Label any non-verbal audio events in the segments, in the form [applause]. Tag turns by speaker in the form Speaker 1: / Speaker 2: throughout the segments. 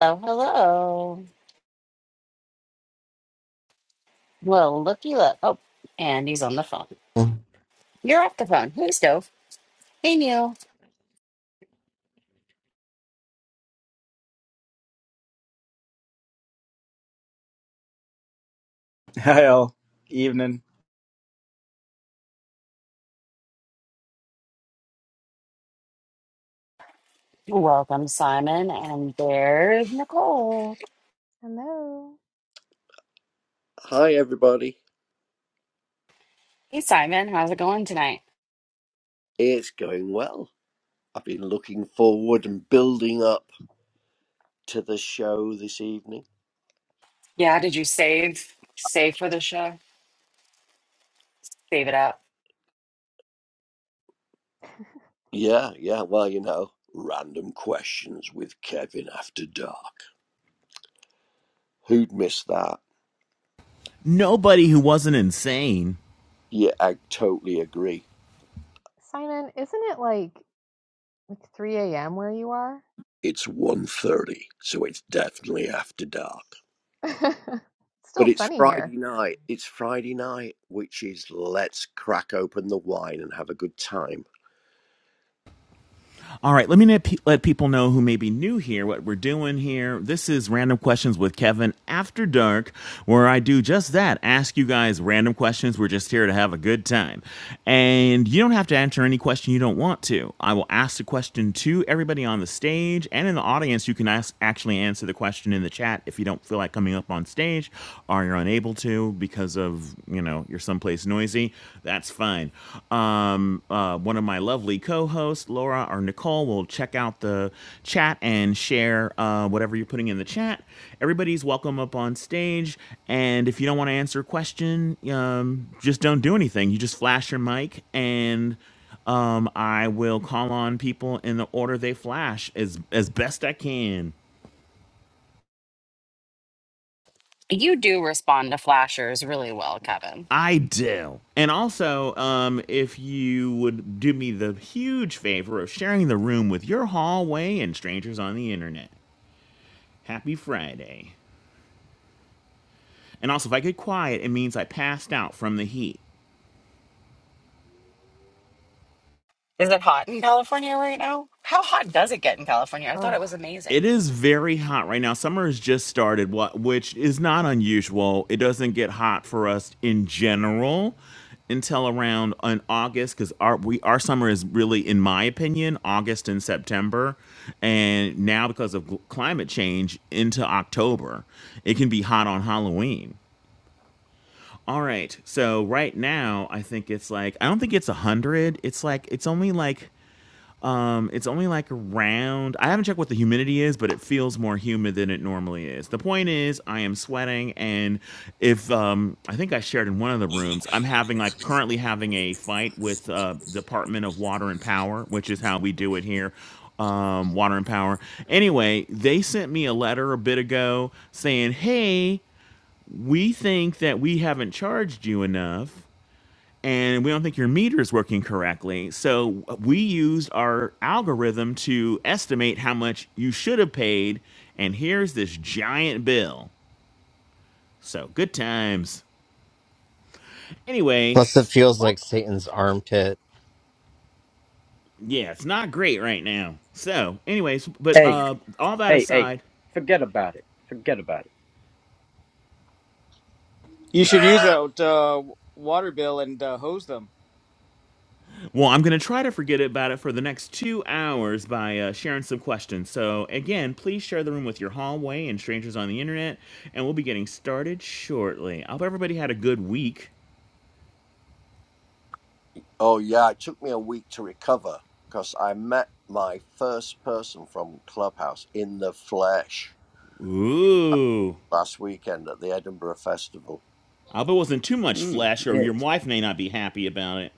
Speaker 1: Hello, hello. Well, looky look. Oh, and he's on the phone.
Speaker 2: Plus,
Speaker 1: You're off the phone. Hey, Stove. Hey, Neil.
Speaker 3: [laughs] Hi all. Evening.
Speaker 1: Welcome, Simon. And there's Nicole.
Speaker 4: Hello.
Speaker 5: Hi, everybody.
Speaker 1: Hey, Simon. How's it going tonight?
Speaker 5: It's going well. I've been looking forward and building up to the show this evening.
Speaker 1: Yeah, did you save save for the show? Save it up.
Speaker 5: Yeah, yeah, well, you know, random questions with Kevin after dark. Who'd miss that?
Speaker 6: nobody who wasn't insane.
Speaker 5: Yeah, I totally agree.
Speaker 4: Simon, isn't it like 3 a.m. where you are?
Speaker 5: It's one thirty, so it's definitely after dark.
Speaker 4: [laughs] it's
Speaker 5: But
Speaker 4: still
Speaker 5: it's
Speaker 4: sunny here.
Speaker 5: Friday night. It's Friday night, which is let's crack open the wine and have a good time
Speaker 6: All right, let me let, people know who may be new here what we're doing here. This is Random Questions with Kevin After Dark, where I do just that ask you guys random questions. We're just here to have a good time. And you don't have to answer any question you don't want to. I will ask the question to everybody on the stage and in the audience. You can ask, actually answer the question in the chat if you don't feel like coming up on stage or you're unable to because of, you know, you know you're someplace noisy, that's fine. Um, uh, one of my lovely co-hosts, Laura or Nicole, will check out the chat and share uh, whatever you're putting in the chat. Everybody's welcome up on stage, and if you don't want to answer a question, um, just don't do anything. You just flash your mic and um, I will call on people in the order they flash as as best I can.
Speaker 1: You do respond to flashers really well, Kevin.
Speaker 6: I do. And also, um, if you would do me the huge favor of sharing the room with your hallway and strangers on the internet. Happy Friday. And also, if I get quiet, it means I passed out from the heat.
Speaker 1: Is it hot in California right now? How hot does it get in California? I thought
Speaker 4: Oh,
Speaker 1: it was amazing.
Speaker 6: It is very hot right now. Summer has just started, wha- which is not unusual. It doesn't get hot for us in general until around in August because our we our summer is really, in my opinion, August and September, and now because of gl- climate change into October, it can be hot on Halloween. All right, so right now I think it's like I don't think it's a hundred. It's like it's only like um, it's only like around. I haven't checked what the humidity is, but it feels more humid than it normally is. The point is, I am sweating, and if um, I think I shared in one of the rooms, I'm having like currently having a fight with uh, Department of Water and Power, which is how we do it here um, Water and Power. Anyway, they sent me a letter a bit ago saying, hey, we think that we haven't charged you enough and we don't think your meter is working correctly. So we used our algorithm to estimate how much you should have paid, and here's this giant bill. So good times. Anyway,
Speaker 2: it
Speaker 6: s-
Speaker 2: feels
Speaker 4: what?
Speaker 2: like Satan's armpit.
Speaker 6: yeah, it's not great right now. So, anyways, but
Speaker 7: Hey,
Speaker 6: uh, all that
Speaker 7: hey, hey!
Speaker 6: aside,
Speaker 7: Forget about it. Forget about it.
Speaker 3: You should use that uh, water bill and uh, hose them.
Speaker 6: well, I'm going to try to forget about it for the next two hours by uh, sharing some questions. So, again, please share the room with your hallway and strangers on the internet, and we'll be getting started shortly. I hope everybody had a good week.
Speaker 5: Oh yeah, it took me a week to recover because I met my first person from Clubhouse in the flesh
Speaker 6: Ooh.
Speaker 5: last weekend at the Edinburgh Festival.
Speaker 6: I hope it wasn't too much
Speaker 7: Mm,
Speaker 6: flesh, or
Speaker 7: yeah.
Speaker 6: your wife may not be happy about it.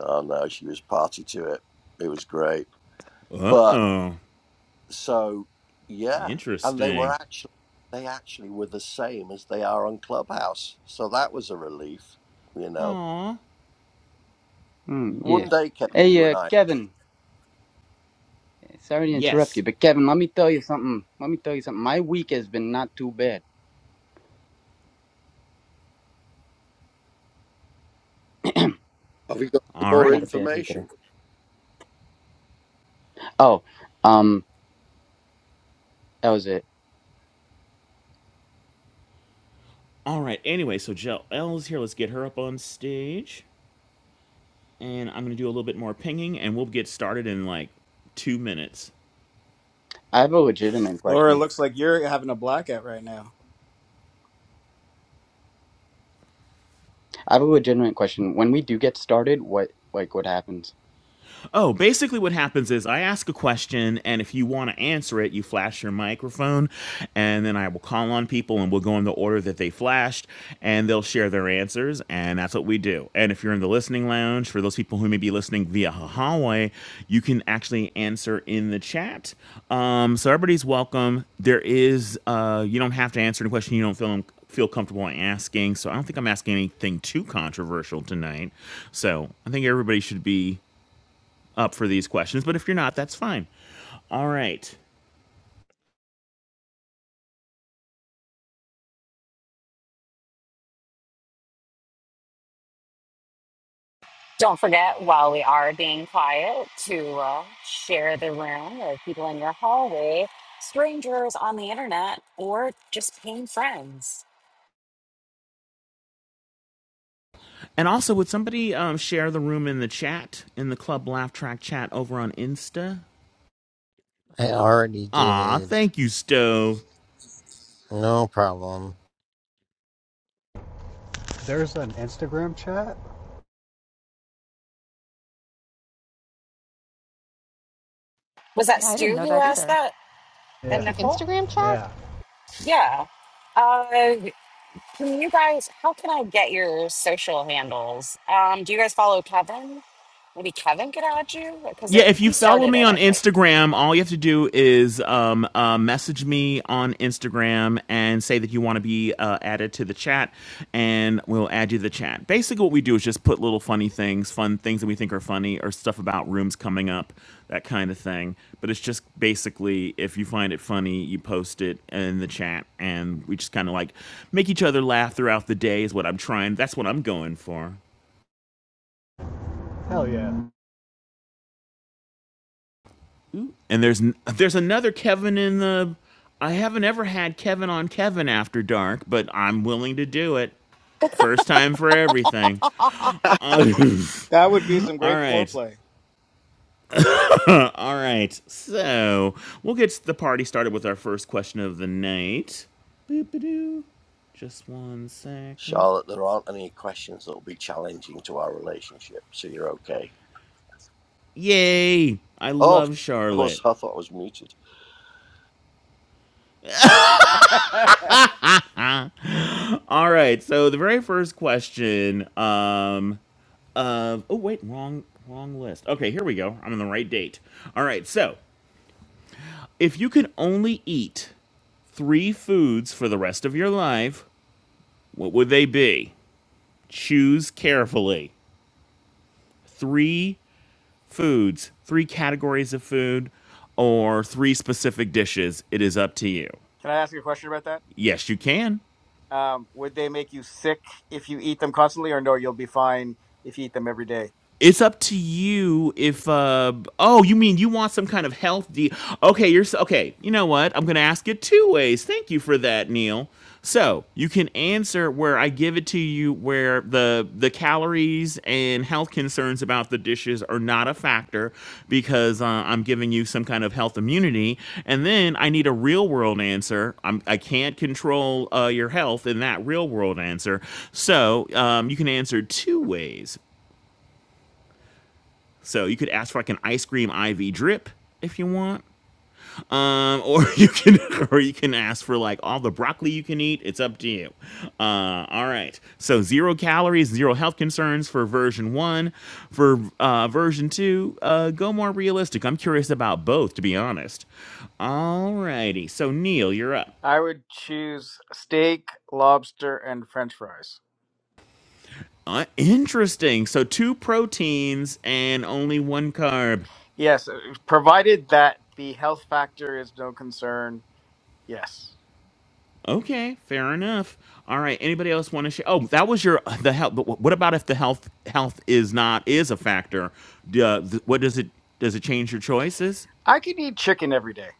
Speaker 5: Oh no, she was party to it. It was great. But
Speaker 6: Oh,
Speaker 5: so yeah, and they were
Speaker 6: interesting.
Speaker 5: actually they actually were the same as they are on Clubhouse. So that was a relief, you know.
Speaker 6: Aw.
Speaker 7: Mm, yeah.
Speaker 5: One day, Kevin, you
Speaker 7: Hey,
Speaker 5: and
Speaker 7: uh,
Speaker 5: I
Speaker 7: Kevin. Sorry to interrupt you,
Speaker 6: Yes.
Speaker 7: but Kevin, let me tell you something. Let me tell you something. My week has been not too bad.
Speaker 5: have you got any
Speaker 6: All
Speaker 5: more
Speaker 6: right.
Speaker 7: Not a bad week at
Speaker 5: information?
Speaker 7: all. Oh, um, that was it.
Speaker 6: All right. Anyway, so Jill L's here. Let's get her up on stage. And I'm going to do a little bit more pinging, and we'll get started in like two minutes.
Speaker 7: I have a legitimate
Speaker 3: Laura,
Speaker 7: question.
Speaker 3: looks like you're having a blackout right now.
Speaker 7: I have a legitimate question. When we do get started, what like what happens?
Speaker 6: Oh, basically, what happens is I ask a question, and if you want to answer it, you flash your microphone, and then I will call on people, and we'll go in the order that they flashed, and they'll share their answers, and that's what we do. And if you're in the listening lounge, for those people who may be listening via Huawei, you can actually answer in the chat. Um, so everybody's welcome. There is, uh, you don't have to answer any question you don't feel feel comfortable asking. So I don't think I'm asking anything too controversial tonight. So I think everybody should be up for these questions, but if you're not, that's fine. All right.
Speaker 1: Don't forget, while we are being quiet, to uh, share the room with people in your hallway, strangers on the internet, or just paying friends.
Speaker 6: And also, would somebody um, share the room in the chat, in the Club Laugh Track chat over on Insta?
Speaker 2: I already
Speaker 6: Aw,
Speaker 2: did.
Speaker 6: thank you, Stove.
Speaker 2: No problem.
Speaker 8: There's an Instagram chat.
Speaker 1: Was that
Speaker 4: Yeah, I didn't
Speaker 1: Stu
Speaker 4: know
Speaker 1: who
Speaker 4: that
Speaker 1: asked
Speaker 4: either.
Speaker 1: that? And
Speaker 4: There's
Speaker 8: Yeah,
Speaker 4: an
Speaker 1: Nicole?
Speaker 4: Instagram chat?
Speaker 8: yeah,
Speaker 1: Yeah. Uh, can you guys, how can I get your social handles? Um, do you guys follow Kevin? Maybe Kevin could add you because
Speaker 6: Yeah,
Speaker 1: it,
Speaker 6: if you
Speaker 1: he
Speaker 6: follow
Speaker 1: started
Speaker 6: me
Speaker 1: it,
Speaker 6: on
Speaker 1: I think.
Speaker 6: Instagram, all you have to do is um, uh, message me on Instagram and say that you want to be uh, added to the chat, and we'll add you to the chat. Basically, what we do is just put little funny things, fun things that we think are funny, or stuff about rooms coming up, that kind of thing. But it's just basically if you find it funny, you post it in the chat, and we just kind of like make each other laugh throughout the day, is what I'm trying. That's what I'm going for.
Speaker 8: hell yeah.
Speaker 6: Ooh. And there's there's another Kevin in the. I haven't ever had Kevin on Kevin after dark, but I'm willing to do it. First time for everything.
Speaker 1: [laughs]
Speaker 6: Uh, [laughs]
Speaker 3: That would be some
Speaker 6: all
Speaker 3: great
Speaker 6: right,
Speaker 3: foreplay.
Speaker 6: uh, all right. So we'll get the party started with our first question of the night. Boop-a-doo. Just one second.
Speaker 5: Charlotte, there aren't any questions that'll be challenging to our relationship, so you're okay.
Speaker 6: Yay! I
Speaker 5: Oh,
Speaker 6: love
Speaker 5: [laughs] I was.
Speaker 6: Charlotte.
Speaker 5: I thought I was muted.
Speaker 3: [laughs] Can I
Speaker 6: All right, so the very first question um of oh wait wrong wrong list okay here we go i'm on the right date all right so if you could only eat three foods for the rest of your life what would they be choose carefully three foods three categories of food or three specific dishes it is up to you
Speaker 3: ask you a question about that?
Speaker 6: yes you can
Speaker 3: Um, would they make you sick if you eat them constantly, or no, you'll be fine if you eat them every day?
Speaker 6: it's up to you if uh oh you mean you want some kind of health de- okay you're s- okay you know what i'm gonna ask it two ways thank you for that neil so you can answer where i give it to you where the the calories and health concerns about the dishes are not a factor because uh, i'm giving you some kind of health immunity and then i need a real world answer I'm, i can't control uh, your health in that real world answer so um, you can answer two ways so you could ask for like an ice cream IV drip if you want. Um, [laughs] or you can or you can ask for like all the broccoli you can eat. It's up to you. Uh, all right. So zero calories, zero health concerns for version one. For uh, version two, uh, go more realistic. I'm curious about both, to be honest. All righty. So Neil, you're up.
Speaker 3: I would choose steak, lobster, and French fries.
Speaker 6: Uh, interesting. So two proteins and only one carb.
Speaker 3: Yes, uh, provided that the health factor is no concern. Yes,
Speaker 6: Okay, fair enough. All right. Anybody else want to share? Oh, that was your the health. But what about if the health health is not is a factor? Uh, th- what does it does it change your choices?
Speaker 3: I could eat chicken every day.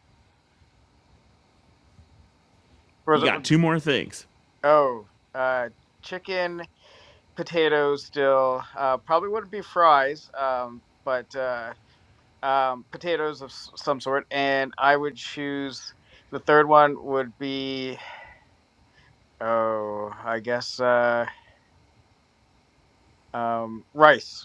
Speaker 3: Or
Speaker 6: You
Speaker 3: it?
Speaker 6: got two more things.
Speaker 3: Oh, uh, chicken, potatoes. Still, uh, probably wouldn't be fries, um, but uh, um, potatoes of s- some sort. And I would choose the third one would be oh, I guess uh, um, rice.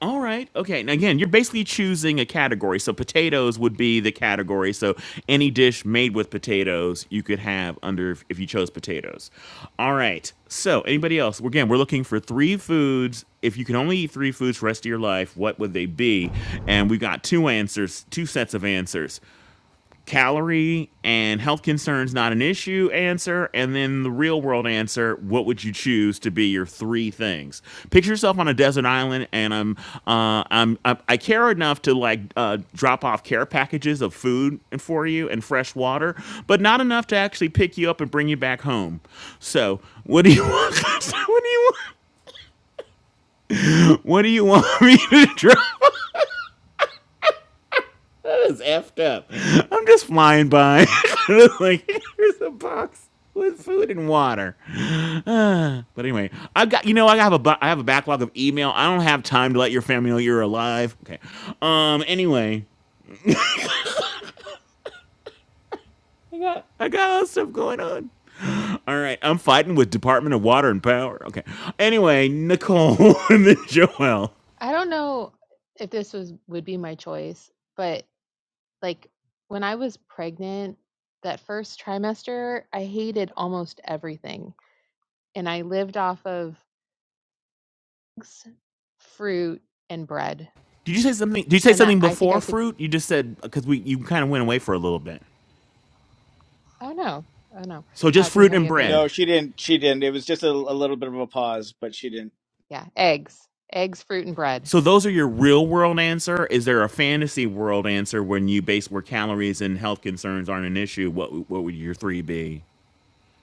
Speaker 6: All right. Okay. Now again, you're basically choosing a category. So potatoes would be the category. So any dish made with potatoes you could have under if you chose potatoes. All right. So anybody else? Again, we're looking for three foods. If you can only eat three foods for the rest of your life, what would they be? And we have got two answers, two sets of answers calorie and health concerns not an issue answer and then the real world answer what would you choose to be your three things picture yourself on a desert island and i'm uh i'm i, I care enough to like uh, drop off care packages of food for you and fresh water but not enough to actually pick you up and bring you back home so what do you want [laughs] what do you want what do you want me to drop That is effed up. I'm just flying by. [laughs] like, here's a box with food and water. [sighs] Ah, but anyway, I've got you know I have a bu- I have a backlog of email. I don't have time to let your family know you're alive. Okay. Um. Anyway, I got all stuff going on. All right, I'm fighting with Department of Water and Power. Okay. Anyway, Nicole [laughs] and then Joel.
Speaker 4: I don't know if this was would be my choice, but like when I was pregnant that first trimester, I hated almost everything. And I lived off of eggs, fruit and bread.
Speaker 6: Did you say something? Did you say
Speaker 4: And that
Speaker 6: something
Speaker 4: I think I
Speaker 6: before
Speaker 4: could
Speaker 6: fruit? You just said because we you kind of went away for a little bit.
Speaker 4: Oh no. Oh no.
Speaker 6: So just
Speaker 4: Uh, can you
Speaker 6: fruit
Speaker 4: hear
Speaker 6: and
Speaker 4: me okay?
Speaker 6: bread.
Speaker 3: No, she didn't. She didn't. It was just a, a little bit of a pause, but she didn't.
Speaker 4: Yeah, eggs, eggs, fruit, and bread.
Speaker 6: So those are your real world answer. Is there a fantasy world answer when you base where calories and health concerns aren't an issue? What what would your three be?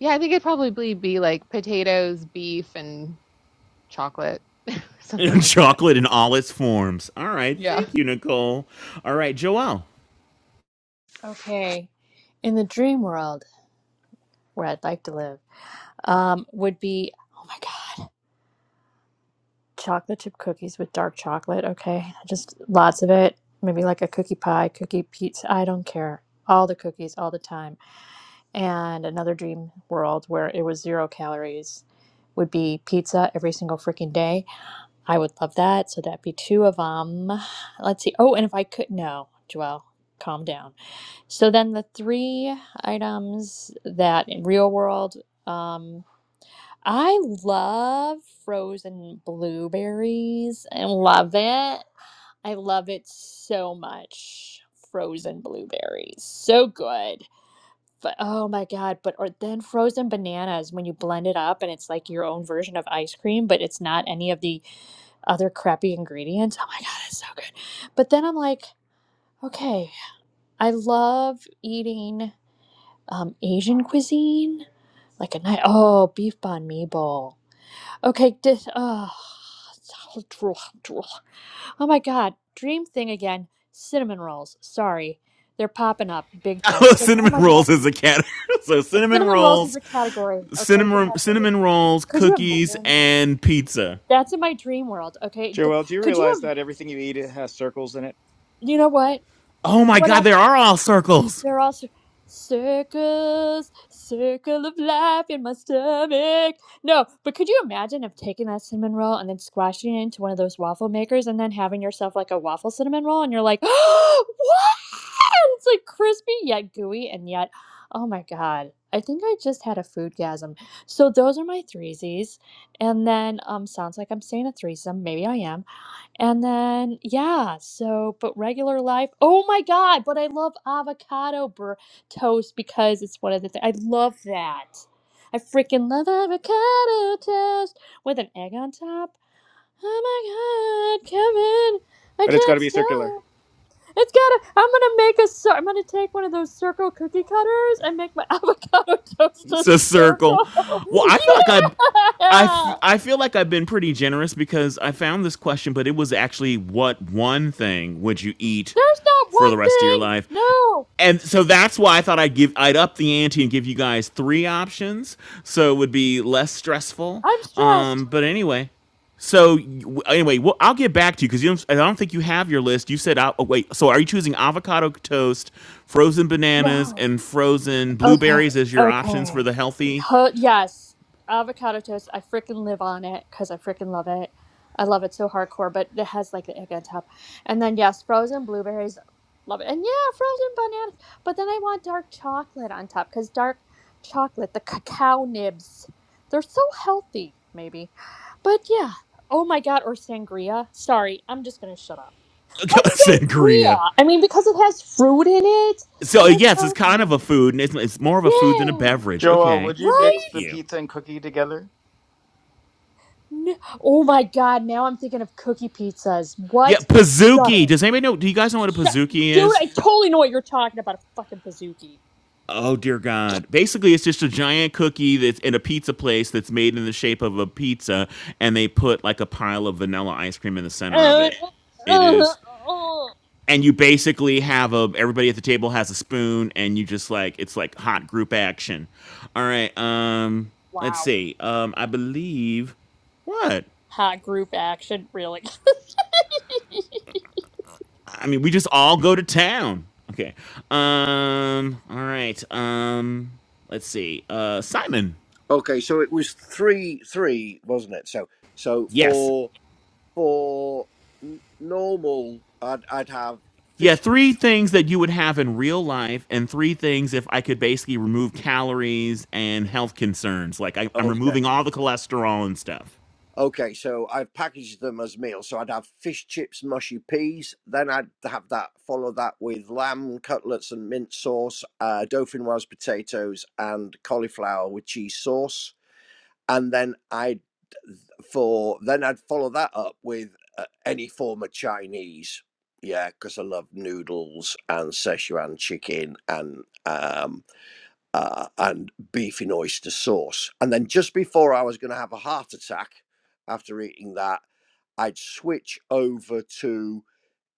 Speaker 4: Yeah, I think it'd probably be like potatoes, beef, and chocolate, [laughs] something
Speaker 6: [laughs]
Speaker 4: like that.
Speaker 6: Chocolate in all its forms. All right,
Speaker 4: Yeah.
Speaker 6: thank you, Nicole. All right, Joelle.
Speaker 9: Okay. In the dream world where I'd like to live, um, would be oh my god, chocolate chip cookies with dark chocolate. Okay, just lots of it. Maybe like a cookie pie, cookie pizza. I don't care. All the cookies, all the time. And another dream world where it was zero calories would be pizza every single freaking day. I would love that. So that'd be two of them. Let's see. Oh, and if I could, no, Joelle, calm down. So then the three items that in real world, um, I love frozen blueberries. I love it. I love it so much. Frozen blueberries. So good. But oh my God, but or then frozen bananas when you blend it up and it's like your own version of ice cream, but it's not any of the other crappy ingredients. Oh my God, it's so good. But then I'm like, okay, I love eating. um, Asian cuisine, like a night. Oh, beef banh mi bowl. Okay, dis. Oh, oh my God, dream thing again. Cinnamon rolls. Sorry, they're popping up big
Speaker 6: [laughs] I
Speaker 9: time.
Speaker 6: love
Speaker 9: It's like, oh
Speaker 6: cinnamon
Speaker 9: my God,
Speaker 6: rolls as a cat. [laughs] so cinnamon
Speaker 9: cinnamon rolls is
Speaker 6: rolls,
Speaker 9: a category. Okay, it's a
Speaker 6: cinnamon
Speaker 9: category.
Speaker 6: cinnamon rolls,
Speaker 9: Could you
Speaker 6: cookies,
Speaker 9: imagine?
Speaker 6: and pizza.
Speaker 9: That's in my dream world. Okay, D-
Speaker 3: Joel, do you
Speaker 9: could you?
Speaker 3: realize
Speaker 9: im-
Speaker 3: that everything you eat it has circles in it,
Speaker 9: You know what?
Speaker 6: Oh my God, there
Speaker 9: Whatever.
Speaker 6: are all circles.
Speaker 9: They're all cir- circles, circle of life in my stomach. No, but could you imagine of taking that cinnamon roll and then squashing it into one of those waffle makers and then having yourself like a waffle cinnamon roll and you're like, [gasps] what? It's like crispy yet gooey and yet, oh my god. I think I just had a foodgasm. So those are my threesies. And then um sounds like I'm saying a threesome. Maybe I am. And then, yeah, so, but regular life. Oh my God, but I love avocado bur- toast because it's one of the things. I love that. I freaking love avocado toast with an egg on top. Oh my God, Kevin, I
Speaker 3: but it's got to
Speaker 9: can't
Speaker 3: be circular?
Speaker 9: stop. It's gotta, I'm gonna make a, cir- I'm gonna take one of those circle cookie cutters and make my [laughs] avocado toast a
Speaker 6: It's a circle.
Speaker 9: circle. [laughs]
Speaker 6: Well, I feel like I, I, I
Speaker 9: yeah!
Speaker 6: feel like I've been pretty generous because I found this question, but it was actually what one thing would you eat
Speaker 9: There's not
Speaker 6: for the
Speaker 9: one
Speaker 6: rest of your
Speaker 9: thing.
Speaker 6: life?
Speaker 9: No,
Speaker 6: And so that's why I thought I'd give I'd up the ante and give you guys three options, so it would be less stressful.
Speaker 9: I'm stressed.
Speaker 6: Um, but anyway, so anyway, well, I'll get back to you because you don't, I don't think you have your list. You said, i oh, wait, so are you choosing avocado toast, frozen bananas,
Speaker 9: No.
Speaker 6: and frozen
Speaker 9: Okay.
Speaker 6: blueberries as your options
Speaker 9: Okay.
Speaker 6: for the healthy?
Speaker 9: Ho- yes. Avocado toast. I freaking live on it because I freaking love it. I love it so hardcore, but it has like the egg on top. And then, yes, frozen blueberries. Love it. And yeah, frozen banana. But then I want dark chocolate on top because dark chocolate, the cacao nibs, they're so healthy, maybe. But yeah. Oh my God. Or sangria. Sorry. I'm just going to shut up.
Speaker 6: [laughs]
Speaker 9: What's
Speaker 6: Sangria.
Speaker 9: sangria? I mean, because it has fruit in it.
Speaker 6: So uh,
Speaker 9: And it's
Speaker 6: yes, it's kind
Speaker 9: healthy.
Speaker 6: of a food, and it's, it's more of a food than a
Speaker 9: Yeah.
Speaker 6: beverage.
Speaker 3: Joel,
Speaker 6: Okay,
Speaker 3: would you
Speaker 9: Right?
Speaker 3: mix
Speaker 6: thank
Speaker 3: the
Speaker 6: you.
Speaker 3: pizza and cookie together?
Speaker 9: N- Oh my god, now I'm thinking of cookie pizzas.
Speaker 6: Yeah,
Speaker 9: What? Shut
Speaker 6: pizookie.
Speaker 9: up.
Speaker 6: Does anybody know? Do you guys know what a
Speaker 9: Shut
Speaker 6: pizookie
Speaker 9: Dude,
Speaker 6: is?
Speaker 9: I totally know what you're talking about. A fucking Pizookie.
Speaker 6: Oh dear God! Basically, it's just a giant cookie that's in a pizza place that's made in the shape of a pizza, and they put like a pile of vanilla ice cream in the center of
Speaker 9: Uh,
Speaker 6: it. It
Speaker 9: uh,
Speaker 6: is,
Speaker 9: uh. [laughs]
Speaker 6: and you basically have a everybody at the table has a spoon, and you just like it's like hot group action. All right, um, let's
Speaker 9: Wow.
Speaker 6: see. Um, I believe what?
Speaker 9: Hot group action, really. [laughs]
Speaker 6: I mean, we just all go to town. Okay. Um. All right. Um. Let's see. Uh, Simon.
Speaker 5: Okay, so it was three three, wasn't it? So so
Speaker 6: Yes.
Speaker 5: for for n- normal, I'd I'd have
Speaker 6: Yeah,
Speaker 5: fish.
Speaker 6: three things that you would have in real life, and three things if I could basically remove calories and health concerns. Like I, I'm
Speaker 5: Okay,
Speaker 6: removing all the cholesterol and stuff.
Speaker 5: okay. So I've packaged them as meals. So I'd have fish chips, mushy peas. Then I'd have that. Follow that with lamb cutlets and mint sauce, uh, dauphinoise potatoes, and cauliflower with cheese sauce and then I'd for then I'd follow that up with uh, any form of Chinese, yeah, because I love noodles and Szechuan chicken and um uh, and beef in oyster sauce, and then just before I was going to have a heart attack after eating that, I'd switch over to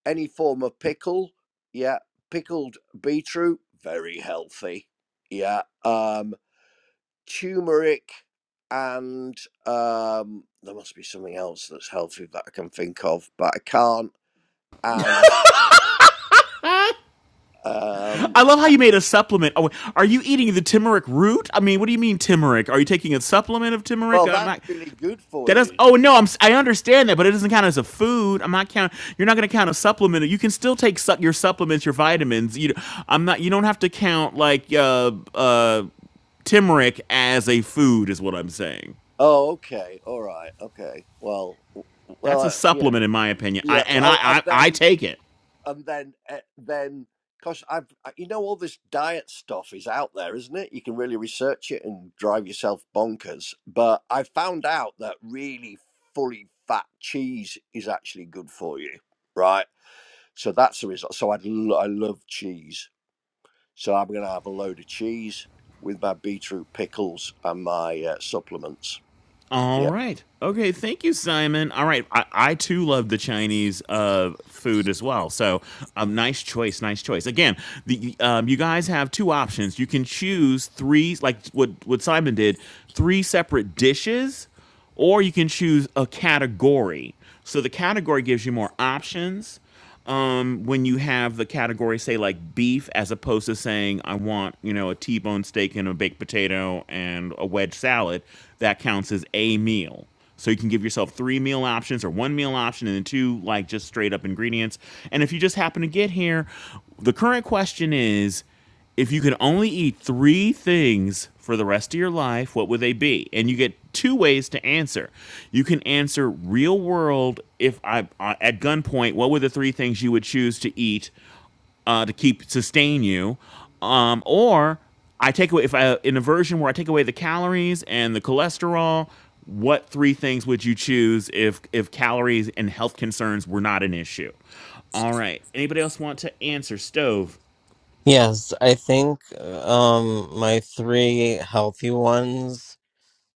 Speaker 5: any form of pickle, yeah, pickled beetroot, very healthy, yeah. Um, turmeric, and um, there must be something else that's healthy that I can think of, but I can't. And um,
Speaker 6: I love how you made a supplement. Oh, are you eating the turmeric root? I mean, what do you mean turmeric? Are you taking a supplement of turmeric?
Speaker 5: well,
Speaker 6: I'm
Speaker 5: that's
Speaker 6: not.
Speaker 5: really good for
Speaker 6: That does.
Speaker 5: you.
Speaker 6: Oh no, I'm. s- I understand that, but it doesn't count as a food. I'm not count. You're not going to count a supplement. You can still take su- your supplements, your vitamins. You. I'm not. You don't have to count like uh uh turmeric as a food. Is what I'm saying.
Speaker 5: Oh, okay, all right, okay. Well, w- well,
Speaker 6: That's a
Speaker 5: uh, yeah,
Speaker 6: supplement, in my opinion. I,
Speaker 5: yeah.
Speaker 6: and I,
Speaker 5: Well, and
Speaker 6: I, I
Speaker 5: then
Speaker 6: take it.
Speaker 5: and then uh, then because I've uh, you know all this diet stuff is out there, isn't it? You can really research it and drive yourself bonkers. But I found out that really fully fat cheese is actually good for you, right? So that's the result. So I lo- I love cheese. So I'm gonna have a load of cheese with my beetroot pickles and my uh, supplements.
Speaker 6: All
Speaker 5: Yeah.
Speaker 6: right. Okay. Thank you, Simon. All right. I, I too love the Chinese uh, food as well. So, um, nice choice. Nice choice. Again, the um, you guys have two options. You can choose three, like what what Simon did, three separate dishes or you can choose a category. So the category gives you more options. Um, when you have the category, say like beef, as opposed to saying I want you know a T-bone steak and a baked potato and a wedge salad, that counts as a meal. So you can give yourself three meal options or one meal option and then two like just straight up ingredients. And if you just happen to get here, the current question is if you could only eat three things for the rest of your life, what would they be? And you get two ways to answer. You can answer real world. If I uh, at gunpoint, what were the three things you would choose to eat uh, to keep sustain you? Um, or I take away if I in a version where I take away the calories and the cholesterol. What three things would you choose if if calories and health concerns were not an issue? All right. Anybody else want to answer? Stove.
Speaker 2: Yes, I think um my three healthy ones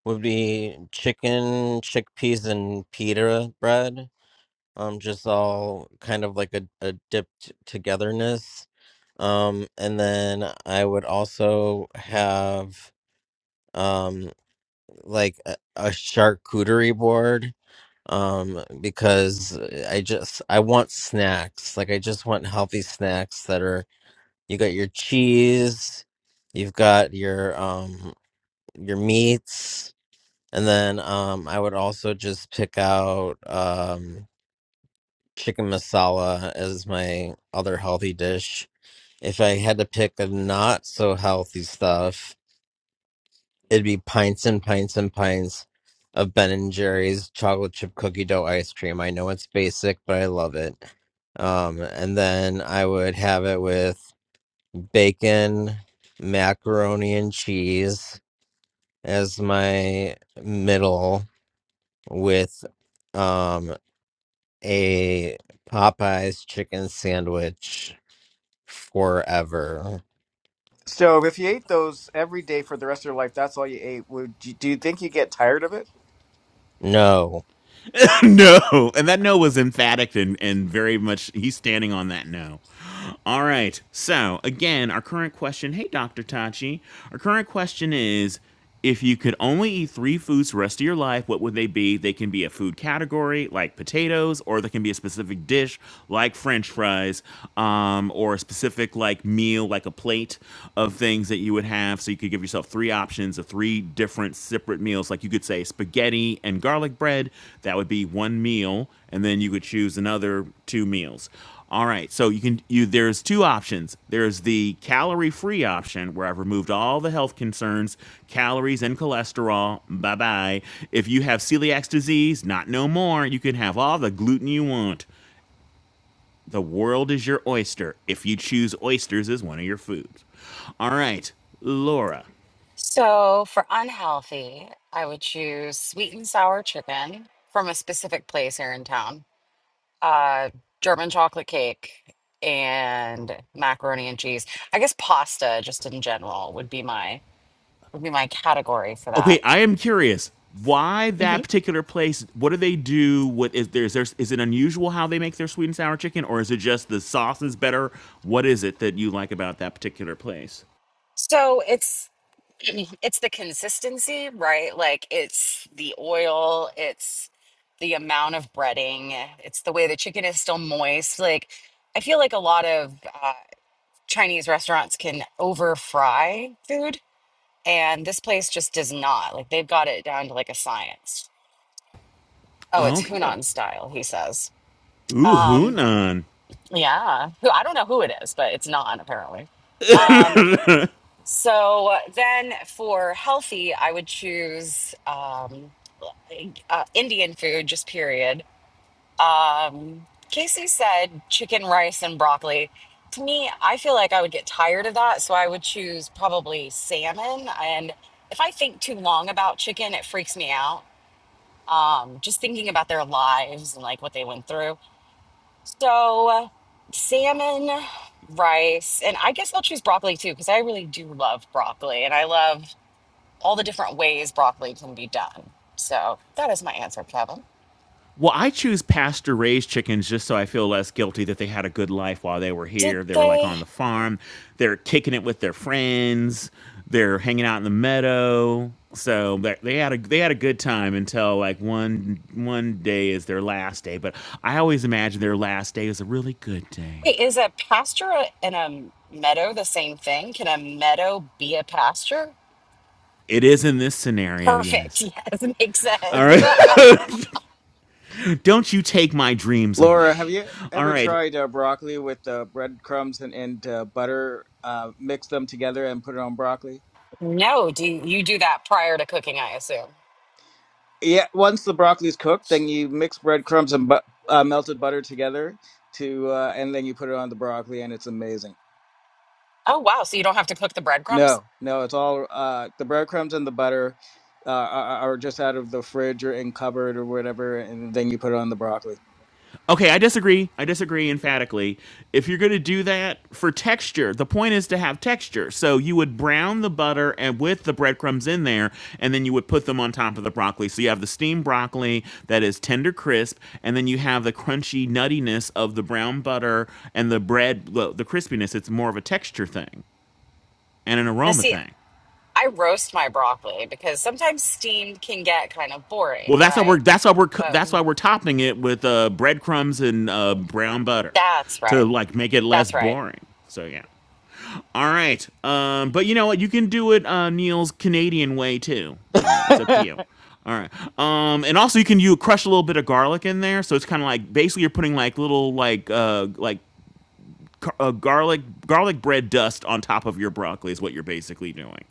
Speaker 2: would be chicken, chickpeas, and pita bread. Um, just all kind of like a, a dipped togetherness. Um, and then I would also have um like a, a charcuterie board um because i just i want snacks like i just want healthy snacks that are you got your cheese you've got your um your meats and then um i would also just pick out um chicken masala as my other healthy dish if i had to pick a not so healthy stuff It'd be pints and pints and pints of Ben and Jerry's chocolate chip cookie dough ice cream. I know it's basic, but I love it. Um, and then I would have it with bacon, macaroni, and cheese as my middle, with um, a Popeyes chicken sandwich forever.
Speaker 3: So, if you ate those every day for the rest of your life, that's all you ate. Would you, do you think you get tired of it?
Speaker 2: No.
Speaker 6: [laughs] no. And that no was emphatic and, and very much he's standing on that no. All right. So, again, our current question hey, Dr. Tachi, our current question is if you could only eat three foods the rest of your life, what would they be? They can be a food category like potatoes, or they can be a specific dish like french fries, um, or a specific like meal, like a plate of things that you would half so you could give yourself three options of three different separate meals like you could say spaghetti and garlic bread that would be one meal and then you could choose another two meals all right so you can you there's two options there's the calorie free option where i've removed all the health concerns calories and cholesterol bye bye if you have celiac disease not no more you can have all the gluten you want the world is your oyster if you choose oysters as one of your foods all right laura
Speaker 1: So for unhealthy, I would choose sweet and sour chicken from a specific place here in town. Uh, German chocolate cake and macaroni and cheese. I guess pasta, just in general, would be my would be my category for that.
Speaker 6: Okay, I am curious why
Speaker 1: hmm
Speaker 6: that particular place. What do they do? What is there? Is there is it unusual how they make their sweet and sour chicken, or is it just the sauce is better? What is it that you like about that particular place?
Speaker 1: So it's [clears throat] it's the consistency, right? Like it's the oil, it's the amount of breading, it's the way the chicken is still moist. Like I feel like a lot of uh, Chinese restaurants can over fry food, and this place just does not. Like they've got it down to like a science. Oh, it's
Speaker 6: Okay,
Speaker 1: Hunan style, he says.
Speaker 6: ooh,
Speaker 1: Um,
Speaker 6: Hunan.
Speaker 1: yeah, who I don't know who it is, but it's not apparently. Um, so then for healthy, I would choose um, uh, Indian food, just period Um, Casey said chicken, rice, and broccoli. To me, I feel like I would get tired of that, so I would choose probably salmon. And if I think too long about chicken, it freaks me out. Um, just thinking about their lives and like what they went through. So, salmon, rice, and I guess I'll choose broccoli too, because I really do love broccoli and I love all the different ways broccoli can be done. So, that is my answer, Kevin.
Speaker 6: Well, I choose pasture raised chickens just so I feel less guilty that they had a good life while they were
Speaker 1: Did
Speaker 6: here. They were like
Speaker 1: they?
Speaker 6: on the farm, they're kicking it with their friends, they're hanging out in the meadow. So they they had a they had a good time until like one one day is their last day. But I always imagine their last day is a really good day.
Speaker 1: Wait, is a pasture a- and a meadow the same thing? Can a meadow be a pasture?
Speaker 6: It is in this scenario,
Speaker 1: Perfect. [laughs]
Speaker 6: yes.
Speaker 1: Yes, makes
Speaker 6: All
Speaker 1: sense.
Speaker 6: right. [laughs] Don't you take my dreams
Speaker 3: Laura, have
Speaker 6: away.
Speaker 3: you
Speaker 6: All
Speaker 3: ever
Speaker 6: right.
Speaker 3: tried uh, broccoli with uh, breadcrumbs and, and uh, butter? Uh, mix them together and put it on broccoli.
Speaker 1: [laughs] no, do you, you do that prior to cooking? I assume.
Speaker 3: Yeah, once the broccoli's cooked, then you mix breadcrumbs and bu- uh, melted butter together to, uh, and then you put it on the broccoli, and it's amazing.
Speaker 1: Oh wow! So you don't have to cook the breadcrumbs.
Speaker 3: No, no, it's all uh, the breadcrumbs and the butter uh, are, are just out of the fridge or in cupboard or whatever, and then you put it on the broccoli.
Speaker 6: Okay, I disagree. I disagree emphatically. If you're going to do that for texture, the point is to have texture. So you would brown the butter and with the breadcrumbs in there, and then you would put them on top of the broccoli. So you have the steamed broccoli that is tender crisp, and then you have the crunchy nuttiness of the brown butter and the bread, the the crispiness. It's more of a texture thing and an
Speaker 1: Now,
Speaker 6: aroma
Speaker 1: see,
Speaker 6: thing.
Speaker 1: I roast my broccoli because sometimes steamed can get kind of boring,
Speaker 6: Well, that's how
Speaker 1: right?
Speaker 6: we're that's why we're co-
Speaker 1: But
Speaker 6: that's why we're topping it with uh, breadcrumbs and uh, brown butter
Speaker 1: that's
Speaker 6: to
Speaker 1: right.
Speaker 6: like make it less
Speaker 1: That's right.
Speaker 6: boring. So yeah. All right. Um, but you know what? You can do it uh, Neil's Canadian way too. All right, it's up to
Speaker 3: [laughs]
Speaker 6: you. All right. Um, and also you can you crush a little bit of garlic in there, so it's kind of like basically you're putting like little like uh, like car- uh, garlic garlic bread dust on top of your broccoli is what you're basically doing.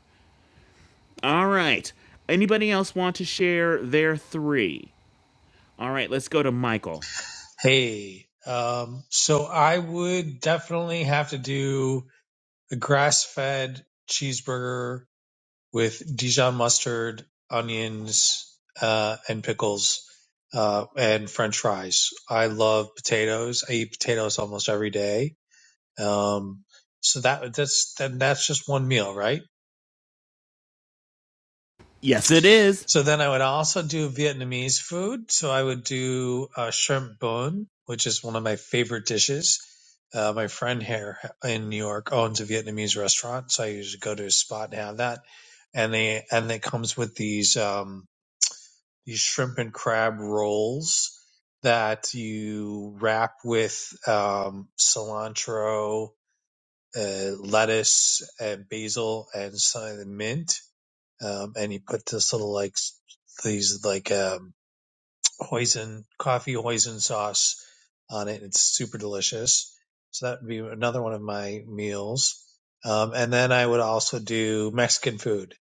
Speaker 6: All right. Anybody else want to share their three? All right, let's go to Michael.
Speaker 10: Hey, um, so I would definitely have to do a grass-fed cheeseburger with Dijon mustard, onions, uh, and pickles, uh, and French fries. I love potatoes. I eat potatoes almost every day. Um, so that that's then that's just one meal, right?
Speaker 6: Yes, it is.
Speaker 10: So then I would also do Vietnamese food. So I would do uh, shrimp bun, which is one of my favorite dishes. Uh, my friend here in New York owns a Vietnamese restaurant, so I usually go to his spot and have that. And they and it comes with these um, these shrimp and crab rolls that you wrap with um, cilantro, uh, lettuce, and basil, and some mint um, and he put this little like these like um, hoisin coffee hoisin sauce on it. It's super delicious. So that would be another one of my meals. Um, and then I would also do Mexican food.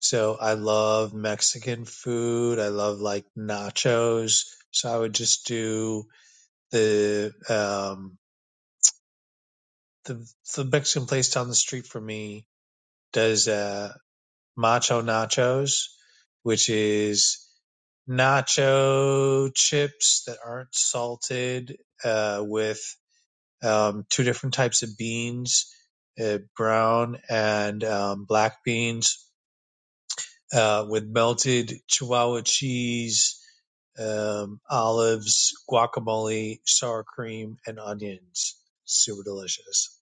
Speaker 10: So I love Mexican food. I love like nachos. So I would just do the um, the, the Mexican place down the street from me does uh, macho nachos, which is nacho chips that aren't salted uh, with um, two different types of beans, uh, brown and um, black beans, uh, with melted Chihuahua cheese, um, olives, guacamole, sour cream, and onions. Super delicious.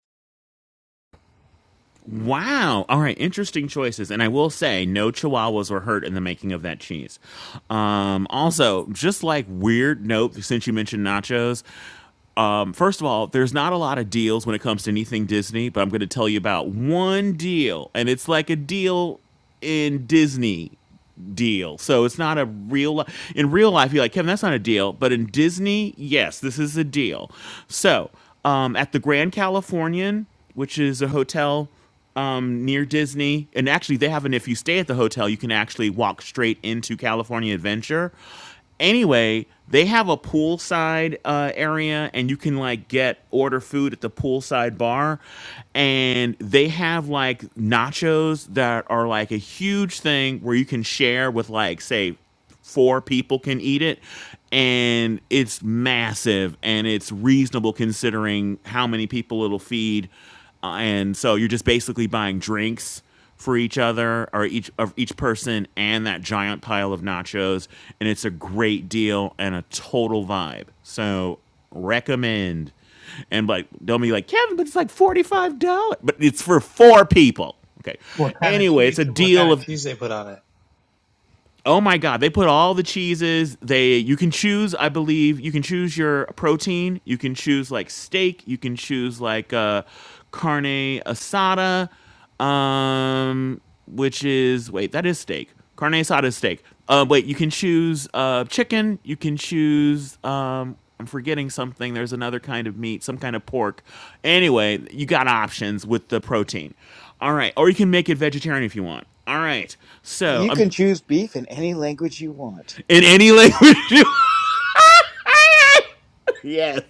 Speaker 6: Wow. All right. Interesting choices. And I will say, no chihuahuas were hurt in the making of that cheese. Um, also, just like weird note, since you mentioned nachos, um, first of all, there's not a lot of deals when it comes to anything Disney, but I'm going to tell you about one deal. And it's like a deal in Disney deal. So it's not a real li- in real life you're like, "Kevin, that's not a deal." But in Disney, yes, this is a deal. So, um at the Grand Californian, which is a hotel um, near Disney, and actually they have an if you stay at the hotel, you can actually walk straight into California Adventure. Anyway, they have a poolside uh, area, and you can like get order food at the poolside bar, and they have like nachos that are like a huge thing where you can share with like say four people can eat it and it's massive and it's reasonable considering how many people it'll feed uh, and so you're just basically buying drinks for each other or each of each person and that giant pile of nachos and it's a great deal and a total vibe so recommend and like don't be like kevin but it's like $45 but it's for four people okay
Speaker 10: What kind of
Speaker 6: anyway
Speaker 10: cheese?
Speaker 6: it's a
Speaker 10: What kind
Speaker 6: deal
Speaker 10: of
Speaker 6: of
Speaker 10: cheese they put on it?
Speaker 6: Oh my god, they put all the cheeses. They you can choose, I believe, you can choose your protein, you can choose like steak, you can choose like uh carne asada um which is wait, that is steak. Carne asada is steak. Uh wait, you can choose uh chicken, you can choose um I'm forgetting something. There's another kind of meat, some kind of pork. Anyway, you got options with the protein. All right, or you can make it vegetarian if you want. All right. So,
Speaker 3: You can
Speaker 6: um,
Speaker 3: choose beef in any language you want.
Speaker 6: in any language you want. Yes.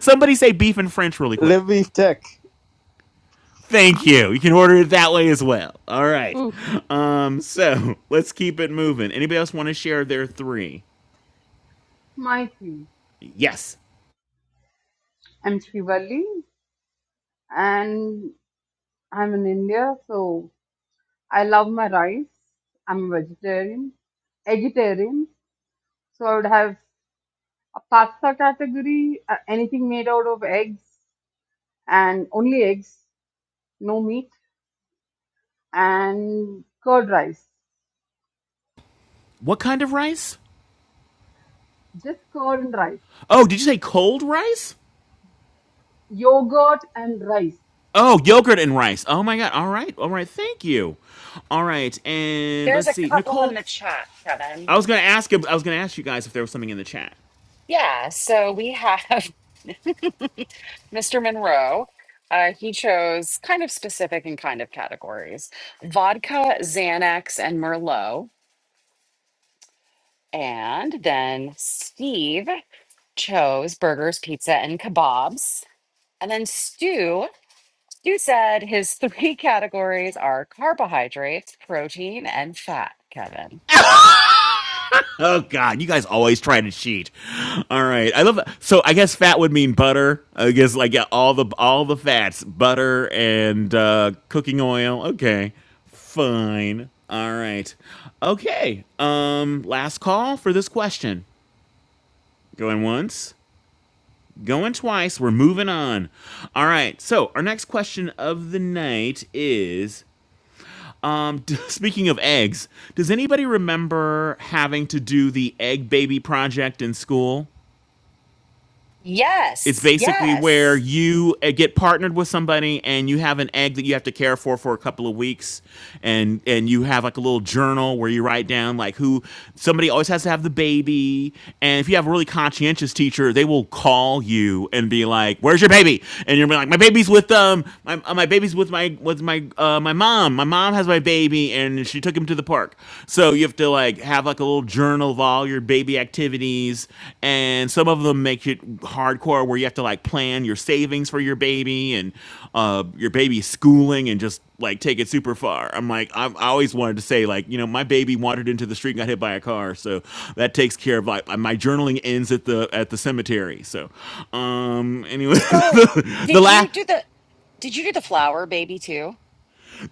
Speaker 6: Somebody say beef in French really quick.
Speaker 3: Live beef tech.
Speaker 6: Thank you. You can order it that way as well. All right.
Speaker 4: Oof.
Speaker 6: Um, so let's keep it moving. Anybody else want to share their three?
Speaker 11: Mighty.
Speaker 6: Yes.
Speaker 11: I'm Shivali and I'm in India, so I love my rice. I'm a vegetarian, vegetarian, so I would have a pasta category, uh, anything made out of eggs and only eggs, no meat, and curd rice,
Speaker 6: What kind of rice?
Speaker 11: just curd and rice,
Speaker 6: Oh, did you say cold rice?
Speaker 11: yogurt and rice.
Speaker 6: Oh, yogurt and rice. Oh my god. All right. All right. Thank you. All right. And
Speaker 1: There's
Speaker 6: let's
Speaker 1: a
Speaker 6: see.
Speaker 1: couple in
Speaker 6: Nicole,
Speaker 1: the chat, Kevin.
Speaker 6: I was gonna ask. I was gonna ask you guys if there was something in the chat.
Speaker 1: Yeah. So we have. [laughs] Mr. Monroe, uh, he chose kind of specific and kind of categories vodka, Xanax, and Merlot. And then Steve chose burgers, pizza, and kebabs. And then Stu, Stu said his three [laughs] categories are carbohydrates, protein, and fat, Kevin.
Speaker 6: [laughs] Oh God, you guys always try to cheat. All right, I love. that. So I guess fat would mean butter. I guess like yeah, all the all the fats, butter and uh, cooking oil. Okay, fine. All right, okay. Um, last call for this question. Going once, going twice. We're moving on. All right. So our next question of the night is. Um, [laughs] speaking of eggs, does anybody remember having to do the egg baby project in school? It's
Speaker 1: Yes,
Speaker 6: basically where
Speaker 1: yes.
Speaker 6: you uh, get partnered with somebody and you have an egg that you have to care for for a couple of weeks and and you have like a little journal where you write down like who somebody always has to have the baby and if you have a really conscientious teacher they will call you and be like where's your baby and you're like my baby's with um my, uh, my baby's with my with my uh, my mom my mom has my baby and she took him to the park so so you have to like have like a little journal of all your baby activities, and some of them make it hardcore where you have to like plan your savings for your baby and uh, your baby's schooling and just like take it super far. I'm like I'm, I always wanted to say like you know my baby wandered into the street and got hit by a car, so that takes care of like my journaling ends at the at the cemetery. So um anyway, [laughs]
Speaker 1: So
Speaker 6: the, the
Speaker 1: did you
Speaker 6: last
Speaker 1: do the did you do the flour baby too?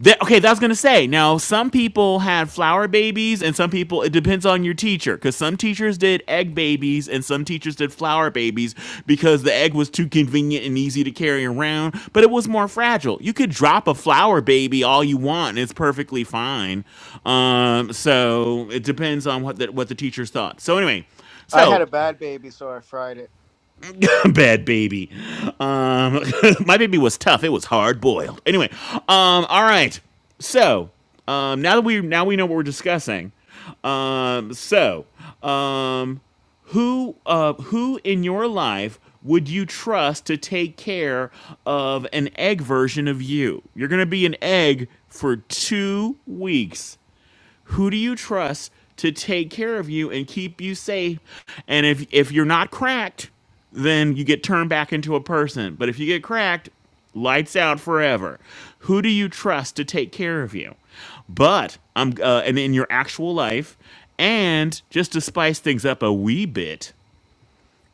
Speaker 6: That, okay, that's gonna say. Now, some people had flower babies, and some people. It depends on your teacher, because some teachers did egg babies, and some teachers did flower babies because the egg was too convenient and easy to carry around, but it was more fragile. You could drop a flower baby all you want, and it's perfectly fine. Um, so it depends on what the, what the teachers thought. So anyway,
Speaker 3: I had a
Speaker 6: so
Speaker 3: bad baby, so I fried it.
Speaker 6: [laughs] bad baby. Um, [laughs] my baby was tough. It was hard boiled. Anyway, um, all right. So um, now that we now we know what we're discussing. Um, so um, who uh, who in your life would you trust to take care of an egg version of you? You're gonna be an egg for two weeks. Who do you trust to take care of you and keep you safe? And if if you're not cracked, then you get turned back into a person. But if you get cracked, lights out forever. Who do you trust to take care of you? But I'm uh, and in your actual life, and just to spice things up a wee bit,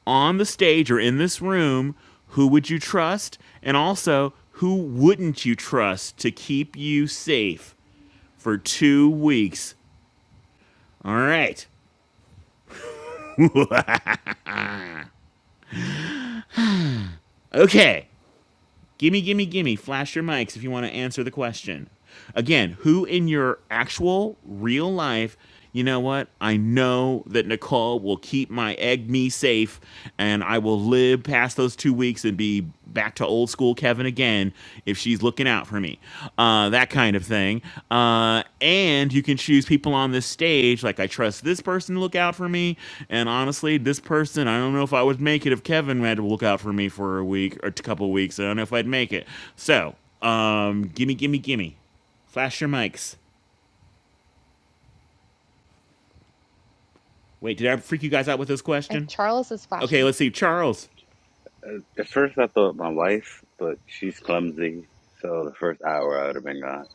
Speaker 6: on the stage or in this room, who would you trust? And also, who wouldn't you trust to keep you safe for two weeks? All right. Okay. Gimme, gimme, gimme. Flash your mics if you want to answer the question. Again, who in your actual real life, you know what? I know that Nicole will keep my egg me safe and I will live past those two weeks and be back to old school Kevin again if she's looking out for me, uh, that kind of thing. Uh, and you can choose people on this stage. Like I trust this person to look out for me, and honestly, this person I don't know if I would make it if Kevin had to look out for me for a week or a couple weeks. I don't know if I'd make it. So, um, gimme, gimme, gimme. Flash your mics. Wait, did I freak you guys out with this
Speaker 4: If
Speaker 6: question?
Speaker 4: Charles is
Speaker 6: Okay,
Speaker 4: flashing,
Speaker 6: let's see. Charles.
Speaker 12: At first, I thought my wife, but she's clumsy. So the first hour I would have been gone.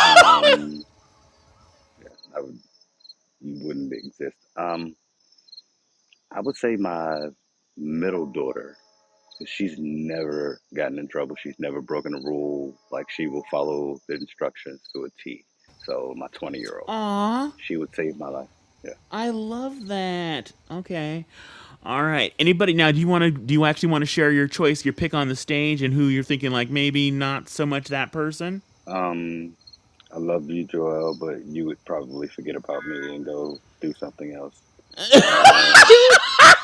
Speaker 12: Um, I would, wouldn't exist. Um, I would say my middle daughter. She's never gotten in trouble. She's never broken a rule. Like she will follow the instructions to a T. So my twenty-year-old,
Speaker 6: Aw.
Speaker 12: she would save my life. Yeah.
Speaker 6: I love that. Okay. All right. Anybody now? Do you want to? Do you actually want to share your choice, your pick on the stage, and who you're thinking like maybe not so much that person?
Speaker 12: Um, I love you, Joel, but you would probably forget about me and go do something else. Uh,
Speaker 9: Dude,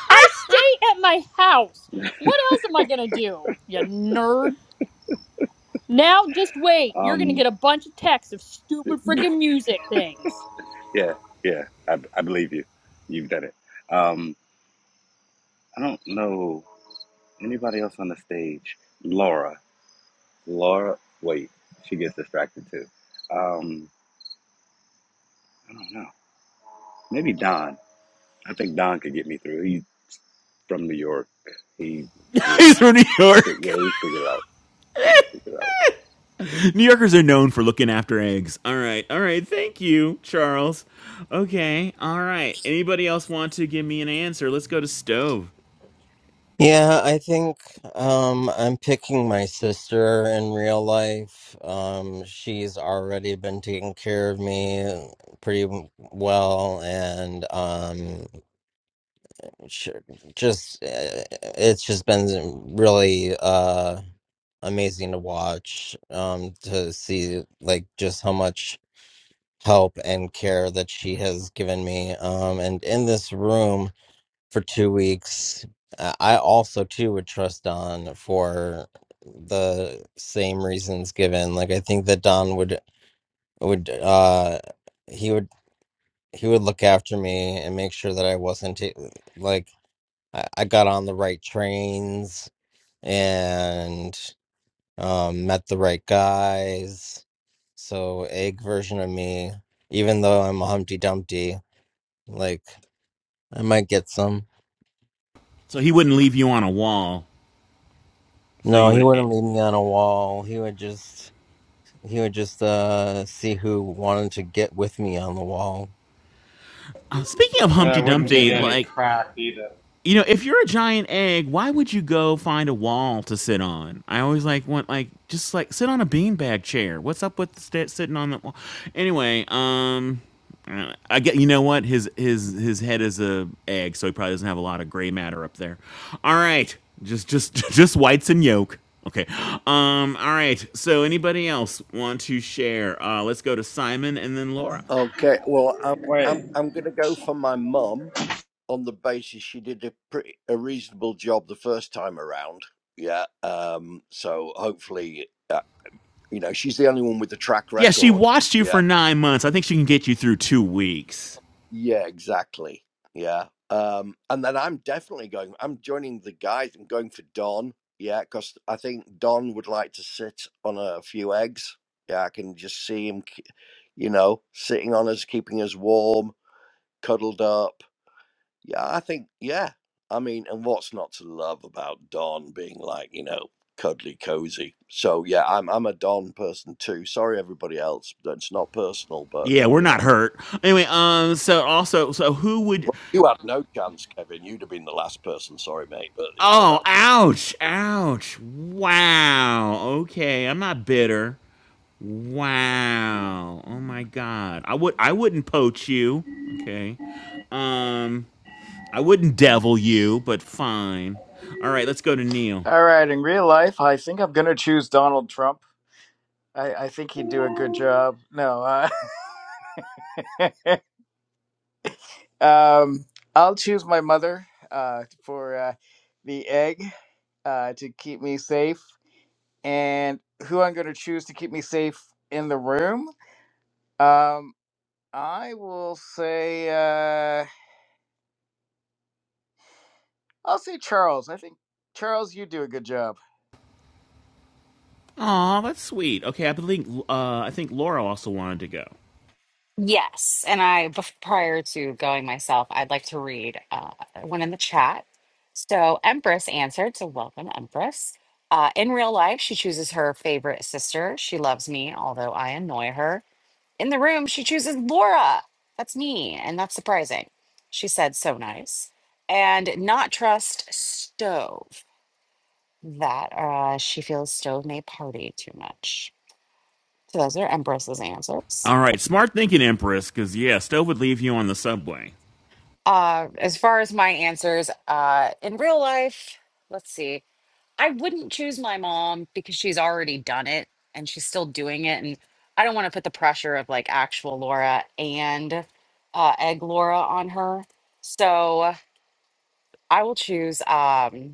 Speaker 9: I stay at my house. What else am I gonna do, you nerd? Now just wait. You're gonna
Speaker 12: um,
Speaker 9: get a bunch of texts of stupid freaking music things.
Speaker 12: Yeah, yeah, I, I believe you. You've done it. Um, I don't know anybody else on the stage. Laura, Laura, wait, she gets distracted too. Um, I don't know. Maybe Don. I think Don could get me through. He's from New York. He
Speaker 6: [laughs]
Speaker 12: would.
Speaker 6: He's from New
Speaker 12: fi-
Speaker 6: York.
Speaker 12: Yeah, he'd figure it out. He'd figure it out.
Speaker 6: [laughs] New Yorkers are known for looking after eggs. All right. All right. Thank you, Charles. Okay. All right. Anybody else want to give me an answer? Let's go to stove.
Speaker 2: Yeah, I think um, I'm picking my sister in real life. Um, she's already been taking care of me uh, pretty w- well, and um, sh just uh, it's just been really uh, amazing to watch um, to see like just how much help and care that she has given me. Um, and in this room for two weeks. Uh, I also too would trust Don for the same reasons given. Like I think that Don would would uh he would he would look after me and make sure that I wasn't ta- like I, I got on the right trains and um met the right guys. So egg version of me, even though I'm a Humpty Dumpty, like I might get some.
Speaker 6: So he wouldn't leave you on a wall. So
Speaker 2: No,
Speaker 6: you
Speaker 2: he
Speaker 6: would.
Speaker 2: wouldn't leave me on a wall. He would just He would just uh, see who wanted to get with me on the wall.
Speaker 6: Uh, speaking of
Speaker 13: And I
Speaker 6: Humpty
Speaker 13: wouldn't give
Speaker 6: Dumpty,
Speaker 13: you any
Speaker 6: like
Speaker 13: crap either.
Speaker 6: you know, if you're a giant egg, why would you go find a wall to sit on? I always like want like just like sit on a beanbag chair. What's up with st- sitting on the wall? Anyway, um, uh, I get you know what his his his head is a egg, so he probably doesn't have a lot of gray matter up there. All right, just just [laughs] just whites and yolk. Okay. Um. All right. So anybody else want to share? Uh, let's go to Simon and then Laura.
Speaker 5: Okay. Well, I'm
Speaker 13: Wait,
Speaker 5: I'm I'm gonna go for my mum on the basis she did a pretty a reasonable job the first time around. Yeah. Um. So hopefully, uh, you know, she's the only one with the track
Speaker 6: Yeah, she
Speaker 5: record.
Speaker 6: watched you for
Speaker 5: Yeah.
Speaker 6: nine months. I think she can get you through two weeks.
Speaker 5: Yeah. Exactly. Yeah. Um. And then I'm definitely going. I'm joining the guys. I'm going for Don. Yeah, because I think Don would like to sit on a few eggs. Yeah, I can just see him, k- you know, sitting on us, keeping us warm, cuddled up. Yeah, I think, yeah. I mean, and what's not to love about Don being like, you know, cuddly cozy. So yeah, I'm I'm a Don person too. Sorry everybody else. That's not personal, but
Speaker 6: Yeah, we're
Speaker 5: you
Speaker 6: not
Speaker 5: know.
Speaker 6: hurt. Anyway, um, so also, so who would?
Speaker 5: Well, you had no chance, Kevin. You'd have been the last person, sorry mate, but you know
Speaker 6: Oh,
Speaker 5: that
Speaker 6: ouch, ouch! Wow. Okay, I'm not bitter. Wow. Oh my God. I would. I wouldn't poach you. Okay. Um, I wouldn't devil you, but fine. All right, let's go to Neil.
Speaker 3: All right, in real life, I think I'm gonna choose Donald Trump. I, I think he'd do a good job. No, uh, [laughs] [laughs] um, I'll choose my mother uh, for uh, the egg uh, to keep me safe, and who I'm going to choose to keep me safe in the room. Um, I will say uh, I'll say Charles. I think Charles, you do a good job.
Speaker 6: Aw, that's sweet. Okay, I believe uh, I think Laura also wanted to go.
Speaker 1: Yes, and I bef- prior to going myself, I'd like to read uh, one in the chat. So Empress answered, so welcome Empress. Uh, in real life, she chooses her favorite sister. She loves me, although I annoy her. In the room, she chooses Laura. That's me, and that's surprising. She said, so nice. And not trust Stove, that uh, she feels Stove may party too much. So those are Empress's answers.
Speaker 6: All right, smart thinking, Empress, because yeah, Stove would leave you on the subway.
Speaker 1: Uh, as far as my answers, uh, in real life, let's see. I wouldn't choose my mom because she's already done it and she's still doing it. And I don't want to put the pressure of like actual Laura and uh, egg Laura on her. So I will choose. Um,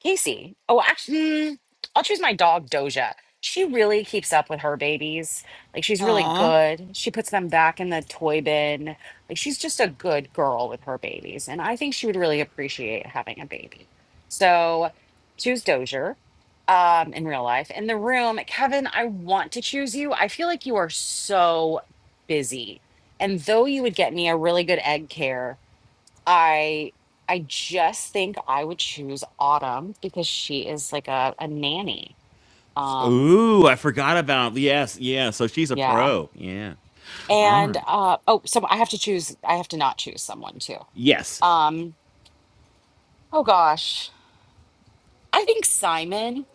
Speaker 1: Casey. Oh, actually, I'll choose my dog, Doja. She really keeps up with her babies. Like, she's really
Speaker 6: Aw.
Speaker 1: good. She puts them back in the toy bin. Like, she's just a good girl with her babies. And I think she would really appreciate having a baby. So, choose Doja um, in real life. In the room, Kevin, I want to choose you. I feel like you are so busy. And though you would get me a really good egg care, I I just think I would choose Autumn because she is like a, a nanny. Um,
Speaker 6: Ooh, I forgot about yes, yeah. So she's a
Speaker 1: yeah.
Speaker 6: pro. Yeah. All
Speaker 1: And
Speaker 6: right.
Speaker 1: uh oh, so I have to choose I have to not choose someone too.
Speaker 6: Yes.
Speaker 1: Um, oh gosh. I think Simon,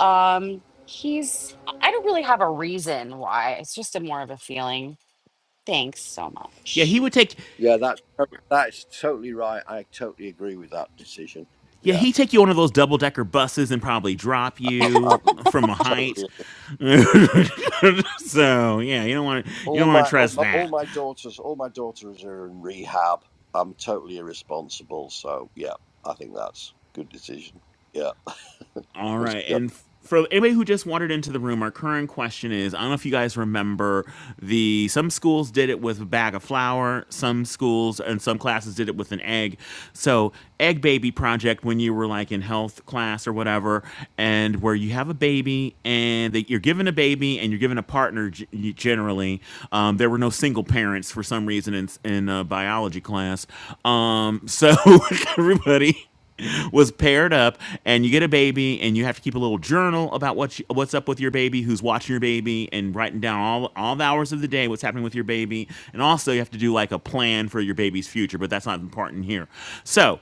Speaker 1: um, he's I don't really have a reason why. It's just a more of a feeling. Thanks so
Speaker 6: Yeah,
Speaker 1: much.
Speaker 6: he would take
Speaker 5: Yeah, that's to- that's totally right. I totally agree with that decision.
Speaker 6: yeah,
Speaker 5: Yeah.
Speaker 6: he take you on one of those double decker buses and probably drop
Speaker 5: I'm,
Speaker 6: you
Speaker 5: I'm
Speaker 6: from a
Speaker 5: totally
Speaker 6: height. [laughs] so yeah, you don't want to you
Speaker 5: All
Speaker 6: don't want to
Speaker 5: my, all
Speaker 6: trust
Speaker 5: my all
Speaker 6: that.
Speaker 5: my daughters, all my daughters are in rehab. I'm totally irresponsible. So yeah, I think that's a good decision. Yeah.
Speaker 6: All
Speaker 5: What's
Speaker 6: right.
Speaker 5: it got?
Speaker 6: And for anybody who just wandered into the room, our current question is I don't know if you guys remember the some schools did it with a bag of flour, some schools and some classes did it with an egg. So, egg baby project when you were like in health class or whatever and where you have a baby and they, you're given a baby and you're given a partner g- generally. Um, there were no single parents for some reason in in uh, biology class. Um, so [laughs] everybody was paired up and you get a baby and you have to keep a little journal about what you, what's up with your baby who's watching your baby and writing down all all the hours of the day what's happening with your baby and also you have to do like a plan for your baby's future but that's not important here so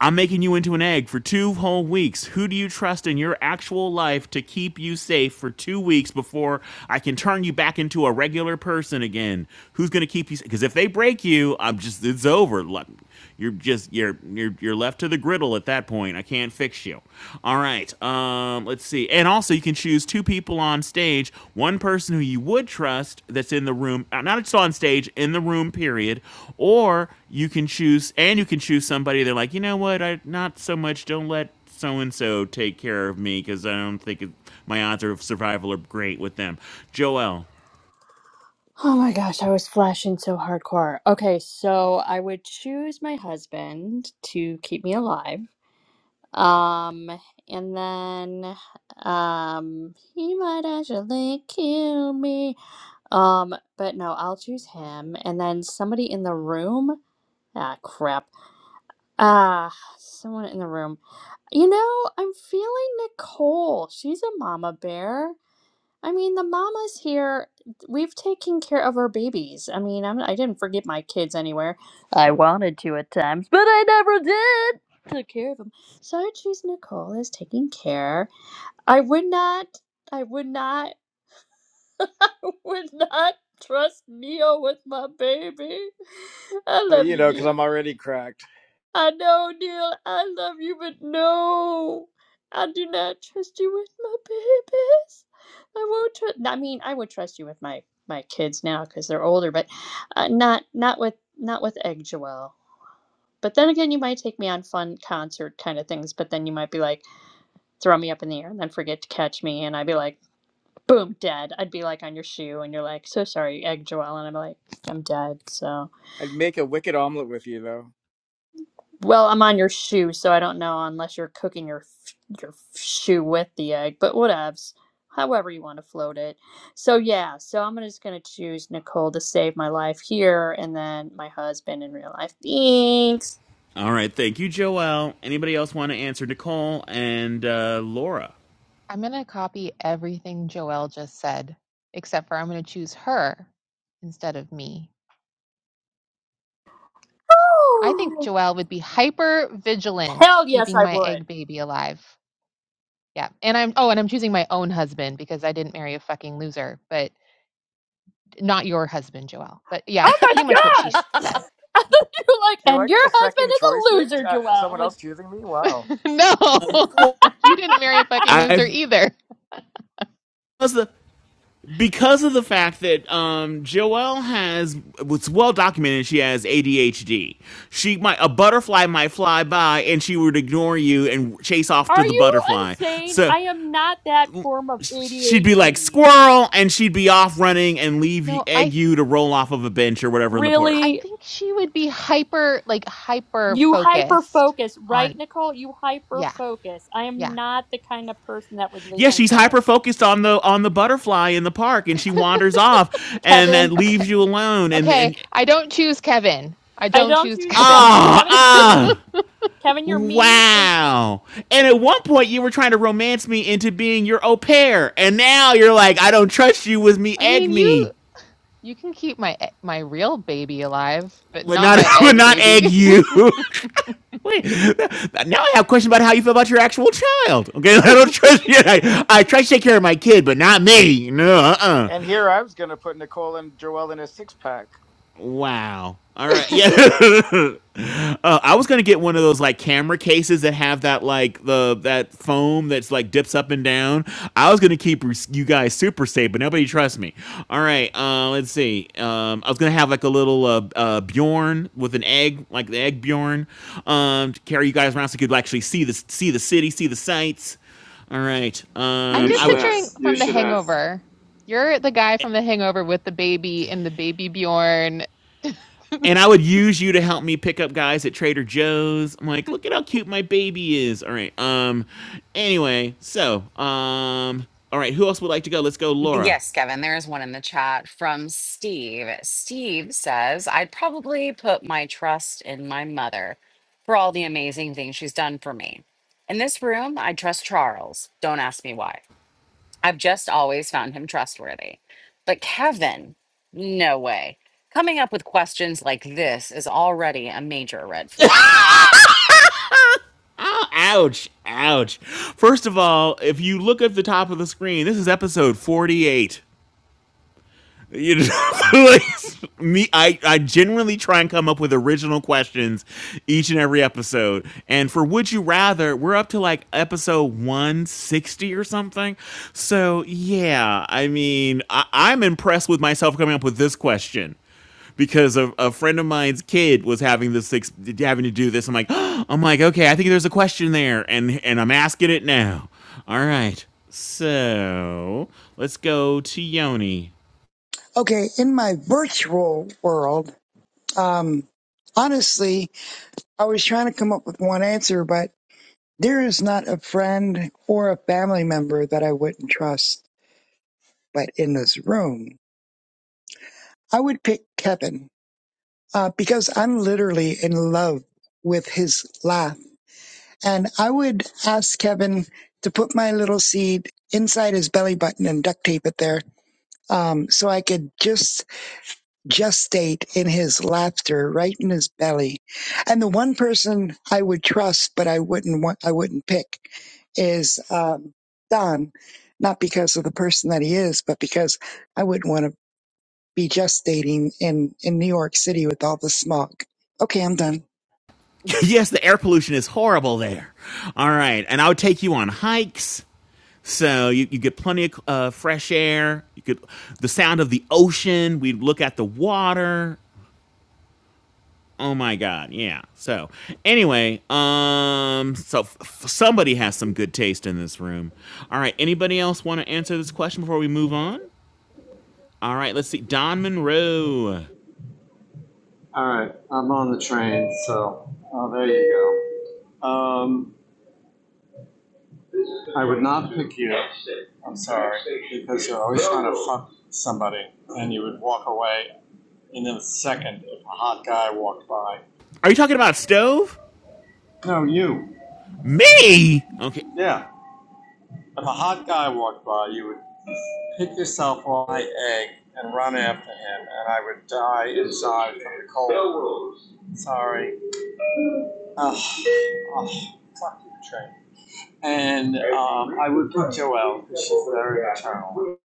Speaker 6: I'm making you into an egg for two whole weeks. Who do you trust in your actual life to keep you safe for two weeks before I can turn you back into a regular person again? Who's going to keep you? Because if they break you, I'm just, it's over. Like, you're just you're you're you're left to the griddle at that point. I can't fix you. All right. Um, let's see. And also, you can choose two people on stage. One person who you would trust that's in the room, uh, not just on stage, in the room. Period. Or you can choose, and you can choose somebody. They're like, you know what? I not so much. Don't let so and so take care of me because I don't think it, my odds of survival are great with them. Joel.
Speaker 9: Oh my gosh, I was flashing so hardcore. Okay, so I would choose my husband to keep me alive. Um, and then um he might actually kill me. Um, but no, I'll choose him and then somebody in the room. Ah, crap. Ah, someone in the room. You know, I'm feeling Nicole. She's a mama bear. I mean, the mamas here, we've taken care of our babies. I mean, I'm, I didn't forget my kids anywhere. I wanted to at times, but I never did. Took care of them. So I choose Nicole as taking care. I would not, I would not, [laughs] I would not trust Neo with my baby. I
Speaker 3: Uh,
Speaker 9: love
Speaker 3: you
Speaker 9: you,
Speaker 3: know, because
Speaker 9: Neo.
Speaker 3: I'm already cracked.
Speaker 9: I know, Neil, I love you, but no, I do not trust you with my babies. I won't trust. I mean, I would trust you with my my kids now because they're older, but uh, not not with not with Egg Joelle. But then again, you might take me on fun concert kind of things, but then you might be like, throw me up in the air and then forget to catch me, and I'd be like, boom, dead. I'd be like on your shoe, and you're like, so sorry, Egg Joelle, and I'm like, I'm dead. So.
Speaker 3: I'd make a wicked omelet with you, though.
Speaker 9: Well, I'm on your shoe, so I don't know unless you're cooking your your shoe with the egg, but whatevs. However you want to float it. So yeah, so I'm just gonna choose Nicole to save my life here, and then my husband in real life. Thanks.
Speaker 6: All right. Thank you, Joel. Anybody else want to answer? Nicole and uh, Laura.
Speaker 4: I'm going to copy everything Joelle just said, except for I'm going to choose her instead of me.
Speaker 9: [gasps]
Speaker 4: I think
Speaker 9: Oh,
Speaker 4: Joelle would be hyper vigilant
Speaker 9: hell yes,
Speaker 4: keeping
Speaker 9: I
Speaker 4: my
Speaker 9: would.
Speaker 4: egg baby alive. Yeah. And I'm, oh, and I'm choosing my own husband because I didn't marry a fucking loser, but not your husband, Joelle. But yeah,
Speaker 9: Oh my
Speaker 4: pretty much what she
Speaker 9: god!
Speaker 4: s-
Speaker 9: [laughs]
Speaker 4: said.
Speaker 9: I thought you were like,
Speaker 3: Do I
Speaker 9: and your
Speaker 3: get a
Speaker 9: husband
Speaker 3: second
Speaker 9: is
Speaker 3: choice here?
Speaker 9: a loser,
Speaker 3: Uh,
Speaker 9: Joelle. I'm
Speaker 3: someone
Speaker 9: like,
Speaker 3: else choosing me? Wow.
Speaker 4: No, [laughs] you didn't marry a fucking
Speaker 6: I
Speaker 4: loser either.
Speaker 6: because of, because of the fact that um Joelle has it's well documented she has ADHD. She might a butterfly might fly by and she would ignore you and chase off to
Speaker 9: are
Speaker 6: the
Speaker 9: you
Speaker 6: butterfly.
Speaker 9: insane?
Speaker 6: So
Speaker 9: I am not that form of
Speaker 6: she'd be like
Speaker 9: ADHD.
Speaker 6: squirrel and she'd be off running and leave you,
Speaker 4: No, I
Speaker 6: egg you to roll off of a bench or whatever in the park.
Speaker 4: I
Speaker 9: Really?
Speaker 4: think she would be hyper like hyper
Speaker 9: You hyper
Speaker 4: focused
Speaker 9: focus, right,
Speaker 4: on
Speaker 9: Nicole? You hyper
Speaker 4: yeah,
Speaker 9: focus. I am
Speaker 4: yeah.
Speaker 9: not the kind of person that would leave
Speaker 6: Yeah,
Speaker 9: my
Speaker 6: she's
Speaker 9: job.
Speaker 6: hyper focused on the on the butterfly in the park and she wanders off and that
Speaker 9: Kevin,
Speaker 4: Okay.
Speaker 6: leaves you alone and
Speaker 4: Okay,
Speaker 6: and
Speaker 4: I don't choose Kevin. I
Speaker 9: I
Speaker 4: don't
Speaker 9: don't
Speaker 4: choose
Speaker 9: choose Kevin.
Speaker 4: Kevin. [laughs]
Speaker 6: ah
Speaker 9: Kevin is
Speaker 6: ah
Speaker 9: mean. Kevin, you're mean and
Speaker 6: Wow. And at one point, you were trying to romance me into being your au pair. And now you're like, I don't trust you with me,
Speaker 4: I
Speaker 6: egg
Speaker 4: mean, you
Speaker 6: me.
Speaker 4: you can keep my e- my real baby alive, but
Speaker 6: But
Speaker 4: not
Speaker 6: not,
Speaker 4: my
Speaker 6: [laughs] but
Speaker 4: egg
Speaker 6: not egg
Speaker 4: baby.
Speaker 6: you. [laughs] now I have questions about how you feel about your actual child. Okay, [laughs] I don't trust you. I, I try to take care of my kid, but not me. No, uh uh
Speaker 3: And here I was going to put Nicole and Joel in a six pack.
Speaker 6: Wow. All right.
Speaker 4: [laughs]
Speaker 6: Yeah. [laughs] uh, I was gonna get one of those like camera cases that have that like the that foam that's like dips up and down. I was gonna keep you guys super safe, but nobody trusts me. All right. Uh, let's see. Um, I was gonna have like a little uh, uh, Bjorn with an egg, like the egg Bjorn, um, to carry you guys around so you could actually see the see the city, see the sights. All right.
Speaker 4: I'm
Speaker 13: you
Speaker 6: Um,
Speaker 4: just
Speaker 6: I
Speaker 13: should
Speaker 6: would.
Speaker 4: picturing
Speaker 13: ask. You
Speaker 4: from The
Speaker 13: should ask.
Speaker 4: Hangover. You're the guy from The Hangover with the baby and the baby Bjorn. [laughs]
Speaker 6: and I would use you to help me pick up guys at Trader Joe's. I'm like, look at how cute my baby is. All right. Um. Anyway, so um. All right. Who else would like to go? Let's go, Laura.
Speaker 1: Yes, Kevin, there is one in the chat from Steve. Steve says, I'd probably put my trust in my mother for all the amazing things she's done for me. In this room, I trust Charles. Don't ask me why. I've just always found him trustworthy. But Kevin, no way. Coming up with questions like this is already a major red
Speaker 6: [laughs]
Speaker 1: flag.
Speaker 6: Oh, ouch, ouch. First of all, if you look at the top of the screen, this is episode 48. You know, [laughs] like me, I I genuinely try and come up with original questions each and every episode. And for Would You Rather, we're up to like episode one sixty or something. So yeah, I mean, I, I'm impressed with myself coming up with this question because a, a friend of mine's kid was having this having to do this. I'm like, [gasps] oh, I'm like, okay, I think there's a question there, and and I'm asking it now. All right, so let's go to Yoni.
Speaker 14: Okay, in my virtual world, um, honestly, I was trying to come up with one answer, but there is not a friend or a family member that I wouldn't trust. But in this room, I would pick Kevin uh, because I'm literally in love with his laugh. And I would ask Kevin to put my little seed inside his belly button and duct tape it there um, so I could just gestate in his laughter, right in his belly. And the one person I would trust, but I wouldn't want, I wouldn't pick is, um, Don, not because of the person that he is, but because I wouldn't want to be gestating in, in New York City with all the smog. Okay, I'm done.
Speaker 6: [laughs] yes, the air pollution is horrible there. All right, and I would take you on hikes. So you, you get plenty of uh, fresh air. You could the sound of the ocean. We'd look at the water. Oh my god, yeah. So anyway, um, so f- somebody has some good taste in this room. All right, anybody else want to answer this question before we move on? All right, let's see. Don Monroe.
Speaker 13: All right, I'm on the train, so oh, there you go. Um, I would not pick you. I'm sorry because you're always trying to fuck somebody, and you would walk away in a second if a hot guy walked by.
Speaker 6: Are you talking about a stove?
Speaker 13: No, you.
Speaker 6: Me? Okay.
Speaker 13: Yeah. If a hot guy walked by, you would pick yourself off my egg and run after him, and I would die inside from the cold. Sorry. Ugh, ugh. And um, I would put Joelle, 'cause she's very maternal.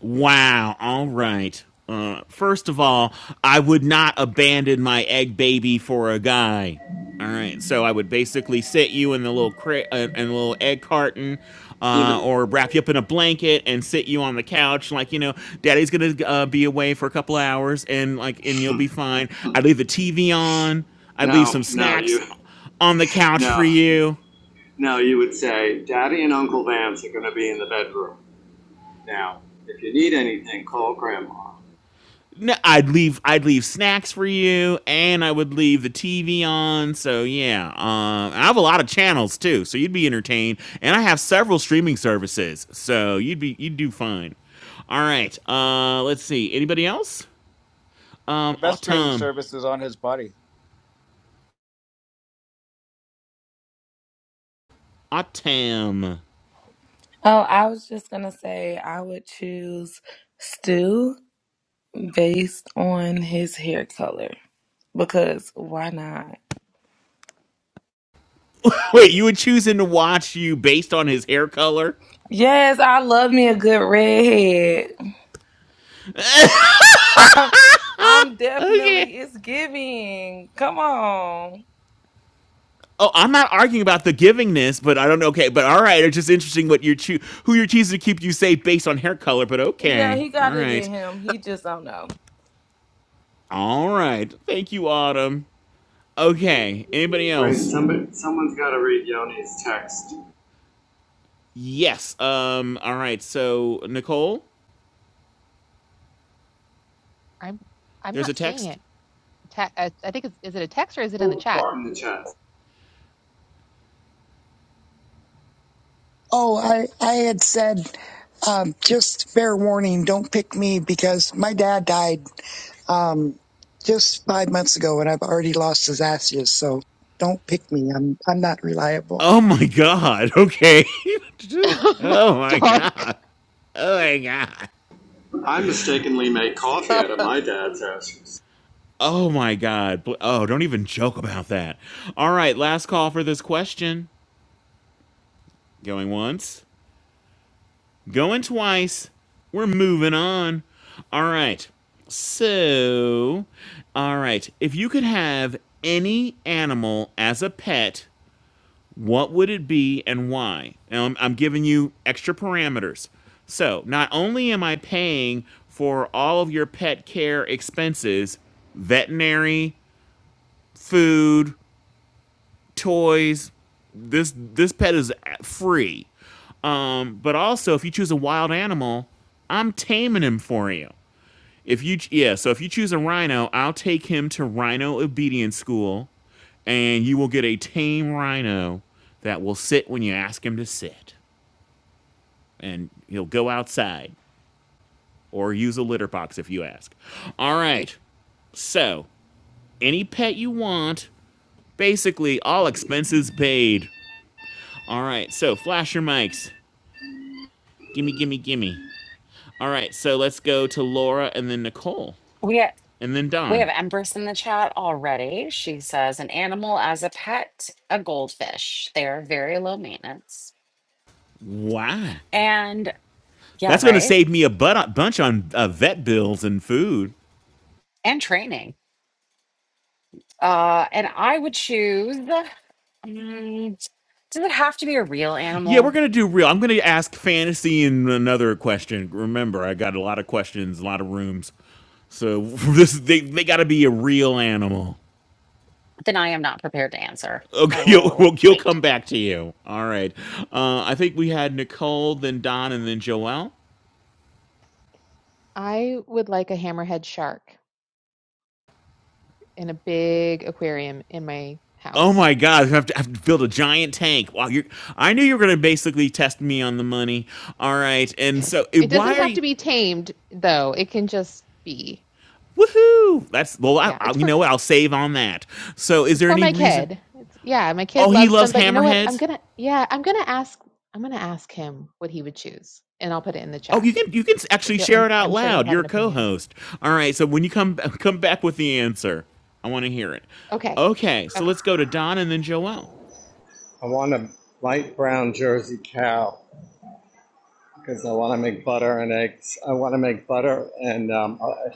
Speaker 6: Wow. All right. Uh, first of all, I would not abandon my egg baby for a guy. All right. So I would basically sit you in the little cra- uh, in the little egg carton, uh,
Speaker 13: Even
Speaker 6: or wrap you up in a blanket and sit you on the couch. Like you know, Daddy's gonna uh, be away for a couple of hours, and like, and you'll be fine. I'd leave the TV on. I'd leave
Speaker 13: no,
Speaker 6: some
Speaker 13: no,
Speaker 6: snacks
Speaker 13: you
Speaker 6: on the couch for
Speaker 13: no,
Speaker 6: you.
Speaker 13: no, you would say Daddy and Uncle Vance are going to be in the bedroom now. If you need anything, call Grandma.
Speaker 6: No, I'd leave. I'd leave snacks for you, and I would leave the TV on. So yeah, um, I have a lot of channels too, so you'd be entertained. And I have several streaming services, so you'd be you'd do fine. All right, uh, let's see. Anybody else? Um,
Speaker 3: The best streaming
Speaker 6: Autumn,
Speaker 3: service is on his body.
Speaker 6: Autumn.
Speaker 15: Oh, I was just gonna say I would choose Stu based on his hair color because why not?
Speaker 6: Wait, you would choose him to watch you based on his hair color?
Speaker 15: Yes, I love me a good redhead. [laughs] I'm
Speaker 6: Okay.
Speaker 15: definitely it's giving. Come on.
Speaker 6: Oh, I'm not arguing about the givingness, but I don't know. Okay, but all right, it's just interesting what you're choo- who you're choosing to keep you safe based on hair color. But
Speaker 15: Yeah,
Speaker 6: okay,
Speaker 15: he
Speaker 6: all
Speaker 15: got it
Speaker 6: right,
Speaker 15: in him. He just don't know.
Speaker 6: all right. Thank you, Autumn. Okay, anybody
Speaker 13: Right?
Speaker 6: else?
Speaker 13: Somebody, someone's got to read Yoni's text
Speaker 6: Yes. Um. All right. So Nicole,
Speaker 4: I'm I'm
Speaker 6: there's a
Speaker 4: not seeing
Speaker 6: text.
Speaker 4: it. Te- I, I think it's is it a text or is it in the
Speaker 13: in
Speaker 4: chat?
Speaker 13: the chat.
Speaker 14: Oh, I, I had said, um, just fair warning, don't pick me because my dad died um, just five months ago, and I've already lost his ashes. So don't pick me. I'm I'm not reliable.
Speaker 6: Oh my God. Okay. [laughs]
Speaker 4: [laughs]
Speaker 6: just. Oh
Speaker 4: That's
Speaker 6: my
Speaker 4: dark.
Speaker 6: God. Oh my God.
Speaker 13: I mistakenly made coffee out of my dad's ashes.
Speaker 6: Oh my God. Oh, don't even joke about that. All right, last call for this question. Going once. Going twice. We're moving on. All right. So, all right. If you could have any animal as a pet, what would it be and why? Now, I'm, I'm giving you extra parameters. So, not only am I paying for all of your pet care expenses, veterinary, food, toys. This this pet is free. Um, but also, if you choose a wild animal, I'm taming him for you. If you yeah, so if you choose a rhino, I'll take him to Rhino Obedience School, and you will get a tame rhino that will sit when you ask him to sit, and he'll go outside or use a litter box if you ask. All right, so any pet you want, basically all expenses paid. All right, so flash your mics. Gimme, gimme, gimme. All right, so let's go to Laura and then Nicole and then
Speaker 1: We
Speaker 6: Don.
Speaker 1: have Empress in the chat already. She says, an animal as a pet, a goldfish. They are very low maintenance.
Speaker 6: Wow.
Speaker 1: And yeah,
Speaker 6: That's going to
Speaker 1: right.
Speaker 6: save me a butt, bunch on uh, vet bills and food.
Speaker 1: And training. Uh, and I would choose. mm, does it have to be a real
Speaker 6: Yeah, we're
Speaker 1: animal?
Speaker 6: going to do real. I'm going to ask fantasy and another question. Remember, I got a lot of questions, a lot of rooms. So [laughs] this they, they got to be a real animal.
Speaker 1: Then I am not prepared to answer.
Speaker 6: Okay,
Speaker 1: I
Speaker 6: [laughs] you'll,
Speaker 1: will
Speaker 6: we'll, will come
Speaker 1: wait.
Speaker 6: back to you. All right. Uh, I think we had Nicole, then Don, and then Joelle.
Speaker 4: I would like a hammerhead shark in a big aquarium in my
Speaker 6: Oh
Speaker 4: house.
Speaker 6: my God! I have to, I have to build a giant tank. Wow, you! I knew you were going to basically test me on the money. All right,
Speaker 4: [laughs]
Speaker 6: and so eh,
Speaker 4: It doesn't
Speaker 6: why are
Speaker 4: have to
Speaker 6: you?
Speaker 4: be tamed though. It can just be.
Speaker 6: Woohoo! That's well. I,
Speaker 4: Yeah,
Speaker 6: I,
Speaker 4: it's
Speaker 6: you
Speaker 4: for
Speaker 6: know what? I'll save on that. So, is
Speaker 4: It's
Speaker 6: there
Speaker 4: for
Speaker 6: any
Speaker 4: my
Speaker 6: reason?
Speaker 4: kid. It's yeah, my kid
Speaker 6: Oh, he
Speaker 4: loves them,
Speaker 6: loves
Speaker 4: but you know what? I'm
Speaker 6: hammerheads.
Speaker 4: gonna yeah, I'm gonna ask I'm gonna ask him what he would choose, and I'll put it in the
Speaker 6: Oh,
Speaker 4: chat
Speaker 6: you can you can
Speaker 4: because
Speaker 6: actually
Speaker 4: he'll I'm
Speaker 6: share it out
Speaker 4: I'm sure he'll
Speaker 6: loud.
Speaker 4: have
Speaker 6: You're
Speaker 4: an
Speaker 6: a
Speaker 4: opinion.
Speaker 6: co-host. All right. So when you come come back with the answer, I want to hear it.
Speaker 4: Okay,
Speaker 6: Okay. So
Speaker 4: okay.
Speaker 6: let's go to Don and then Joelle.
Speaker 13: I want a light brown Jersey cow because I want to make butter and eggs. I want to make butter and um, uh,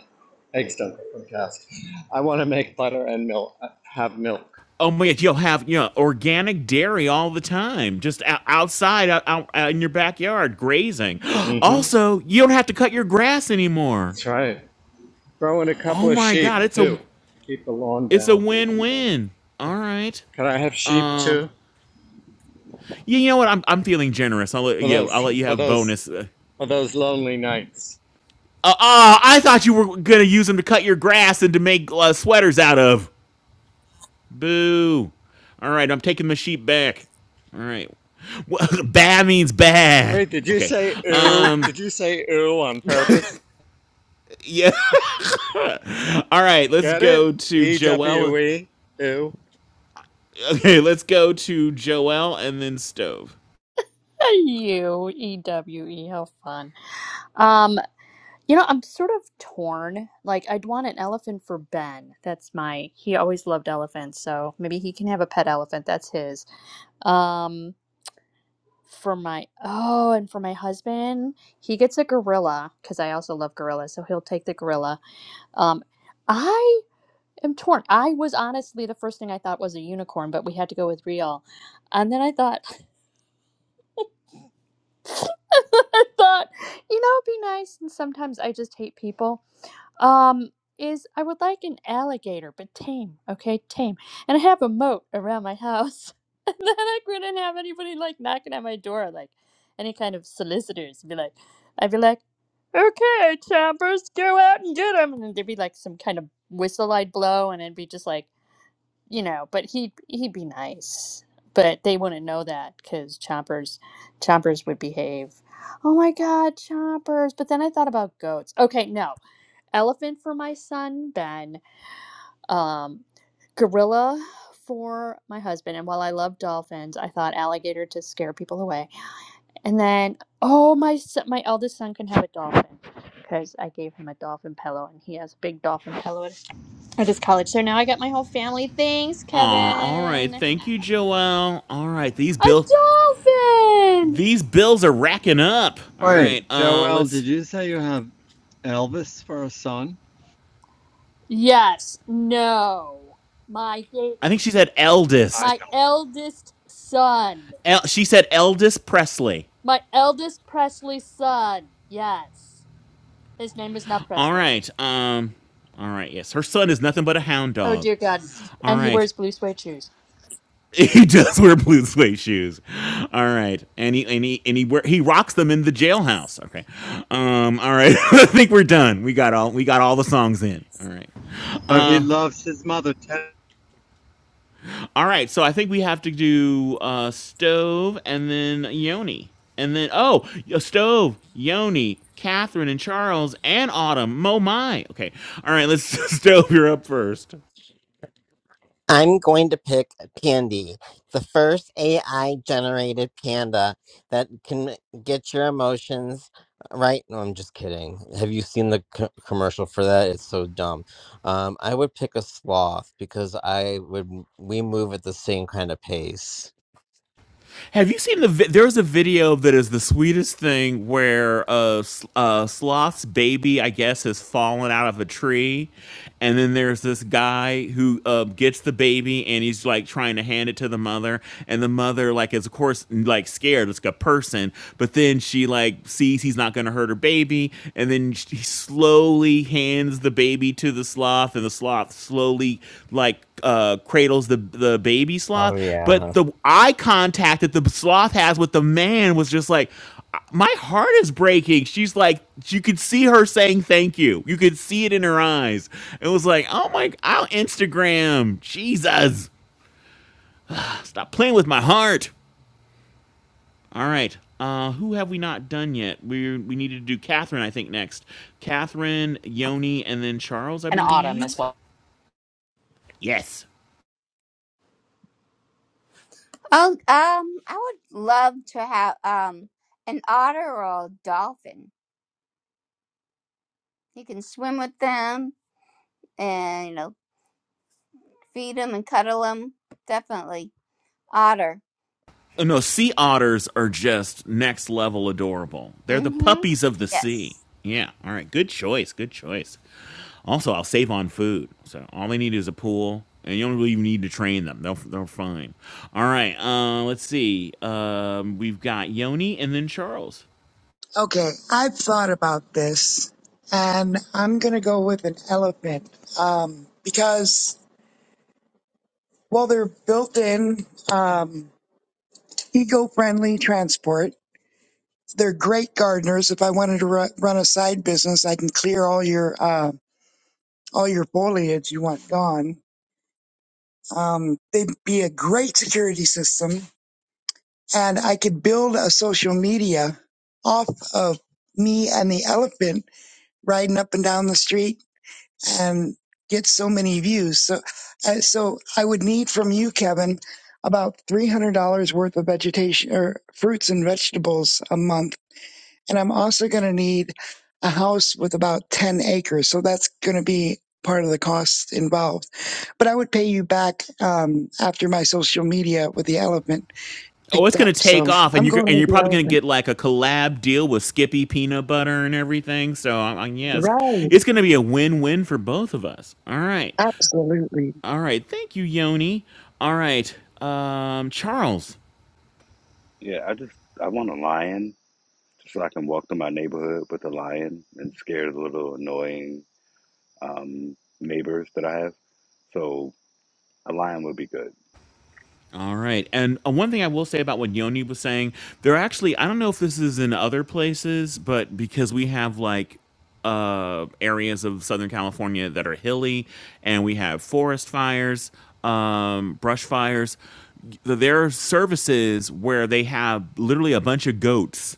Speaker 13: eggs don't come from cows. I want to make butter and milk. Have milk.
Speaker 6: Oh my God, you'll have you know organic dairy all the time, just out, outside, out, out, out in your backyard, grazing. [gasps]
Speaker 13: Mm-hmm.
Speaker 6: Also, you don't have to cut your grass anymore.
Speaker 13: That's right. Throw in a couple
Speaker 6: Oh
Speaker 13: of
Speaker 6: my
Speaker 13: sheep
Speaker 6: God, it's
Speaker 13: too
Speaker 6: a
Speaker 13: to keep the lawn
Speaker 6: it's a
Speaker 13: down.
Speaker 6: win win. All right.
Speaker 13: Can I have sheep
Speaker 6: Um,
Speaker 13: too
Speaker 6: you, you know what? I'm I'm feeling generous. I'll let
Speaker 13: for
Speaker 6: you. I'll
Speaker 13: those
Speaker 6: let you
Speaker 13: for
Speaker 6: have
Speaker 13: those
Speaker 6: bonus. Uh,
Speaker 13: for those lonely nights?
Speaker 6: uh, uh, I thought you were gonna use them to cut your grass and to make uh, sweaters out of. Boo. All right, I'm taking the sheep back. All right. [laughs] bad means bad.
Speaker 13: Wait, did you
Speaker 6: Okay.
Speaker 13: say ooh?
Speaker 6: Um.
Speaker 13: Did you say ooh on purpose?
Speaker 6: Yeah. [laughs] All right, let's
Speaker 13: Get it?
Speaker 6: go to
Speaker 13: E W
Speaker 6: Joelle.
Speaker 13: E ooh.
Speaker 6: Okay, let's go to Joelle and then Stove.
Speaker 9: Hey, you E W E. How fun. Um, you know, I'm sort of torn. Like, I'd want an elephant for Ben. That's my. He always loved elephants, so maybe he can have a pet elephant. That's his. Um, for my oh and for my husband he gets a gorilla because i also love gorillas so he'll take the gorilla um i am torn i was honestly the first thing i thought was a unicorn but we had to go with real and then i thought [laughs] i thought you know it'd be nice and sometimes i just hate people um is I would like an alligator, but tame, okay, tame. And I have a moat around my house. [laughs] and then I couldn't have anybody like knocking at my door, like any kind of solicitors be like I'd be like, Okay, choppers, go out and get him and then there'd be like some kind of whistle I'd blow and it'd be just like you know, but he he'd be nice. But they wouldn't know that because choppers choppers would behave. Oh my god, choppers. But then I thought about goats. Okay, no elephant for my son Ben, um, gorilla for my husband. And while I love dolphins, I thought alligator to scare people away. And then, oh my, s- my eldest son can have a dolphin because I gave him a dolphin pillow, and he has a big dolphin pillow at at his college. So now I got my whole family. Thanks,
Speaker 6: Aw, all
Speaker 9: Kevin.
Speaker 6: right. Thank you, Joelle. All right, these
Speaker 9: A
Speaker 6: bills
Speaker 9: dolphin.
Speaker 6: these bills are racking up. All
Speaker 13: Wait,
Speaker 6: right. Uh
Speaker 13: Joel, did
Speaker 6: let's
Speaker 13: you say you have Elvis for a son?
Speaker 9: Yes. No. My
Speaker 6: I think she said
Speaker 13: I
Speaker 6: eldest.
Speaker 9: my eldest son.
Speaker 6: El- she said eldest Presley.
Speaker 9: My eldest Presley's son. Yes. His name is not
Speaker 6: All
Speaker 9: Presley.
Speaker 6: right. Um all right, yes. Her son is nothing but a hound
Speaker 9: Oh
Speaker 6: dog.
Speaker 9: dear God.
Speaker 6: All
Speaker 9: And he
Speaker 6: right.
Speaker 9: wears blue suede shoes.
Speaker 6: [laughs] He does wear blue suede shoes. All right, and he and he and he wear, he rocks them in the jailhouse. Okay, um, all right. [laughs] I think we're done. We got all we got all the songs in. All right,
Speaker 13: But he
Speaker 6: uh,
Speaker 13: loves his mother.
Speaker 6: all right. So I think we have to do uh, stove and then Yoni and then oh stove Yoni. Catherine and Charles and Autumn, Mo my. Okay, all right. Let's [laughs] stove. You're up first.
Speaker 2: I'm going to pick Pandy, the first AI generated panda that can get your emotions right. No, I'm just kidding. Have you seen the co- commercial for that? It's so dumb. Um, I would pick a sloth because I would we move at the same kind of pace.
Speaker 6: Have you seen the? Vi- There's a video that is the sweetest thing where uh, S- uh Sloth's baby, I guess, has fallen out of a tree, and then there's this guy who uh, gets the baby and he's like trying to hand it to the mother, and the mother like is of course like scared, it's like a person, but then she like sees he's not going to hurt her baby, and then she, slowly hands the baby to the sloth and the sloth slowly like uh, cradles the the baby
Speaker 2: Oh
Speaker 6: sloth but
Speaker 2: yeah.
Speaker 6: the eye contact that the sloth has with the man was just like my heart is breaking she's like you could see her saying thank you you could see it in her eyes it was like oh my i'll instagram jesus stop playing with my heart all right. Uh, who have we not done yet? We we needed to do Catherine, I think, next. Catherine, Yoni, and then Charles, I
Speaker 1: An autumn as
Speaker 6: believe.
Speaker 1: well.
Speaker 6: Yes.
Speaker 16: Oh, um, I would love to have um an otter or a dolphin. You can swim with them and you know feed them and cuddle them. Definitely otter.
Speaker 6: Oh, no, sea otters are just next level adorable. They're the
Speaker 16: Mm-hmm.
Speaker 6: puppies of the sea.
Speaker 16: Yes.
Speaker 6: Yeah. All right. Good choice. Good choice. Also, I'll save on food. So all they need is a pool, and you don't really even need to train them. They'll they're fine. All right. Uh, let's see. Um, we've got Yoni and then Charles.
Speaker 14: Okay, I've thought about this, and I'm gonna go with an elephant um, because well, they're built-in um, eco-friendly transport. They're great gardeners. If I wanted to ru- run a side business, I can clear all your uh, all your foliage you want gone. Um, they'd be a great security system and I could build a social media off of me and the elephant riding up and down the street and get so many views. So, uh, so I would need from you, Kevin, about three hundred dollars worth of vegetation or fruits and vegetables a month, and I'm also going to need a house with about ten acres. So that's going to be part of the cost involved. But I would pay you back um, after my social media with the elephant
Speaker 6: oh, it's
Speaker 14: picked
Speaker 6: gonna
Speaker 14: up. So
Speaker 6: take off, and
Speaker 14: I'm
Speaker 6: you're
Speaker 14: going
Speaker 6: and
Speaker 14: with
Speaker 6: you're
Speaker 14: the
Speaker 6: probably gonna
Speaker 14: elephant.
Speaker 6: get like a collab deal with Skippy Peanut Butter and everything. So, um, um, yeah, it's,
Speaker 14: Right.
Speaker 6: it's gonna be a win-win for both of us. All right,
Speaker 14: Absolutely.
Speaker 6: all right. Thank you, Yoni. All right, um, Charles.
Speaker 12: Yeah, I just I want a lion, just so I can walk through my neighborhood with a lion and scare the little annoying um, neighbors that I have. So a lion would be good.
Speaker 6: All right. And uh, one thing I will say about what Yoni was saying, there actually, I don't know if this is in other places, but because we have like uh, areas of Southern California that are hilly and we have forest fires, um, brush fires, th- there are services where they have literally a bunch of goats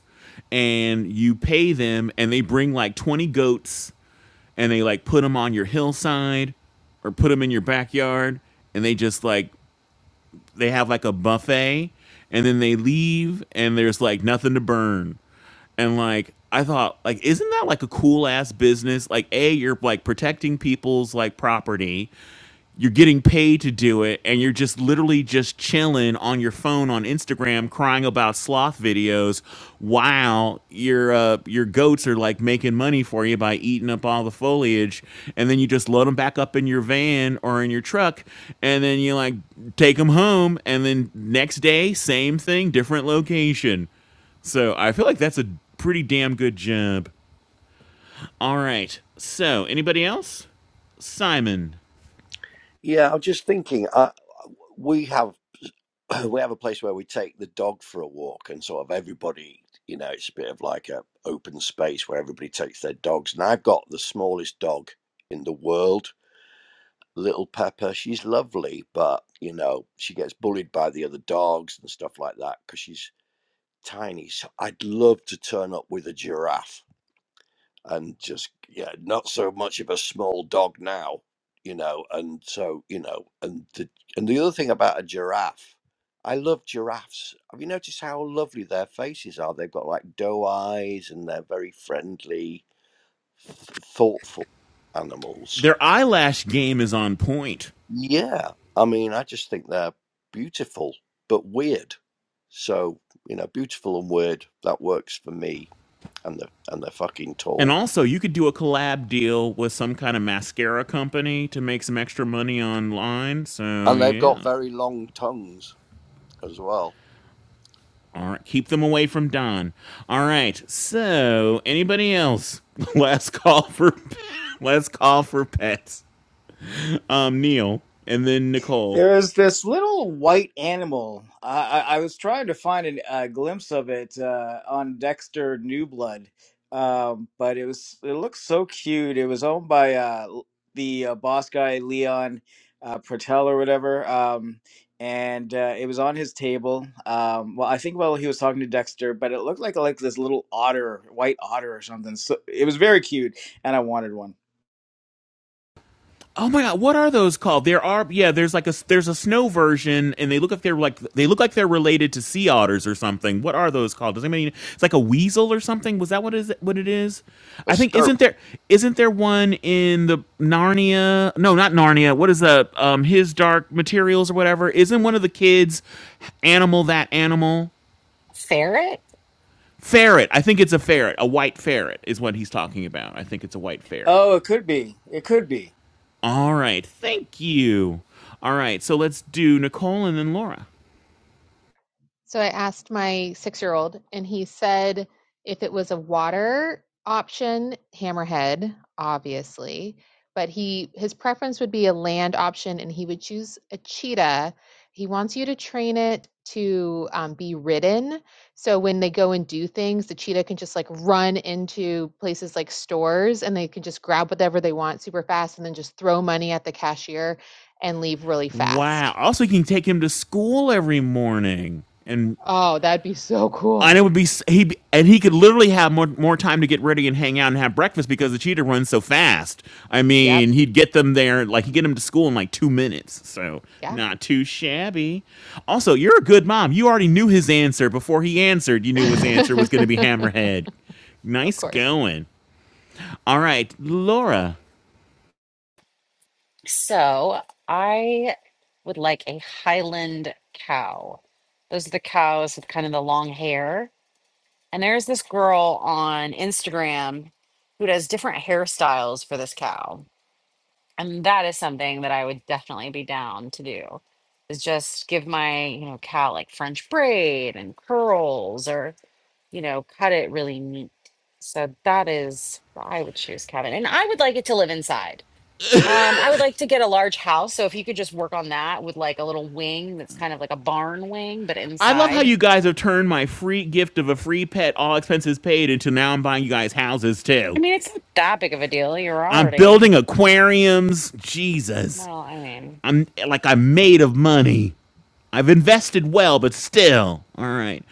Speaker 6: and you pay them and they bring like 20 goats and they like put them on your hillside or put them in your backyard and they just like they have like a buffet and then they leave and there's like nothing to burn. And like I thought like isn't that like a cool ass business? Like A, you're like protecting people's like property you're getting paid to do it and you're just literally just chilling on your phone on Instagram crying about sloth videos while your uh, your goats are like making money for you by eating up all the foliage and then you just load them back up in your van or in your truck and then you like take them home and then next day same thing different location so I feel like that's a pretty damn good job all right so anybody else Simon
Speaker 5: Yeah, I'm just thinking. Uh, we have [clears throat] we have a place where we take the dog for a walk, and sort of everybody, you know, it's a bit of like a open space where everybody takes their dogs. And I've got the smallest dog in the world, little Pepper. She's lovely, but you know, she gets bullied by the other dogs and stuff like that because she's tiny. So I'd love to turn up with a giraffe and just yeah, not so much of a small dog now, you know. And so you know, and the and the other thing about a giraffe, I love giraffes. Have you noticed how lovely their faces are? They've got like doe eyes, and they're very friendly, th- thoughtful animals.
Speaker 6: their eyelash game is on point.
Speaker 5: Yeah, I mean, I just think they're beautiful but weird. So you know, beautiful and weird that works for me and they're and they're fucking
Speaker 6: And
Speaker 5: tall,
Speaker 6: also, you could do a collab deal with some kind of mascara company to make some extra money online. So,
Speaker 5: and they've got
Speaker 6: yeah.
Speaker 5: very long tongues as well.
Speaker 6: All right. Keep them away from Don. All right. So, anybody else? [laughs] Last call for [laughs] last call for pets. Um, Neil and then Nicole.
Speaker 3: There's this little white animal. I, I, I was trying to find an- a glimpse of it uh, on Dexter New Blood, um, but it was it looks so cute. It was owned by uh, l- the uh, boss guy Leon uh, Pertel or whatever, um, and uh, it was on his table. Um, well, I think while he was talking to Dexter, but it looked like like this little otter, white otter or something. So it was very cute, and I wanted one.
Speaker 6: Oh my god, what are those called? There are yeah, there's like a there's a snow version, and they look like they're like they look like they're related to sea otters or something. What are those called? Does anybody? know? It's like a weasel or something. Was that what is what it is?
Speaker 5: A
Speaker 6: I think
Speaker 5: stoat
Speaker 6: isn't there isn't there one in the Narnia? No, not Narnia. What is the um his dark materials or whatever? Isn't one of the kids animal that animal
Speaker 1: Ferret.
Speaker 6: ferret? I think it's a ferret, a white ferret is what he's talking about. I think it's a white ferret.
Speaker 3: Oh, it could be. It could be.
Speaker 6: All right. Thank you. All right. So let's do Nicole and then Laura.
Speaker 4: So I asked my six year old, and he said if it was a water option, hammerhead, obviously, but he his preference would be a land option, and he would choose a cheetah. He wants you to train it to um, be ridden. So when they go and do things, the cheetah can just like run into places like stores and they can just grab whatever they want super fast and then just throw money at the cashier and leave really
Speaker 6: Wow.
Speaker 4: fast.
Speaker 6: Also, you can take him to school every morning, and
Speaker 4: Oh, that'd be so
Speaker 6: and it
Speaker 4: cool.
Speaker 6: would be he and he could literally have more more time to get ready and hang out and have breakfast because the cheetah runs so fast. I
Speaker 4: Yep.
Speaker 6: mean, he'd get them there like he'd get them to school in like two minutes, so
Speaker 4: Yeah.
Speaker 6: not too shabby. Also, you're a good mom. You already knew his answer before he answered. You knew his answer was going to be
Speaker 4: [laughs]
Speaker 6: hammerhead.
Speaker 4: of
Speaker 6: Nice
Speaker 4: course.
Speaker 6: going. All right, Laura.
Speaker 1: So I would like a Highland cow. Those are the cows with kind of the long hair And there's this girl on Instagram who does different hairstyles for this cow. And that is something that I would definitely be down to do. Is just give my, you know, cow like French braid and curls or, you know, cut it really neat. So that is what I would choose, Kevin. And I would like it to live inside. Um, I would like to get a large house. So if you could just work on that with like a little wing that's kind of like a barn wing, but
Speaker 6: I love how
Speaker 1: inside.
Speaker 6: you guys have turned my free gift of a free pet, all expenses paid, into now I'm buying you guys houses
Speaker 1: I
Speaker 6: too.
Speaker 1: mean, it's not that big of a deal. You're
Speaker 6: I'm
Speaker 1: already
Speaker 6: building aquariums. Jesus.
Speaker 1: Well, I mean,
Speaker 6: I'm like I'm made of money. I've invested well, but still. All right.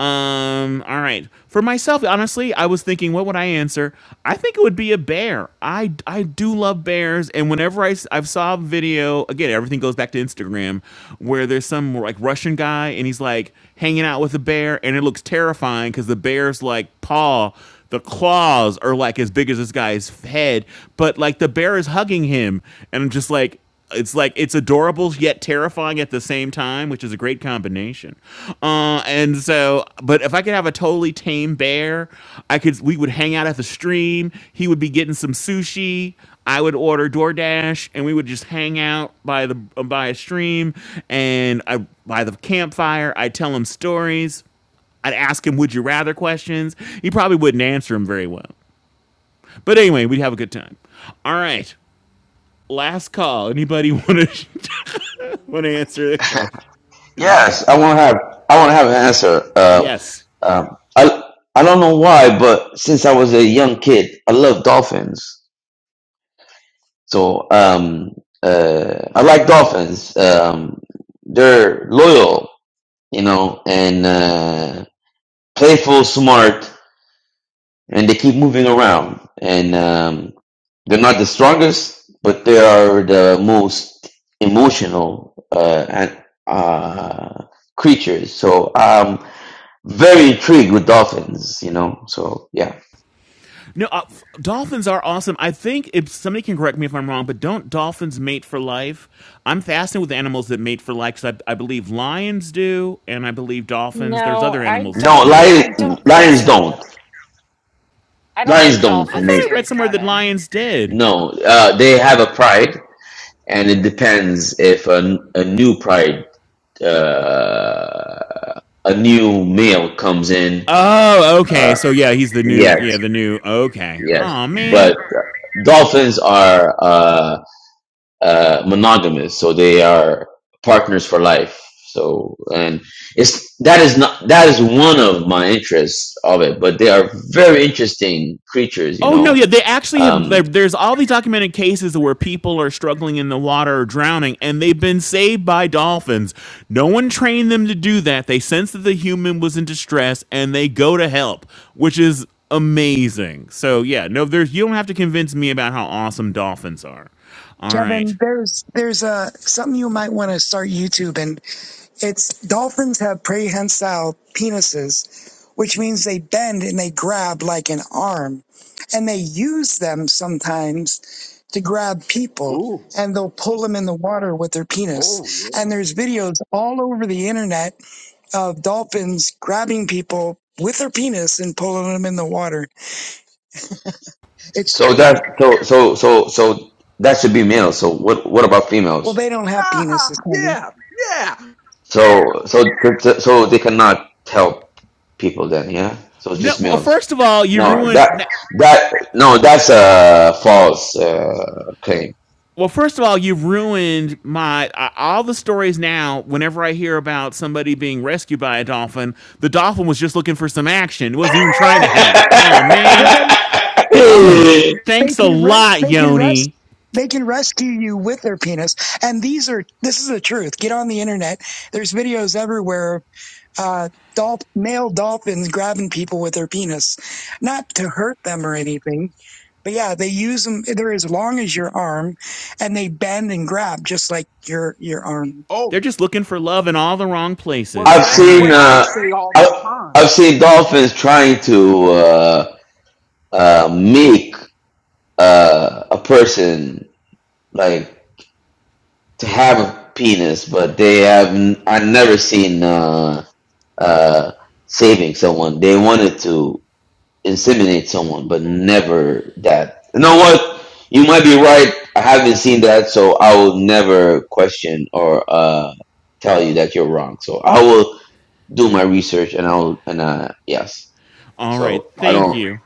Speaker 6: Um, all right. For myself, honestly, I was thinking, what would I answer? I think it would be a bear. I, I do love bears. And whenever I, s- I saw a video, again, everything goes back to Instagram, where there's some like Russian guy and he's like hanging out with a bear and it looks terrifying because the bear's like paw the claws are like as big as this guy's head, but like the bear is hugging him, and I'm just like, it's like it's adorable yet terrifying at the same time, which is a great combination. Uh, and so, but if I could have a totally tame bear, I could. We would hang out at the stream. He would be getting some sushi. I would order DoorDash, and we would just hang out by the by a stream and I, by the campfire. I'd tell him stories. I'd ask him would you rather questions. He probably wouldn't answer them very well. But anyway, we'd have a good time. All right. Last call. Anybody want to [laughs] want to answer the question?
Speaker 17: Yes, I want to have I want to have an answer. Uh,
Speaker 6: Yes.
Speaker 17: um, I I don't know why, but since I was a young kid, I love dolphins. So um, uh, I like dolphins. Um, they're loyal, you know, and uh, playful, smart, and they keep moving around. And um, they're not the strongest, but they are the most emotional uh, and uh, creatures. So um, very intrigued with dolphins, you know. So yeah,
Speaker 6: No, uh, f- dolphins are awesome. I think if somebody can correct me if I'm wrong, but don't dolphins mate for life? I'm fascinated with animals that mate for life 'cause I, I believe lions do, and I believe dolphins. There's
Speaker 1: no,
Speaker 6: other
Speaker 1: I
Speaker 6: animals that
Speaker 17: no
Speaker 1: don't. I
Speaker 6: do.
Speaker 1: mean, I
Speaker 17: lions.
Speaker 1: don't think
Speaker 17: Lions
Speaker 1: so. At
Speaker 17: don't.
Speaker 1: all. I don't
Speaker 17: Lions
Speaker 1: think
Speaker 17: don't
Speaker 6: I thought
Speaker 1: dolphins
Speaker 17: mate.
Speaker 6: I read
Speaker 1: do,
Speaker 6: somewhere that
Speaker 1: Kevin.
Speaker 6: lions did.
Speaker 17: No, uh, they have a pride, and it depends if a, a new pride, uh, a new male comes in.
Speaker 6: Oh,
Speaker 17: Uh,
Speaker 6: okay. So yeah, he's the new.
Speaker 17: yes,
Speaker 6: Yeah, the new. Okay.
Speaker 17: yes.
Speaker 6: Oh man,
Speaker 17: But dolphins are. uh, uh, monogamous, so they are partners for life. So, and it's that is not that is one of my interests of it, but they are very interesting creatures, you
Speaker 6: Oh no,
Speaker 17: know.
Speaker 6: yeah, they actually have.
Speaker 17: Um,
Speaker 6: there- There's all these documented cases where people are struggling in the water or drowning, and they've been saved by dolphins. No one trained them to do that. They sense that the human was in distress, and they go to help, which is amazing. So yeah, no, there's you don't have to convince me about how awesome dolphins are. All right,
Speaker 14: Kevin, there's there's uh, something you might want to start YouTube and it's dolphins have prehensile penises, which means they bend and they grab like an arm. And they use them sometimes to grab people
Speaker 18: Ooh.
Speaker 14: and they'll pull them in the water with their
Speaker 18: Oh
Speaker 14: penis. And
Speaker 18: yeah. [laughs]
Speaker 14: there's videos all over the internet of dolphins grabbing people with their penis and pulling them in the water. It's
Speaker 17: so
Speaker 14: true.
Speaker 17: that so so so so that should be males. So what what about
Speaker 14: Well,
Speaker 17: females?
Speaker 14: they don't have
Speaker 18: Ah,
Speaker 14: penises, honey.
Speaker 18: yeah. Yeah.
Speaker 17: So so so so they cannot help people then, yeah. So it's
Speaker 6: no.
Speaker 17: just
Speaker 6: Well,
Speaker 17: males.
Speaker 6: first of all, you
Speaker 17: No, that
Speaker 6: ruined.
Speaker 17: that no, that's a false uh, claim.
Speaker 6: Well, first of all, you've ruined my uh, all the stories now. Whenever I hear about somebody being rescued by a dolphin, the dolphin was just looking for some action. It wasn't even trying to help. Oh
Speaker 14: Well,
Speaker 6: man,
Speaker 14: they they
Speaker 17: [laughs]
Speaker 14: they
Speaker 6: thanks a
Speaker 14: can re-
Speaker 6: lot,
Speaker 14: they can rest
Speaker 6: Yoni.
Speaker 14: they can rescue you with their penis. And these are this is the truth. Get on the internet. There's videos everywhere. of, Uh, dolph- male dolphins grabbing people with their penis, not to hurt them or anything, but yeah, they use them. They're as long as your arm, and they bend and grab just like your your arm.
Speaker 6: They're
Speaker 18: Oh,
Speaker 6: just looking for love in all the wrong
Speaker 18: well,
Speaker 6: places.
Speaker 17: I've
Speaker 6: All
Speaker 18: that's
Speaker 17: seen
Speaker 18: what
Speaker 6: right,
Speaker 18: I
Speaker 17: uh,
Speaker 18: say all the
Speaker 17: I,
Speaker 18: time.
Speaker 17: I've seen dolphins trying to uh, uh, make uh, a person like to have a penis, but they have I I've never seen uh, uh, saving someone. They wanted to inseminate someone, but never that. You know what? You might be right. I haven't seen that, so I will never question or uh tell you that you're wrong. So I will do my research, and I'll and uh yes.
Speaker 6: all right.
Speaker 17: So I
Speaker 6: Thank
Speaker 17: don't.
Speaker 6: you.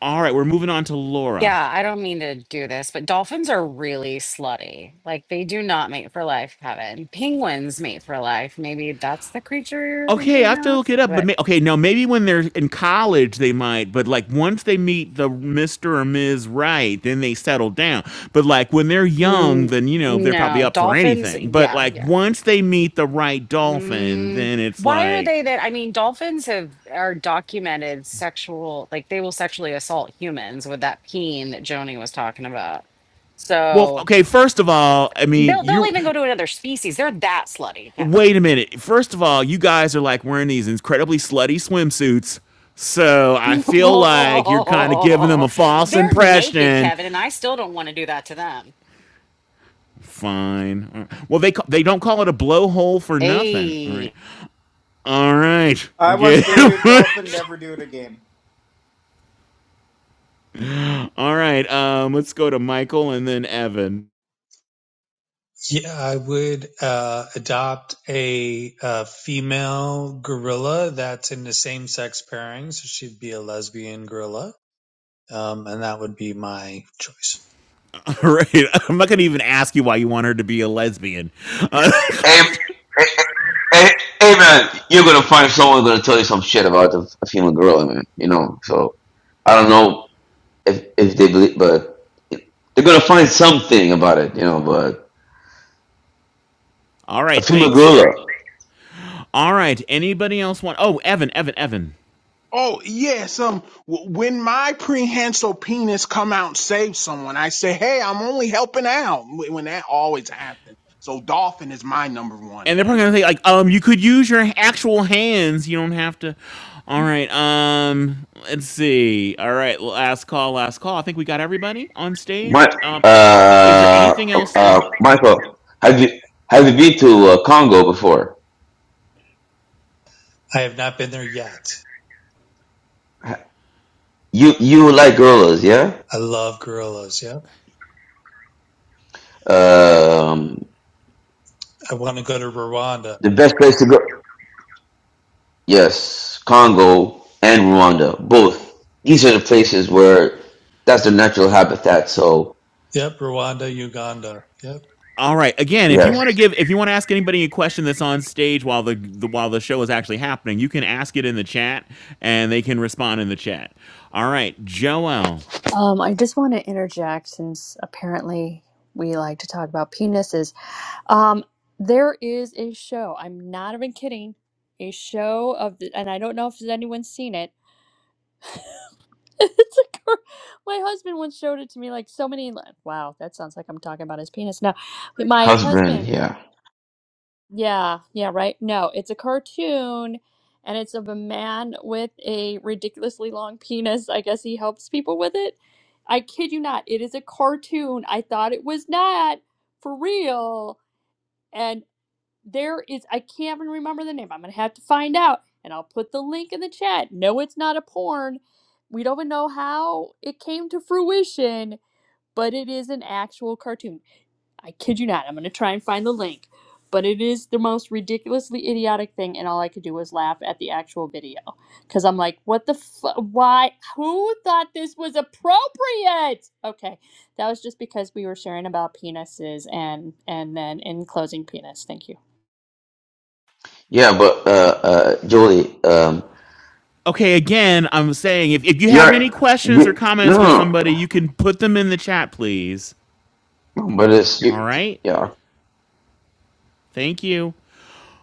Speaker 6: All right, we're moving on to Laura.
Speaker 1: Yeah, I don't mean to do this, but dolphins are really slutty. Like they do not mate for life, Kevin. Penguins mate for life. Maybe that's the creature you're
Speaker 6: Okay, I
Speaker 1: thinking
Speaker 6: have to look
Speaker 1: of,
Speaker 6: it up. But
Speaker 1: but
Speaker 6: may, okay, now maybe when they're in college they might, but like once they meet the Mister or Ms. Right, then they settle down. But like when they're young,
Speaker 1: mm,
Speaker 6: then you know they're probably
Speaker 1: no,
Speaker 6: up for
Speaker 1: dolphins.
Speaker 6: anything. But
Speaker 1: Yeah,
Speaker 6: like
Speaker 1: yeah.
Speaker 6: once they meet the right dolphin,
Speaker 1: Mm,
Speaker 6: then it's
Speaker 1: why are
Speaker 6: like,
Speaker 1: they that? I mean, dolphins have are documented sexual, like they will sexually assault humans with that peen that Joni was talking about.
Speaker 6: well,
Speaker 1: So
Speaker 6: okay. First of all, I mean
Speaker 1: they'll they'll
Speaker 6: you.
Speaker 1: even go to another species. They're that slutty,
Speaker 6: Wait
Speaker 1: Kevin.
Speaker 6: a minute. First of all, you guys are like wearing these incredibly slutty swimsuits. So I feel like you're kind of giving them a
Speaker 1: [laughs]
Speaker 6: false
Speaker 1: They're naked,
Speaker 6: impression
Speaker 1: Kevin, and I still don't want to do that to them.
Speaker 6: Fine. All right. Well, they ca- they don't call it a blowhole for nothing. All
Speaker 1: Hey.
Speaker 6: right. All right.
Speaker 3: I once
Speaker 6: Okay.
Speaker 3: dated a
Speaker 6: [laughs]
Speaker 3: dolphin. Never do it again.
Speaker 6: All right. Um, let's go to Michael and then Evan.
Speaker 10: Yeah, I would uh, adopt a, uh female gorilla that's in the same sex pairing, so she'd be a lesbian gorilla, um, and that would be my choice.
Speaker 6: [laughs] All right. I'm not gonna even ask you why you want her to be a lesbian. Uh,
Speaker 17: Hey, hey, hey, hey, man, you're gonna find someone gonna tell you some shit about a, a female gorilla, man. You know. So I don't know if if they believe, but they're gonna find something about it, you know. But
Speaker 6: [laughs] all
Speaker 17: a
Speaker 6: right.
Speaker 17: female
Speaker 6: Thanks.
Speaker 17: gorilla.
Speaker 6: All right. Anybody else want? Oh, Evan. Evan. Evan.
Speaker 18: Oh yes. Um, w- when my prehensile penis come out and save someone, I say, "Hey, I'm only helping out." Wh- When that always happens. So dolphin is my number one
Speaker 6: and they're probably
Speaker 18: animal.
Speaker 6: gonna say like, um, you could use your actual hands. You don't have to. All right. Um, let's see. All right, last call, last call. I think we got everybody on
Speaker 17: My,
Speaker 6: stage. Um, is there
Speaker 17: uh,
Speaker 6: anything else
Speaker 17: uh,
Speaker 6: in?
Speaker 17: Michael, have you have you been to uh, Congo before?
Speaker 10: I have not been there yet.
Speaker 17: You you like gorillas, yeah?
Speaker 10: I love gorillas. Yep,
Speaker 17: Um,
Speaker 10: I want to go to Rwanda.
Speaker 17: the best place to go. Yes, Congo and Rwanda, both. These are the places where that's their natural habitat. So
Speaker 10: Yep, Rwanda, Uganda. Yep.
Speaker 6: All right. Again, if you
Speaker 17: yes,
Speaker 6: want to give, if you want to ask anybody a question that's on stage while the, the while the show is actually happening, you can ask it in the chat, and they can respond in the chat. All right, Joel.
Speaker 9: Um, I just want to interject since apparently we like to talk about penises. Um, there is a show, I'm not even kidding, a show of the, and I don't know if anyone's seen it. [laughs] it's a cur- my husband once showed it to me like so many like, wow that sounds like i'm talking about his penis now my
Speaker 17: husband,
Speaker 9: husband
Speaker 17: yeah,
Speaker 9: Yeah, yeah, right. No, it's a cartoon and it's of a man with a ridiculously long penis. I guess he helps people with it. I kid you not, it is a cartoon. I thought it was not for real. And there is, I can't even remember the name. I'm going to have to find out and I'll put the link in the chat. No, it's not a porn. We don't even know how it came to fruition, but it is an actual cartoon. I kid you not. I'm going to try and find the link. But it is the most ridiculously idiotic thing, and all I could do was laugh at the actual video. Because I'm like, what the f- Why? Who thought this was appropriate? Okay. That was just because we were sharing about penises and and then in closing penis. Thank you.
Speaker 17: yeah. But uh, uh, Julie, um,
Speaker 6: Okay, again, I'm saying if, if you have
Speaker 17: you're
Speaker 6: any questions or
Speaker 17: you, no,
Speaker 6: comments for
Speaker 17: no,
Speaker 6: somebody, you can put them in the chat, please.
Speaker 17: no, but it's
Speaker 6: All
Speaker 17: you,
Speaker 6: right.
Speaker 17: yeah.
Speaker 6: Thank you.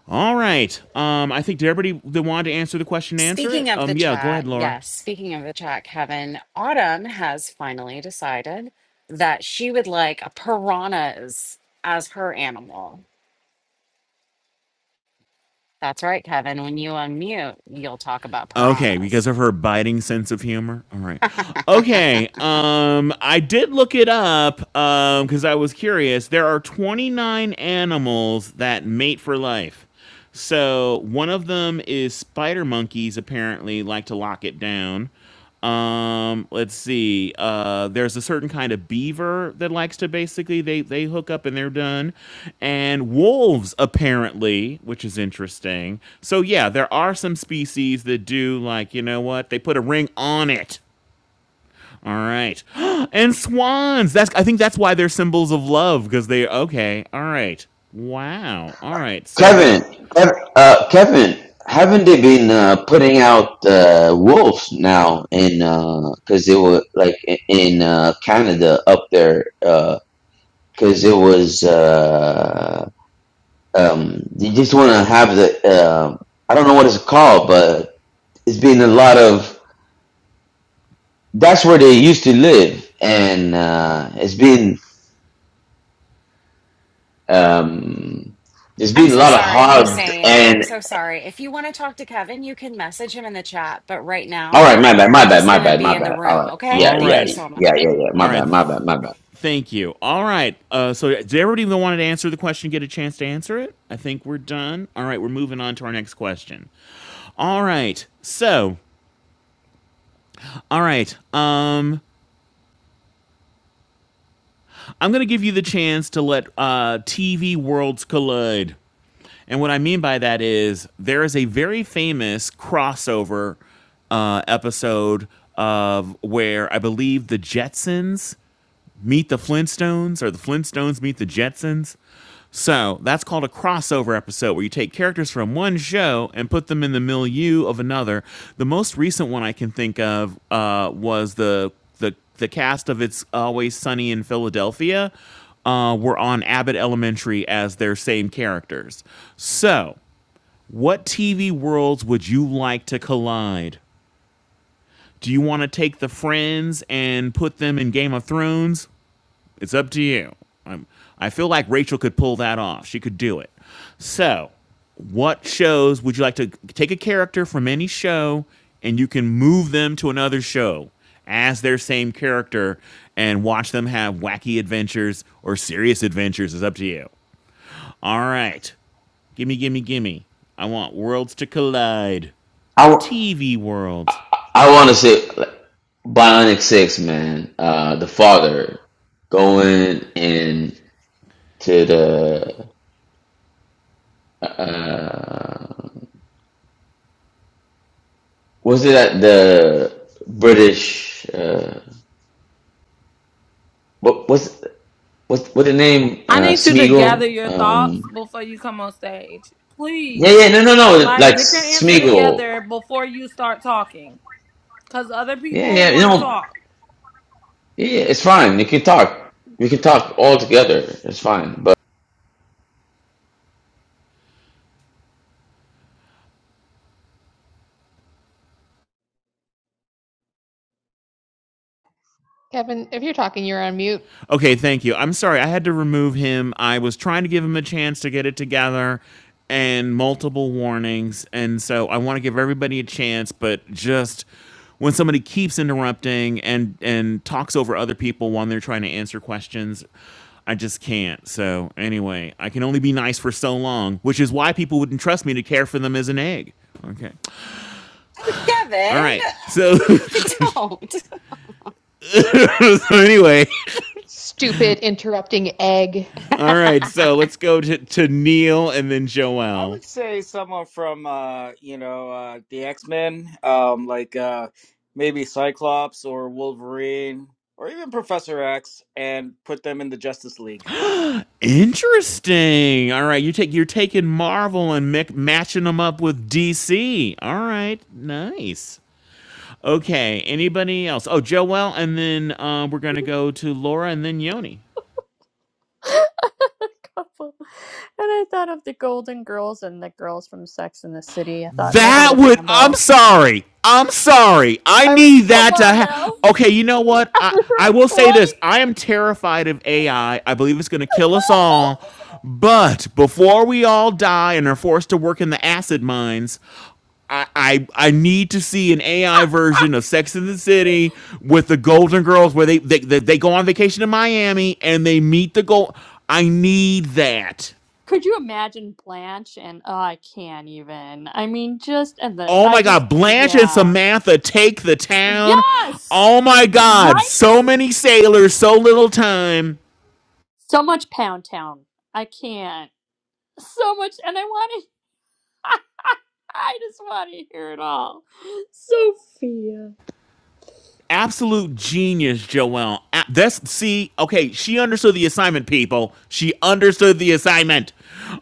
Speaker 6: All right. Um, I think did everybody that wanted to answer the question answer it?
Speaker 1: Speaking of the
Speaker 6: Um, yeah, go ahead,
Speaker 1: chat,
Speaker 6: Laura.
Speaker 1: yes, speaking of the chat, Kevin, Autumn has finally decided that she would like piranhas as her animal. That's right, Kevin. When you unmute, you'll talk about
Speaker 6: Okay,
Speaker 1: piranhas.
Speaker 6: because of her biting sense of humor. All right.
Speaker 1: [laughs]
Speaker 6: Okay. Um, I did look it up um because I was curious. There are 29 animals that mate for life. So one of them is spider monkeys. Apparently, like to lock it down. Um, let's see. Uh, there's a certain kind of beaver that likes to basically they they hook up and they're done, and wolves apparently, which is interesting. So yeah, there are some species that do like you know what they put a ring on it. All right, [gasps] and swans. That's I think that's why they're symbols of love because they okay. All right. Wow. All right. So they're
Speaker 17: Kevin, Kev, uh, Kevin, haven't they been uh, putting out uh, wolves now in because they were like i- in uh, Canada up there because it was uh, um, they just want to have the uh, I don't know what it's called, but it's been a lot of that's where they used to live, and uh, it's been um, there's
Speaker 1: I'm
Speaker 17: been a
Speaker 1: so
Speaker 17: lot of
Speaker 1: sorry,
Speaker 17: hogs
Speaker 1: Hussein. I'm so sorry. If you want to talk to Kevin, you can message him in the chat. But right
Speaker 17: All
Speaker 1: now,
Speaker 17: right, my bad, my
Speaker 1: we're
Speaker 17: bad,
Speaker 1: just
Speaker 17: my
Speaker 1: going to
Speaker 17: bad, my
Speaker 1: be in the
Speaker 17: bad. All
Speaker 1: room.
Speaker 17: right,
Speaker 1: Okay.
Speaker 17: yeah,
Speaker 6: all
Speaker 1: Thank
Speaker 17: yeah,
Speaker 1: you
Speaker 6: right.
Speaker 1: so much.
Speaker 17: yeah, yeah, yeah. My
Speaker 6: All right.
Speaker 17: bad, my bad, my bad.
Speaker 6: Thank you. All right. Uh, so, does everybody that wanted to answer the question get a chance to answer it? I think we're done. All right. We're moving on to our next question. All right. So, all right. Um, I'm going to give you the chance to let uh, TV worlds collide. And what I mean by that is there is a very famous crossover uh, episode of where I believe the Jetsons meet the Flintstones or the Flintstones meet the Jetsons. So that's called a crossover episode where you take characters from one show and put them in the milieu of another. The most recent one I can think of uh, was the the the cast of It's Always Sunny in Philadelphia uh, were on Abbott Elementary as their same characters. So, what TV worlds would you like to collide? Do you want to take the friends and put them in Game of Thrones? It's up to you. I'm, I feel like Rachel could pull that off. She could do it. So, what shows would you like to take a character from any show and you can move them to another show as their same character and watch them have wacky adventures or serious adventures? It's up to you. All right. Gimme, gimme, gimme. I want worlds to collide.
Speaker 17: I w-
Speaker 6: TV worlds.
Speaker 17: I want to say like, Bionic Six, man. Uh, the father going in to the uh, was it at the British? Uh, what was what what the name?
Speaker 15: I
Speaker 17: Uh,
Speaker 15: need you to gather
Speaker 17: Smeagol.
Speaker 15: your
Speaker 17: Um,
Speaker 15: thoughts before you come on stage.
Speaker 17: yeah,
Speaker 15: Please.
Speaker 17: yeah, no, no, no.
Speaker 15: Like
Speaker 17: Like
Speaker 15: get your answer
Speaker 17: Smeagol.
Speaker 15: together before you start talking. Cause other
Speaker 17: Yeah, yeah.
Speaker 15: people
Speaker 17: You
Speaker 15: wanna
Speaker 17: know.
Speaker 15: talk.
Speaker 17: Yeah, it's fine. You can talk. We can talk all together. It's fine.
Speaker 4: Kevin, if you're talking, you're on mute.
Speaker 6: Okay, thank you. I'm sorry. I had to remove him. I was trying to give him a chance to get it together and multiple warnings. And so I want to give everybody a chance, but just when somebody keeps interrupting and and talks over other people when they're trying to answer questions, I just can't. So anyway, I can only be nice for so long, which is why people wouldn't trust me to care for them as an egg. Okay. All
Speaker 1: Kevin,
Speaker 6: right. So, [laughs] so
Speaker 1: [laughs] don't. [laughs]
Speaker 6: anyway,
Speaker 4: Stupid interrupting egg.
Speaker 6: all right. So let's go to, to Neil and then
Speaker 3: I
Speaker 6: Joelle.
Speaker 3: would say someone from uh, you know uh, the X Men, um, like uh, maybe Cyclops or Wolverine or even Professor X, and put them in the Justice League.
Speaker 6: Interesting. All right, you take you're taking Marvel and mic- matching them up with DC. All right, nice. Okay, anybody else? Oh, Joelle, and then uh, we're gonna go to Laura, and then Yoni.
Speaker 9: [laughs] couple. And I thought of the Golden Girls and the girls from Sex and the City. I thought, like a
Speaker 6: That
Speaker 9: little
Speaker 6: would. I'm
Speaker 9: combo.
Speaker 6: sorry. I'm sorry. I
Speaker 9: I mean,
Speaker 6: need
Speaker 9: come
Speaker 6: that to
Speaker 9: on
Speaker 6: happen.
Speaker 9: now.
Speaker 6: Okay, you know what?
Speaker 9: [laughs]
Speaker 6: I I will say
Speaker 9: right?
Speaker 6: this. I am terrified of AI. I I believe it's going to kill us all. But before we all die and are forced to work in the acid mines, I, I I need to see an AI version of Sex in the City with the Golden Girls, where they they, they, they go on vacation to Miami and they meet the gold. I need that.
Speaker 9: Could you imagine Blanche and oh, I can't even. I mean, just and the
Speaker 6: Oh
Speaker 9: I
Speaker 6: my God,
Speaker 9: just
Speaker 6: Blanche and
Speaker 9: yeah.
Speaker 6: Samantha take the town.
Speaker 9: Yes.
Speaker 6: Oh my God,
Speaker 9: Right?
Speaker 6: so many sailors, so little time.
Speaker 9: So much Pound Town. I can't. So much and I want to [laughs] I just want to hear it all. Sophia.
Speaker 6: Absolute genius, Joelle. A- That's see, okay, she understood the assignment, people. She understood the assignment.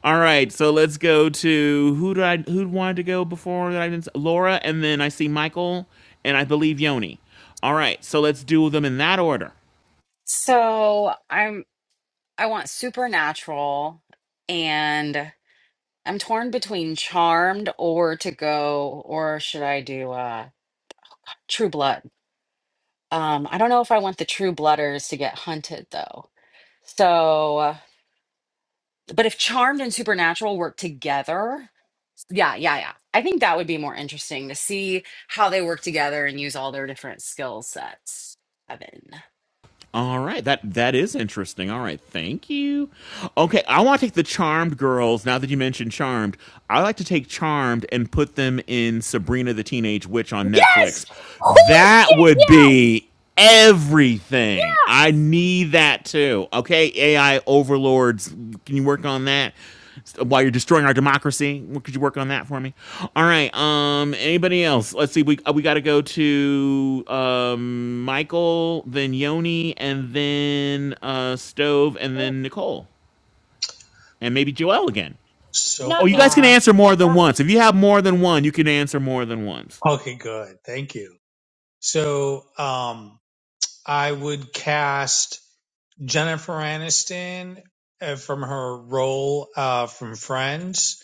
Speaker 6: All right, so let's go to who did I who wanted to go before that I didn't Laura, and then I see Michael, and I believe Yoni. All right, so let's do them in that order.
Speaker 1: So I'm I want supernatural and I'm torn between charmed or to go or should I do uh True Blood? Um I don't know if I want the True Blooders to get hunted though. So uh, but if charmed and supernatural work together, yeah, yeah, yeah. I think that would be more interesting to see how they work together and use all their different skill sets. Kevin.
Speaker 6: All right, that that is interesting. All right, thank you. Okay, I want to take the Charmed girls. Now that you mentioned Charmed, I like to take Charmed and put them in Sabrina the Teenage Witch on
Speaker 9: Yes!
Speaker 6: Netflix.
Speaker 9: Holy
Speaker 6: That
Speaker 9: shit,
Speaker 6: would
Speaker 9: yes!
Speaker 6: be everything. I
Speaker 9: Yes!
Speaker 6: need that too. Okay, AI overlords, can you work on that? while you're destroying our democracy. Could you work on that for me? All right. Um. Anybody else? Let's see. We uh, we got to go to um Michael, then Yoni, and then uh Stove, and
Speaker 9: Oh,
Speaker 6: then Nicole, and maybe Joel again.
Speaker 10: So
Speaker 6: Oh,
Speaker 9: not
Speaker 6: you guys
Speaker 9: me.
Speaker 6: can
Speaker 10: I
Speaker 6: answer more than
Speaker 9: Not
Speaker 6: once.
Speaker 9: me.
Speaker 6: If you have more than one, you can answer more than once.
Speaker 10: okay, good. Thank you. So um, I would cast. Jennifer Aniston uh, from her role uh, from Friends,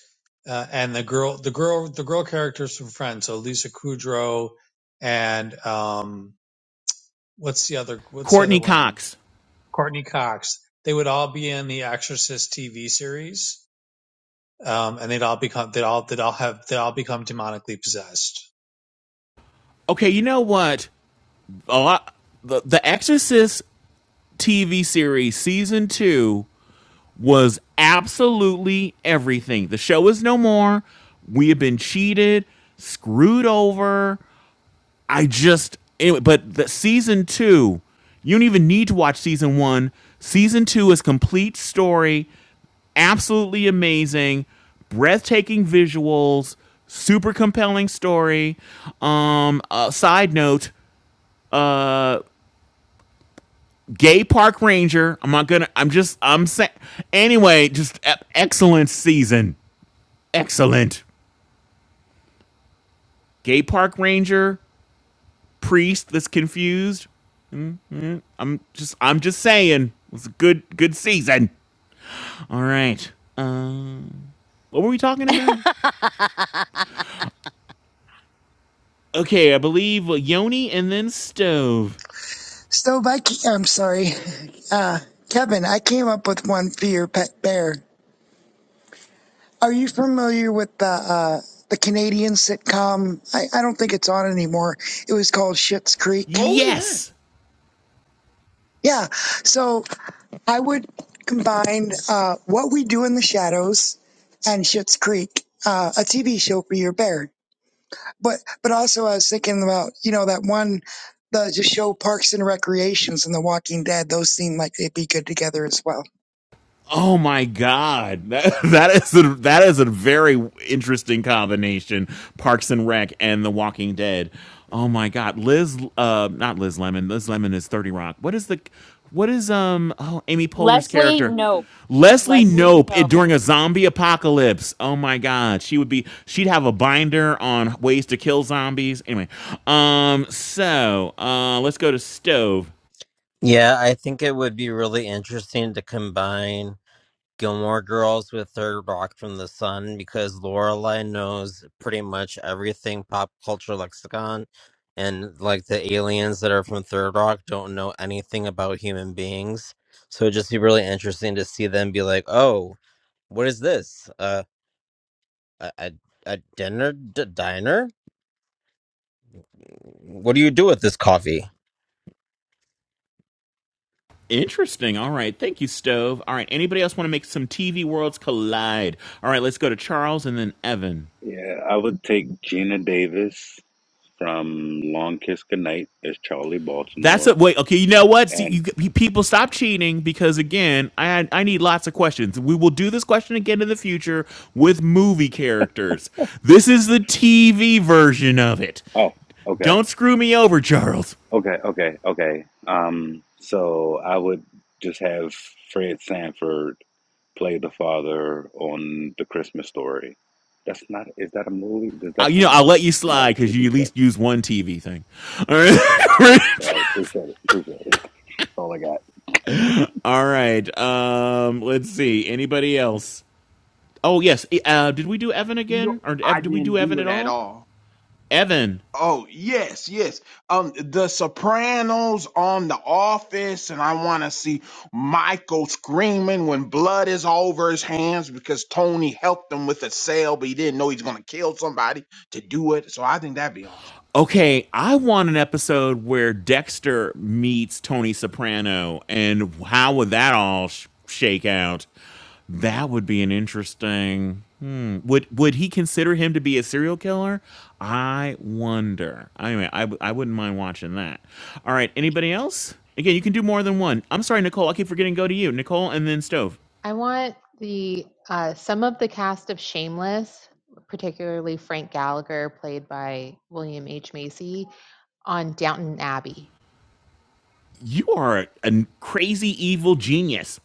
Speaker 10: uh, and the girl, the girl, the girl characters from Friends. So Lisa Kudrow and um, what's the other? What's the other
Speaker 6: Courtney
Speaker 10: one?
Speaker 6: Cox.
Speaker 10: Courtney Cox. They would all be in the Exorcist TV series, um, and they'd all become they'd all they'd all have they'd all become demonically possessed.
Speaker 6: Okay, you know what? A lot. The, the Exorcist TV series season two was absolutely everything. The show is no more. We have been cheated, screwed over. I just anyway, but the season two, you don't even need to watch season one. Season two is complete story, absolutely amazing, breathtaking visuals, super compelling story. Um, uh, side note, uh, gay park ranger. I'm not gonna. I'm just. I'm saying. Anyway, just e- excellent season. excellent. Gay park ranger, priest that's confused. I'm just I'm just saying it was a good good season. All right. Um, what were we talking
Speaker 1: [laughs]
Speaker 6: about? Okay, I believe Yoni and then stove.
Speaker 14: So, Viking, I'm sorry, uh, Kevin. I came up with one for your pet bear. Are you familiar with the uh, the Canadian sitcom? I, I don't think it's on anymore. It was called Schitt's Creek.
Speaker 18: Oh yeah.
Speaker 6: Yes,
Speaker 14: Yeah. So I would combine uh, What We Do in the Shadows and Schitt's Creek, uh, a TV show for your bear. But but also I was thinking about you know that one the the show Parks and Recreations and The Walking Dead. Those seem like they'd be good together as well.
Speaker 6: Oh my god, [laughs] that, that is a, that is a very interesting combination: Parks and Rec and The Walking Dead. Oh my god, Liz, uh, not Liz Lemon. Liz Lemon is Thirty Rock. What is the, what is um? Oh, Amy Poehler's
Speaker 9: Leslie,
Speaker 6: character,
Speaker 9: nope.
Speaker 6: Leslie
Speaker 9: Leslie,
Speaker 6: Nope. It,
Speaker 9: nope.
Speaker 6: during a zombie apocalypse. Oh my god, she would be. She'd have a binder on ways to kill zombies. Anyway, um, so uh, let's go to stove.
Speaker 2: Yeah, I think it would be really interesting to combine Gilmore Girls with Third Rock from the Sun because Lorelai knows pretty much everything pop culture lexicon, and like the aliens that are from Third Rock don't know anything about human beings. So it'd just be really interesting to see them be like, "Oh, what is this? Uh, a a, a dinner d- diner? What do you do with this coffee?"
Speaker 6: Interesting. All right. Thank you, Stove. All right. Anybody else want to make some TV worlds collide? All right. Let's go to Charles and then Evan.
Speaker 12: Yeah, I would take Gina Davis from Long Kiss Goodnight as Charlie
Speaker 6: That's a
Speaker 12: Baltimore.
Speaker 6: wait. Okay. You know what? See,
Speaker 12: And
Speaker 6: you, you- people stop cheating because again, I I need lots of questions. We will do this question again in the future with movie characters. This is the TV version of it.
Speaker 12: oh, okay,
Speaker 6: Don't screw me over, Charles.
Speaker 12: okay, okay, okay. Um, so I would just have Fred Sanford play the father on The Christmas Story. That's not, is that a movie? Does
Speaker 6: I,
Speaker 12: that
Speaker 6: you know,
Speaker 12: count?
Speaker 6: I'll let you
Speaker 12: No,
Speaker 6: slide because you
Speaker 12: TV
Speaker 6: at
Speaker 12: show.
Speaker 6: least use one TV thing. All
Speaker 12: Yeah,
Speaker 6: right.
Speaker 12: so I appreciate it. Appreciate it. [laughs] That's all I got.
Speaker 6: [laughs] All right. Um, let's see. Anybody else? Oh yes. Eh, Uh, did we do Evan
Speaker 18: No,
Speaker 6: again, or
Speaker 18: I
Speaker 6: did we
Speaker 18: didn't
Speaker 6: do
Speaker 18: do
Speaker 6: Evan
Speaker 18: it
Speaker 6: at
Speaker 18: at
Speaker 6: all?
Speaker 18: all.
Speaker 6: Evan.
Speaker 18: Oh yes, yes. Um, The Sopranos on The Office, and I want to see Michael screaming when blood is all over his hands because Tony helped him with a sale, but he didn't know he's gonna kill somebody to do it. So I think that'd be awesome.
Speaker 6: Okay, I want an episode where Dexter meets Tony Soprano, and how would that all sh- shake out? That would be an interesting. Hmm. Would would he consider him to be a serial killer? I wonder. Anyway, I I w- I wouldn't mind watching that. All right. Anybody else? Again, you can do more than one. I'm sorry, Nicole. I keep forgetting. to Go to you, Nicole, and then Stove.
Speaker 4: I want the uh, some of the cast of Shameless, particularly Frank Gallagher, played by William H. Macy, on Downton Abbey.
Speaker 6: you are a crazy evil genius.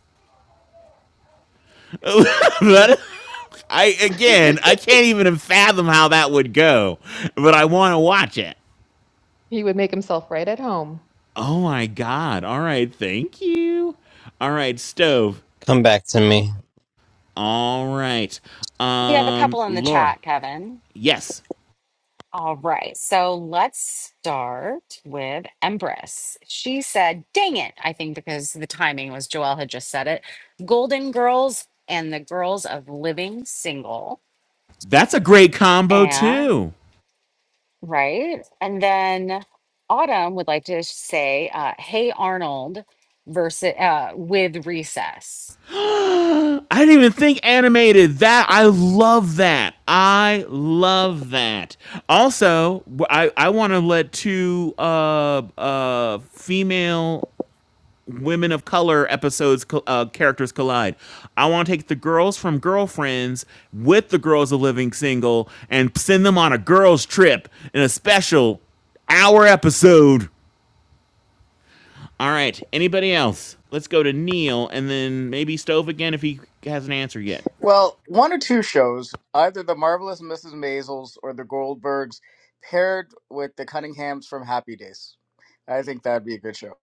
Speaker 6: [laughs]
Speaker 4: Thank you.
Speaker 6: That- I again, I can't even fathom how that would go, but I want to watch it.
Speaker 4: [laughs] he would make himself right at home.
Speaker 6: Oh my god. All right, thank you. All right, stove.
Speaker 2: Come back to me.
Speaker 6: All right.
Speaker 1: we have a
Speaker 6: Um
Speaker 1: couple in the
Speaker 6: Laura.
Speaker 1: chat, Kevin.
Speaker 6: Yes.
Speaker 1: All right, so let's start with Empress. She said, dang it, I think because the timing was Joelle had just said it. Golden Girls and the Girls of Living Single.
Speaker 6: That's a great combo
Speaker 1: And
Speaker 6: too.
Speaker 1: right. And then Autumn would like to say, uh, hey Arnold versus uh, with recess.
Speaker 6: I didn't even think animated. That I love that. I love that. Also, I I want to let two uh uh female women of color episodes uh, characters collide. I want to take the girls from Girlfriends with the girls of Living Single and send them on a girls trip in a special hour episode. All right. Anybody else? Let's go to Neil and then maybe Stove again if he hasn't answered yet.
Speaker 3: Well, one or two shows, either the marvelous Mrs. Maisels or the Goldbergs, paired with the Cunninghams from Happy Days. I think that'd be a good show.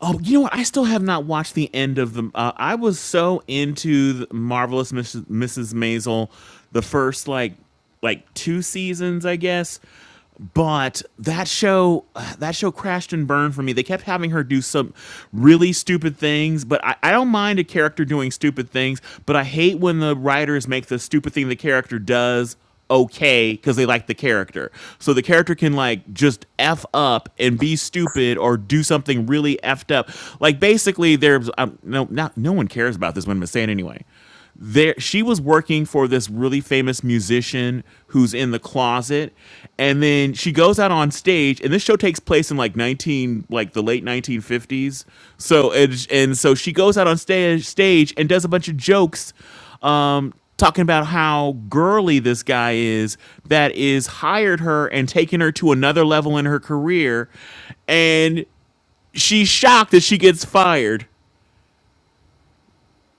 Speaker 6: Oh, you know what? I still have not watched the end of the. Uh, I was so into the marvelous Mrs. Mrs. Maisel, the first like like two seasons, I guess. But that show, that show crashed and burned for me. They kept having her do some really stupid things, but I, I don't mind a character doing stupid things. But I hate when the writers make the stupid thing the character does okay because they like the character. So the character can like just f up and be stupid or do something really effed up. Like basically, there's um, no not no one cares about this. What i saying anyway. There, she was working for this really famous musician who's in the closet, and then she goes out on stage. And this show takes place in like 19, like the late 1950s. So and, and so she goes out on stage, stage and does a bunch of jokes um, talking about how girly this guy is that is hired her and taken her to another level in her career, and she's shocked that she gets fired.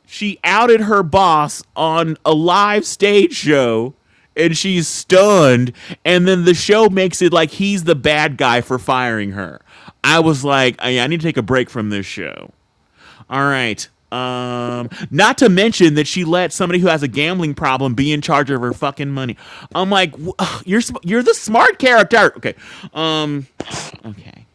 Speaker 6: She outed her boss on a live stage show and she's stunned and then the show makes it like he's the bad guy for firing her i was like i, I need to take a break from this show all right. Um, not to mention that she let somebody who has a gambling problem be in charge of her fucking money. I'm like, ugh, you're sm- you're the smart character. Okay. Um. Okay.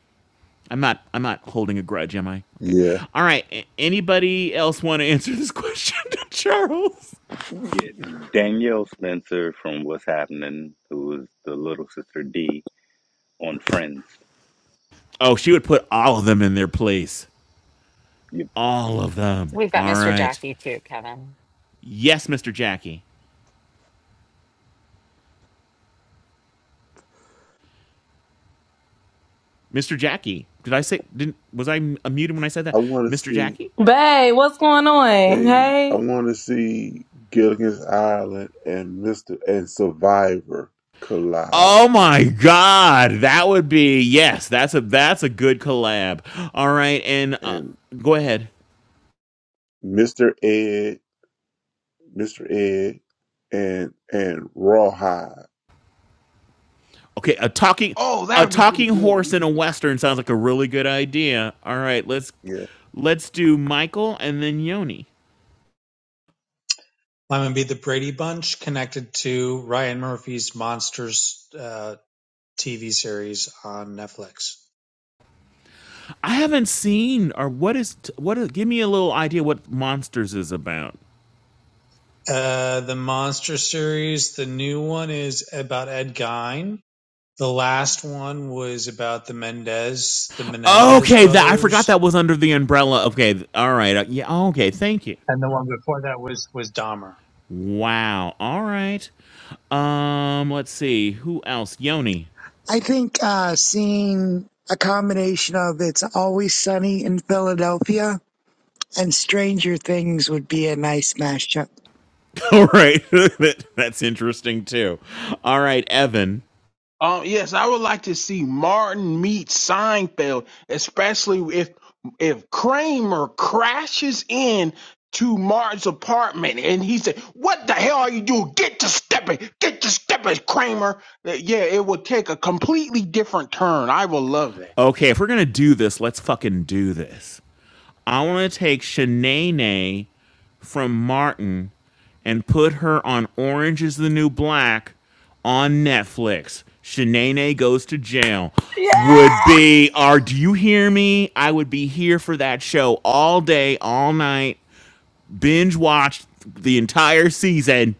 Speaker 6: I'm not. I'm not holding a grudge, am I? Okay.
Speaker 19: Yeah,
Speaker 6: All right. A- anybody else want to [laughs] answer this question to Charles?
Speaker 12: Yeah, Danielle Spencer from What's Happening, who was the little sister D on Friends.
Speaker 6: Oh, she would put all of them in their place.
Speaker 12: You,
Speaker 6: All of them.
Speaker 1: We've got
Speaker 6: All
Speaker 1: Mr.
Speaker 6: right.
Speaker 1: Jackie too, Kevin.
Speaker 6: Yes, Mr. Jackie. Mr. Jackie. Did I say? Didn't was I m- muted when I said that?
Speaker 19: I want to
Speaker 6: Mr.
Speaker 19: see.
Speaker 6: Jackie.
Speaker 15: Bae, what's going on?
Speaker 19: Hey, I
Speaker 15: Hey.
Speaker 19: want to see Gilligan's Island and Mister and Survivor collide,
Speaker 6: Oh my god, that would be yes. That's a that's a good collab. All right, and uh,
Speaker 19: and
Speaker 6: go ahead.
Speaker 19: Mister Ed, Mister Ed, and and Rawhide.
Speaker 6: Okay, a talking
Speaker 18: Oh, that
Speaker 6: a
Speaker 18: would be pretty
Speaker 6: talking horse in
Speaker 18: good.
Speaker 6: a western sounds like a really good idea. All right, let's
Speaker 19: Yeah,
Speaker 6: let's do Michael and then Yoni.
Speaker 10: I'm gonna be the Brady Bunch connected to Ryan Murphy's Monsters uh, TV series on Netflix.
Speaker 6: I haven't seen or what is what is, give me a little idea what monsters is about.
Speaker 10: Uh, the monster series, the new one is about Ed Gein. The last one was about the Mendez, the Menendez
Speaker 6: Okay, that I forgot
Speaker 10: brothers,
Speaker 6: that was under the umbrella. Okay, th- all right. uh, yeah, okay, thank you.
Speaker 10: and the one before that was was Dahmer.
Speaker 6: Wow. All right. Um, let's see. Who else? Yoni.
Speaker 14: I think uh, seeing a combination of It's Always Sunny in Philadelphia And Stranger Things would be a nice mashup.
Speaker 6: [laughs] All right. [laughs] That- That's interesting too. All right, Evan.
Speaker 18: Um, yes, I would like to see Martin meet Seinfeld, especially if if Kramer crashes in to Martin's apartment and he said, "What the hell are you doing? Get to stepping, get to stepping, Kramer." Uh, Yeah, it would take a completely different turn. I will love that.
Speaker 6: Okay, if we're gonna do this, let's fucking do this. I wanna take Shanae from Martin and put her on Orange is the New Black on Netflix. Shanae goes to jail.
Speaker 15: Yeah.
Speaker 6: Would be, are do you hear me? I would be here for that show all day, all night. binge watched the entire season.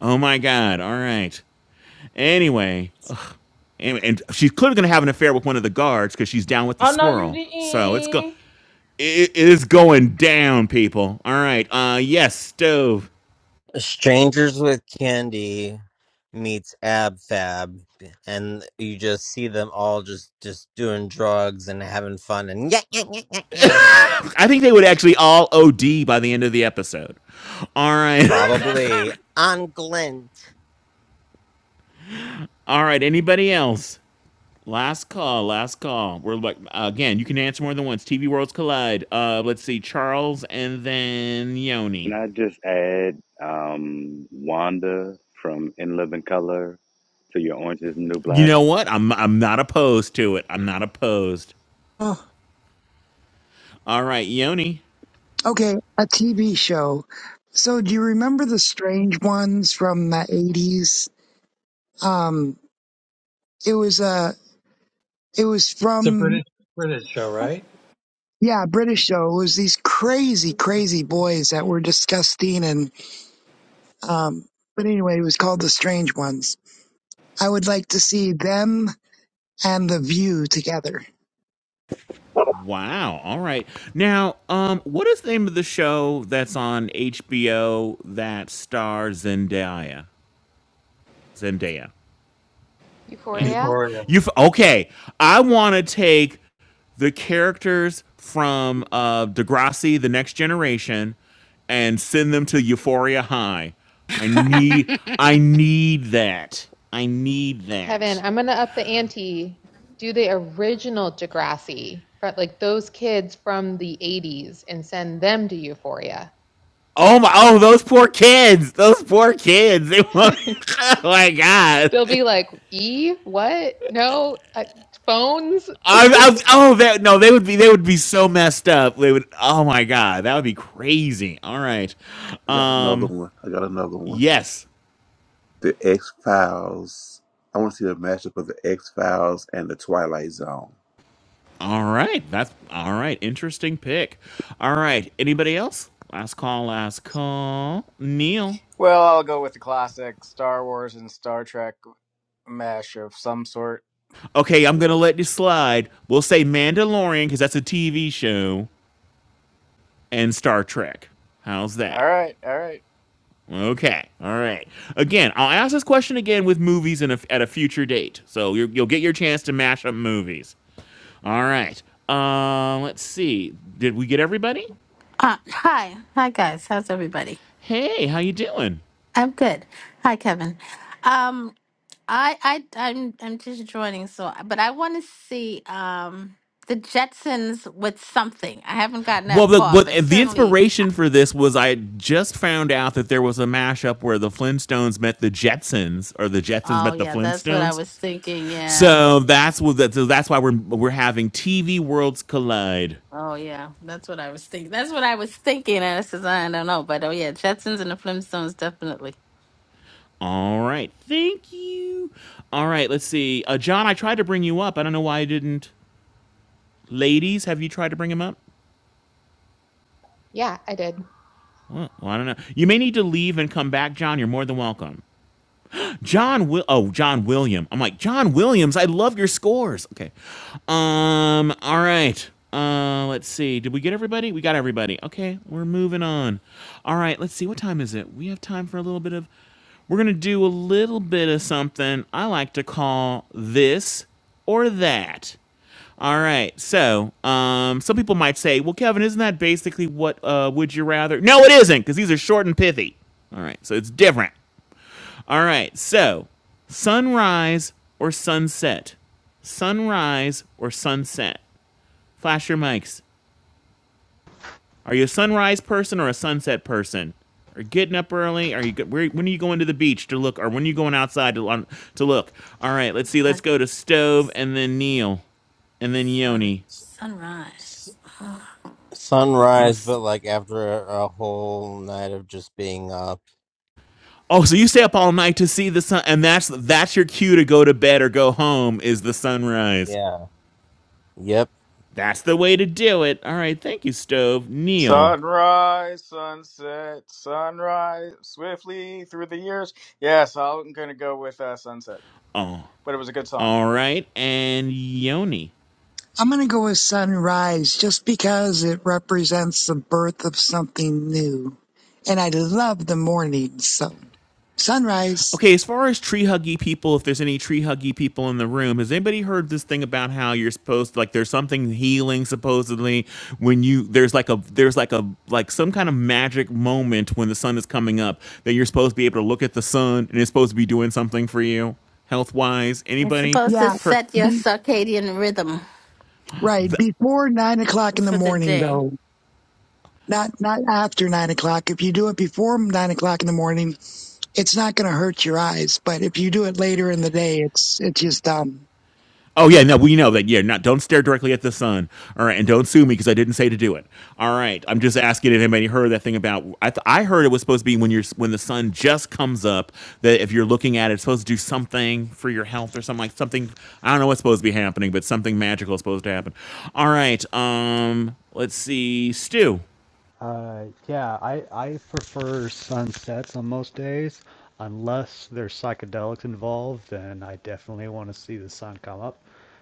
Speaker 6: Oh my god! All right. Anyway, ugh. and, and she's clearly going to have an affair with one of the guards because she's down with the
Speaker 15: Oh no, you
Speaker 6: swirl. So it's go.
Speaker 15: didn't.
Speaker 6: It, it is going down, people. All right. Uh, yes, stove.
Speaker 2: Strangers with Candy meets Ab Fab, and you just see them all just just doing drugs and having fun and yeah, yeah, yeah, yeah, yeah.
Speaker 6: I think they would actually all OD by the end of the episode. All right. [laughs]
Speaker 2: Probably on glint.
Speaker 6: All right. Anybody else? Last call. Last call. We're like again. You can answer more than once. TV worlds collide. Uh, let's see. Charles and then Yoni.
Speaker 12: can I just add um, Wanda from In Living Color to your Orange is the New
Speaker 6: You
Speaker 12: Black?
Speaker 6: know what? I'm I'm not opposed to it. I'm not opposed.
Speaker 14: Oh,
Speaker 6: All right, Yoni.
Speaker 14: okay, a TV show. So do you remember the strange ones from the eighties? Um, it was uh it was
Speaker 10: It's a
Speaker 14: from
Speaker 10: British British show, right?
Speaker 14: yeah, a British show. It was these crazy, crazy boys that were disgusting and um but anyway, it was called The Strange Ones. I would like to see them and The View together.
Speaker 6: Wow. All right. Now, um, what is the name of the show that's on HBO that stars Zendaya? Zendaya. Anybody?
Speaker 4: Euphoria?
Speaker 10: Euphoria.
Speaker 6: You f- okay? I want to take the characters from
Speaker 20: Uh,
Speaker 6: uh, Degrassi, The Next Generation, and send them to Euphoria High. I need.
Speaker 1: [laughs]
Speaker 6: I need that. I need
Speaker 4: Kevin,
Speaker 6: that.
Speaker 4: I'm gonna up the ante. Do the original Degrassi, like those kids from the '80s, and send them to Euphoria.
Speaker 6: Oh my! Oh, those poor kids! Those poor kids! [laughs] They
Speaker 4: [laughs]
Speaker 6: won't. Oh my god!
Speaker 4: They'll be like, "E what? No uh, phones."
Speaker 6: I, I, oh, that no, they would be. They would be so messed up. They would. Oh my god, that would be crazy. All right.
Speaker 19: I got another
Speaker 6: Um.
Speaker 19: one. I got another one.
Speaker 6: Yes.
Speaker 19: The X Files. I want to see a matchup of the X Files and the Twilight Zone.
Speaker 6: All right. That's all right. Interesting pick. All right. Anybody else? Last call. Last call. Neil.
Speaker 3: Well, I'll go with the classic Star Wars and Star Trek mesh of some sort.
Speaker 6: Okay, I'm gonna let you slide. We'll say Mandalorian because that's a TV show and Star Trek. How's that?
Speaker 3: All right, all right.
Speaker 6: Okay. All right. Again, I'll ask this question again with movies in a, at a future date. So you you'll get your chance to mash up movies. All right. Uh, let's see. Did we get everybody?
Speaker 20: hi, hi guys. How's everybody?
Speaker 6: Hey, how you doing?
Speaker 20: I'm good. Hi, Kevin. Um, I, I, I'm, I'm just joining. So, but I want to see um the Jetsons with something. I haven't gotten
Speaker 6: Well,
Speaker 20: that
Speaker 6: the,
Speaker 20: far,
Speaker 6: but
Speaker 20: but
Speaker 6: the
Speaker 20: certainly.
Speaker 6: inspiration for this was I just found out that there was a mashup where the Flintstones met the Jetsons, or the Jetsons
Speaker 20: Oh
Speaker 6: met the
Speaker 20: yeah, that's what I
Speaker 6: Flintstones.
Speaker 20: was thinking. Yeah.
Speaker 6: So that's what. That, so that's why we're we're having TV worlds collide.
Speaker 20: Oh yeah, that's what I was thinking. That's what I was thinking. And I says I don't know, but oh yeah, Jetsons and the Flintstones definitely.
Speaker 6: All right. Thank you. All right. Let's see. Uh, John, I tried to bring you up. I don't know why I didn't. Ladies, have you tried to bring him up?
Speaker 4: Yeah, I did.
Speaker 6: Well, well, I don't know. You may need to leave and come back, John. You're more than welcome. John Will oh John William. I'm like John Williams. I love your scores. Okay. Um. All right. Uh. Let's see. Did we get everybody? We got everybody. Okay. We're moving on. All right. Let's see. What time is it? We have time for a little bit of. We're gonna do a little bit of something I like to call this or that. All right. So, um, some people might say, "Well, Kevin, isn't that basically what uh, would you rather?" No, it isn't, because these are short and pithy. All right, so it's different. All right. So, sunrise or sunset? Sunrise or sunset? Flash your mics. Are you a sunrise person or a sunset person? Are you getting up early? Are you where, when are you going to the beach to look, or when are you going outside to lon- to look? All right. Let's see. Let's
Speaker 20: That's
Speaker 6: go to
Speaker 20: the
Speaker 6: stove and then Neil and then
Speaker 20: Sun,
Speaker 6: Yoni.
Speaker 2: S-
Speaker 20: sunrise. [sighs]
Speaker 6: Oh,
Speaker 2: Sunrise, but like after a, a whole night of just being up.
Speaker 6: oh, so you stay up all night to see the sun, and that's that's your cue to go to bed or go home is the sunrise.
Speaker 2: Yeah. Yep.
Speaker 6: That's the way to do it. All right, thank you, Stove. Neil.
Speaker 3: Sunrise, sunset, sunrise, swiftly through the years. Yes, I'm going to go with uh, sunset,
Speaker 6: Oh,
Speaker 3: but it was a good song.
Speaker 6: All right, and Yoni.
Speaker 14: I'm going to go with sunrise just because it represents the birth of something new. And I love the morning. So sunrise.
Speaker 6: Okay, as far as tree huggy people, if there's any tree huggy people in the room, has anybody heard this thing about how you're supposed like there's something healing supposedly when you there's like a there's like a like some kind of magic moment when the sun is coming up that you're supposed to be able to look at the sun and it's supposed to be doing something for you health wise.
Speaker 20: You're
Speaker 6: Anybody
Speaker 20: supposed to
Speaker 14: Yeah.
Speaker 6: her
Speaker 20: set your
Speaker 14: Be,
Speaker 20: circadian rhythm
Speaker 14: right. Before nine o'clock in the
Speaker 20: for the
Speaker 14: morning
Speaker 20: day.
Speaker 14: though. Not, not after nine o'clock. If you do it before nine o'clock in the morning, it's not going to hurt your eyes. But if you do it later in the day, it's, it's just dumb.
Speaker 6: Oh yeah, no, we know that. Yeah, not don't stare directly at the sun. All right, and don't sue me because I didn't say to do it. All right, I'm just asking if anybody heard that thing about. I, th- I heard it was supposed to be when you're when the sun just comes up that if you're looking at it, it's supposed to do something for your health or something like something. I don't know what's supposed to be happening, but something magical is supposed to happen. All right, um, let's see, Stu.
Speaker 8: Uh, yeah, I I prefer sunsets on most days, unless there's psychedelics involved. Then I definitely want to see the sun come up,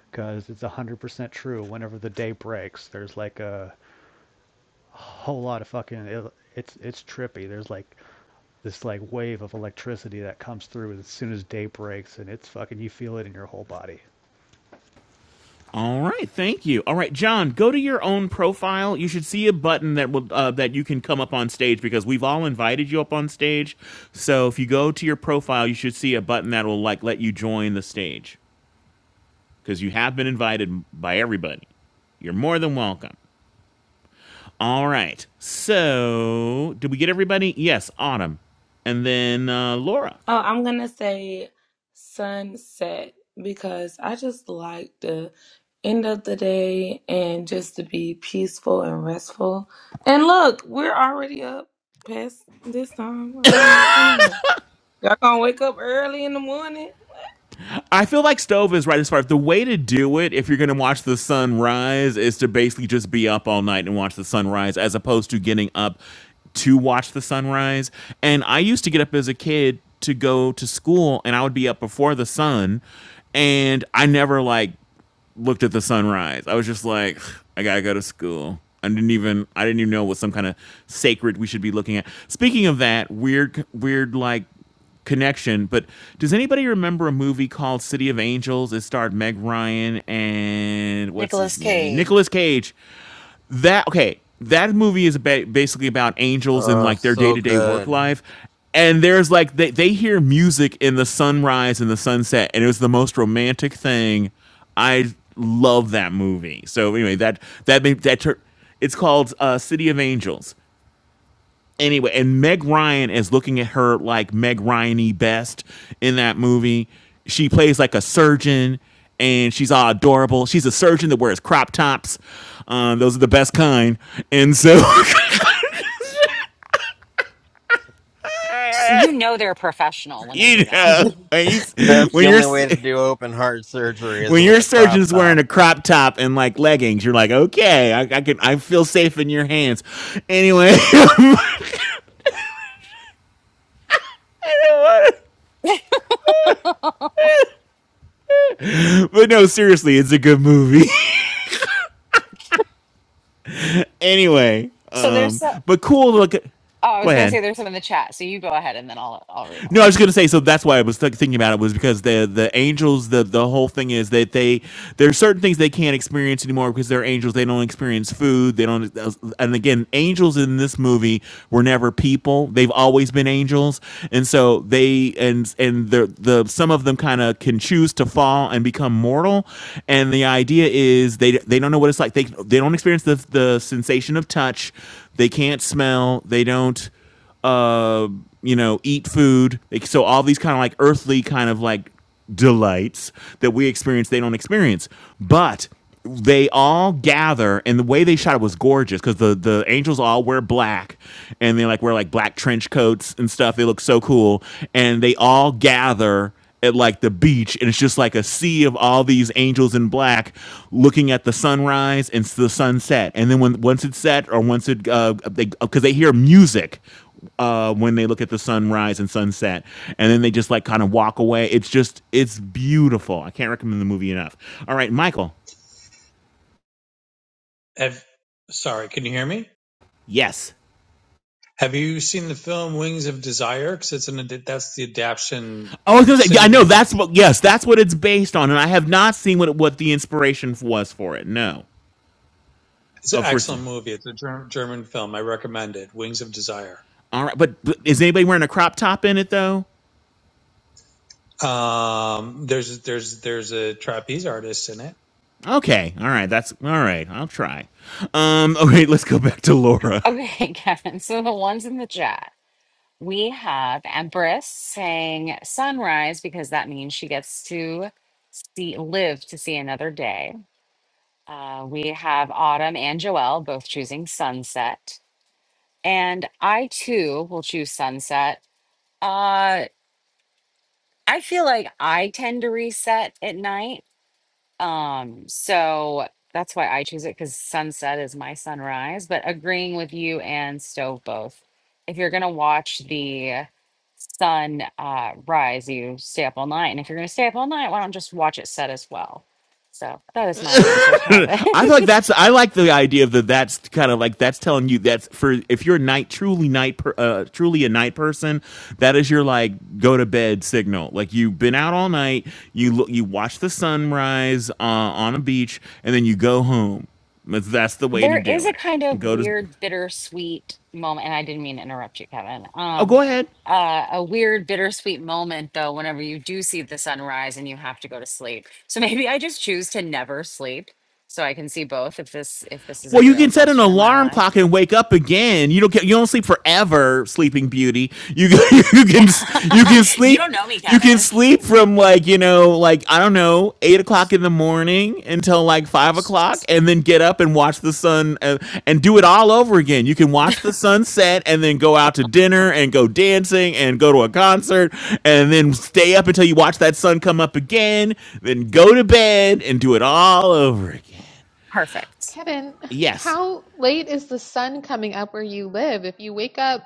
Speaker 8: because it's one hundred percent true. Whenever the day breaks, there's like a whole lot of fucking. It, it's it's trippy. There's like this like wave of electricity that comes through as soon as day breaks, and it's fucking. You feel it in your whole body.
Speaker 6: All right, thank you. All right, John, go to your own profile. You should see a button that will uh, that you can come up on stage because we've all invited you up on stage. So if you go to your profile, you should see a button that will like let you join the stage because you have been invited by everybody. You're more than welcome. All right. So, did we get everybody? Yes, Autumn, and then uh, Laura.
Speaker 15: Oh, I'm gonna say sunset because I just like the end of the day and just to be peaceful and restful. And look, we're already up past this time. I mean, come on. Y'all gonna wake up early in the morning?
Speaker 6: I feel like Stove is right as far as the way to do it if you're going to watch the sun rise is to basically just be up all night and watch the sunrise as opposed to getting up to watch the sunrise. And I used to get up as a kid to go to school and I would be up before the sun and I never like looked at the sunrise. I was just like, I gotta go to school. I didn't even I didn't even know what some kind of sacred we should be looking at. Speaking of that weird weird like connection, but does anybody remember a movie called City of Angels? It starred Meg Ryan and what's
Speaker 1: Nicholas
Speaker 6: his name,
Speaker 1: Cage.
Speaker 6: Nicolas Cage, that okay that movie is basically about angels and
Speaker 2: Oh,
Speaker 6: like their
Speaker 2: so
Speaker 6: day-to-day work
Speaker 2: good.
Speaker 6: life and there's like they, they hear music in the sunrise and the sunset and it was the most romantic thing i love that movie so anyway that that made that tur- it's called uh, city of angels anyway, and Meg Ryan is looking at her like Meg Ryany best in that movie. She plays like a surgeon, and she's all adorable. She's a surgeon that wears crop tops. Um, those are the best kind, and so
Speaker 1: You know they're professional
Speaker 6: [laughs]
Speaker 1: when they do
Speaker 6: you
Speaker 1: that.
Speaker 6: know. When, you,
Speaker 2: That's the
Speaker 6: when your
Speaker 2: only way to do open heart surgery is
Speaker 6: when
Speaker 2: with
Speaker 6: your
Speaker 2: a crop
Speaker 6: surgeon's wearing
Speaker 2: top.
Speaker 6: a crop top and like leggings, you're like, okay, I, I can I feel safe in your hands. Anyway, [laughs] but no, seriously, it's a good movie. [laughs] anyway,
Speaker 1: So
Speaker 6: um,
Speaker 1: there's uh,
Speaker 6: but cool. Look,
Speaker 1: Oh, I
Speaker 6: go
Speaker 1: was gonna
Speaker 6: ahead.
Speaker 1: say there's some in the chat, so you go ahead and then I'll I'll read
Speaker 6: No, I
Speaker 1: them.
Speaker 6: was gonna say. So that's why I was th- thinking about it was because the the angels. The the whole thing is that they there are certain things they can't experience anymore because they're angels. They don't experience food. They don't. uh, And again, angels in this movie were never people. They've always been angels, and so they and and the the some of them kind of can choose to fall and become mortal. And the idea is they they don't know what it's like. They they don't experience the the sensation of touch. They can't smell. They don't uh, you know, eat food. Like, so all these kind of like earthly kind of like delights that we experience, they don't experience. But they all gather, and the way they shot it was gorgeous because the the angels all wear black, and they like wear like black trench coats and stuff. They look so cool, and they all gather at like the beach and it's just like a sea of all these angels in black looking at the sunrise and s- the sunset and then when once it's set or once it uh they because they hear music uh, when they look at the sunrise and sunset, and then they just like kind of walk away. It's just it's beautiful. I can't recommend the movie enough. All right, Michael.
Speaker 10: Have, sorry, can you hear me?
Speaker 6: Yes.
Speaker 10: Have you seen the film Wings of Desire? Because it's an that's the adaptation.
Speaker 6: Oh, I was gonna say yeah,
Speaker 10: City
Speaker 6: I
Speaker 10: of
Speaker 6: know that's
Speaker 10: Angels.
Speaker 6: what yes that's what it's based on, and I have not seen what what the inspiration f- was for it. No.
Speaker 10: It's an
Speaker 6: Uh, for s-
Speaker 10: excellent movie. It's a Ger- German film. I recommend it. Wings of Desire.
Speaker 6: all right, but, but is anybody wearing a crop top in it though?
Speaker 10: Um, there's there's there's a trapeze artist in it.
Speaker 6: Okay, all right, that's all right. I'll try. Um, [laughs] okay, let's go back to Laura.
Speaker 1: Okay, [laughs] Kevin. So the ones in the chat, we have Empress saying sunrise because that means she gets to see live to see another day. Uh, we have Autumn and Joelle both choosing sunset, and I too will choose sunset. Uh, I feel like I tend to reset at night Um, so that's why I choose it because sunset is my sunrise. But agreeing with you and Stove both, if you're gonna watch the sun uh, rise, you stay up all night. And if you're gonna stay up all night, why don't just watch it set as well? So that
Speaker 6: [laughs]
Speaker 1: is my answer, Kevin. [laughs]
Speaker 6: I feel like that's I like the idea of that. That's kind of like that's telling you that's for if you're a night truly night per, uh, truly a night person, that is your like go to bed signal. Like you've been out all night, you look, you watch the sunrise uh, on a beach, and then you go home. that's the way to
Speaker 1: There
Speaker 6: do
Speaker 1: is a
Speaker 6: it.
Speaker 1: kind
Speaker 6: And
Speaker 1: of
Speaker 6: go to
Speaker 1: weird, bittersweet moment, and I didn't mean to interrupt you, Kevin.
Speaker 6: oh, go
Speaker 1: Um,
Speaker 6: ahead.
Speaker 1: uh, a weird, bittersweet moment, though, whenever you do see the sunrise and you have to go to sleep. So maybe I just choose to never sleep, so I can see both. If this, if this is a
Speaker 6: Well, you
Speaker 1: real
Speaker 6: can set an
Speaker 1: question in my
Speaker 6: alarm
Speaker 1: life,
Speaker 6: clock and wake up again. You don't get you don't sleep forever, Sleeping Beauty. You [laughs] you can you can
Speaker 1: [laughs] you don't
Speaker 6: sleep
Speaker 1: know me,
Speaker 6: you can
Speaker 1: Kevin.
Speaker 6: sleep from like you know like I don't know eight o'clock in the morning until like five o'clock, and then get up and watch the sun uh, and do it all over again. You can watch the sunset and then go out to dinner and go dancing and go to a
Speaker 1: [laughs]
Speaker 6: concert and then stay up until you watch that sun come up again. Then go to bed and do it all over again.
Speaker 1: Perfect.
Speaker 4: Kevin,
Speaker 6: Yes.
Speaker 4: how late is the sun coming up where you live? If you wake up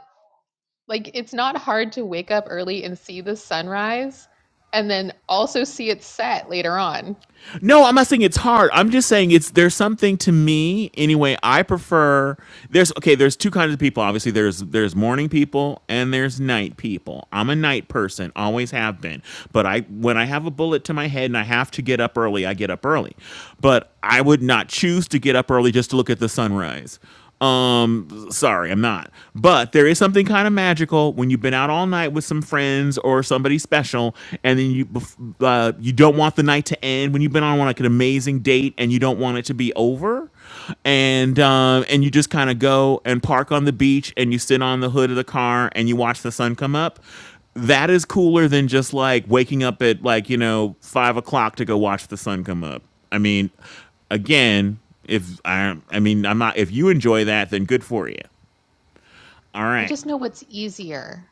Speaker 4: Like it's not hard to wake up early and see the sunrise and then also see it set later on.
Speaker 6: No, I'm not saying it's hard. I'm just saying it's there's something to me anyway. I prefer there's okay. There's two kinds of people. Obviously, there's there's morning people and there's night people. I'm a night person, always have been. But I when I have a bullet to my head and I have to get up early, I get up early. But I would not choose to get up early just to look at the sunrise. Um, sorry, I'm not. But there is something kind of magical when you've been out all night with some friends or somebody special, and then you bef- uh, you don't want the night to end. When you've been on like an amazing date and you don't want it to be over, and um, and you just kind of go and park on the beach and you sit on the hood of the car and you watch the sun come up. That is cooler than just like waking up at like you know five o'clock to go watch the sun come up. I mean, again if I, I mean, I'm not. If you enjoy that, then good for you. All
Speaker 4: I
Speaker 6: right.
Speaker 4: just know what's easier.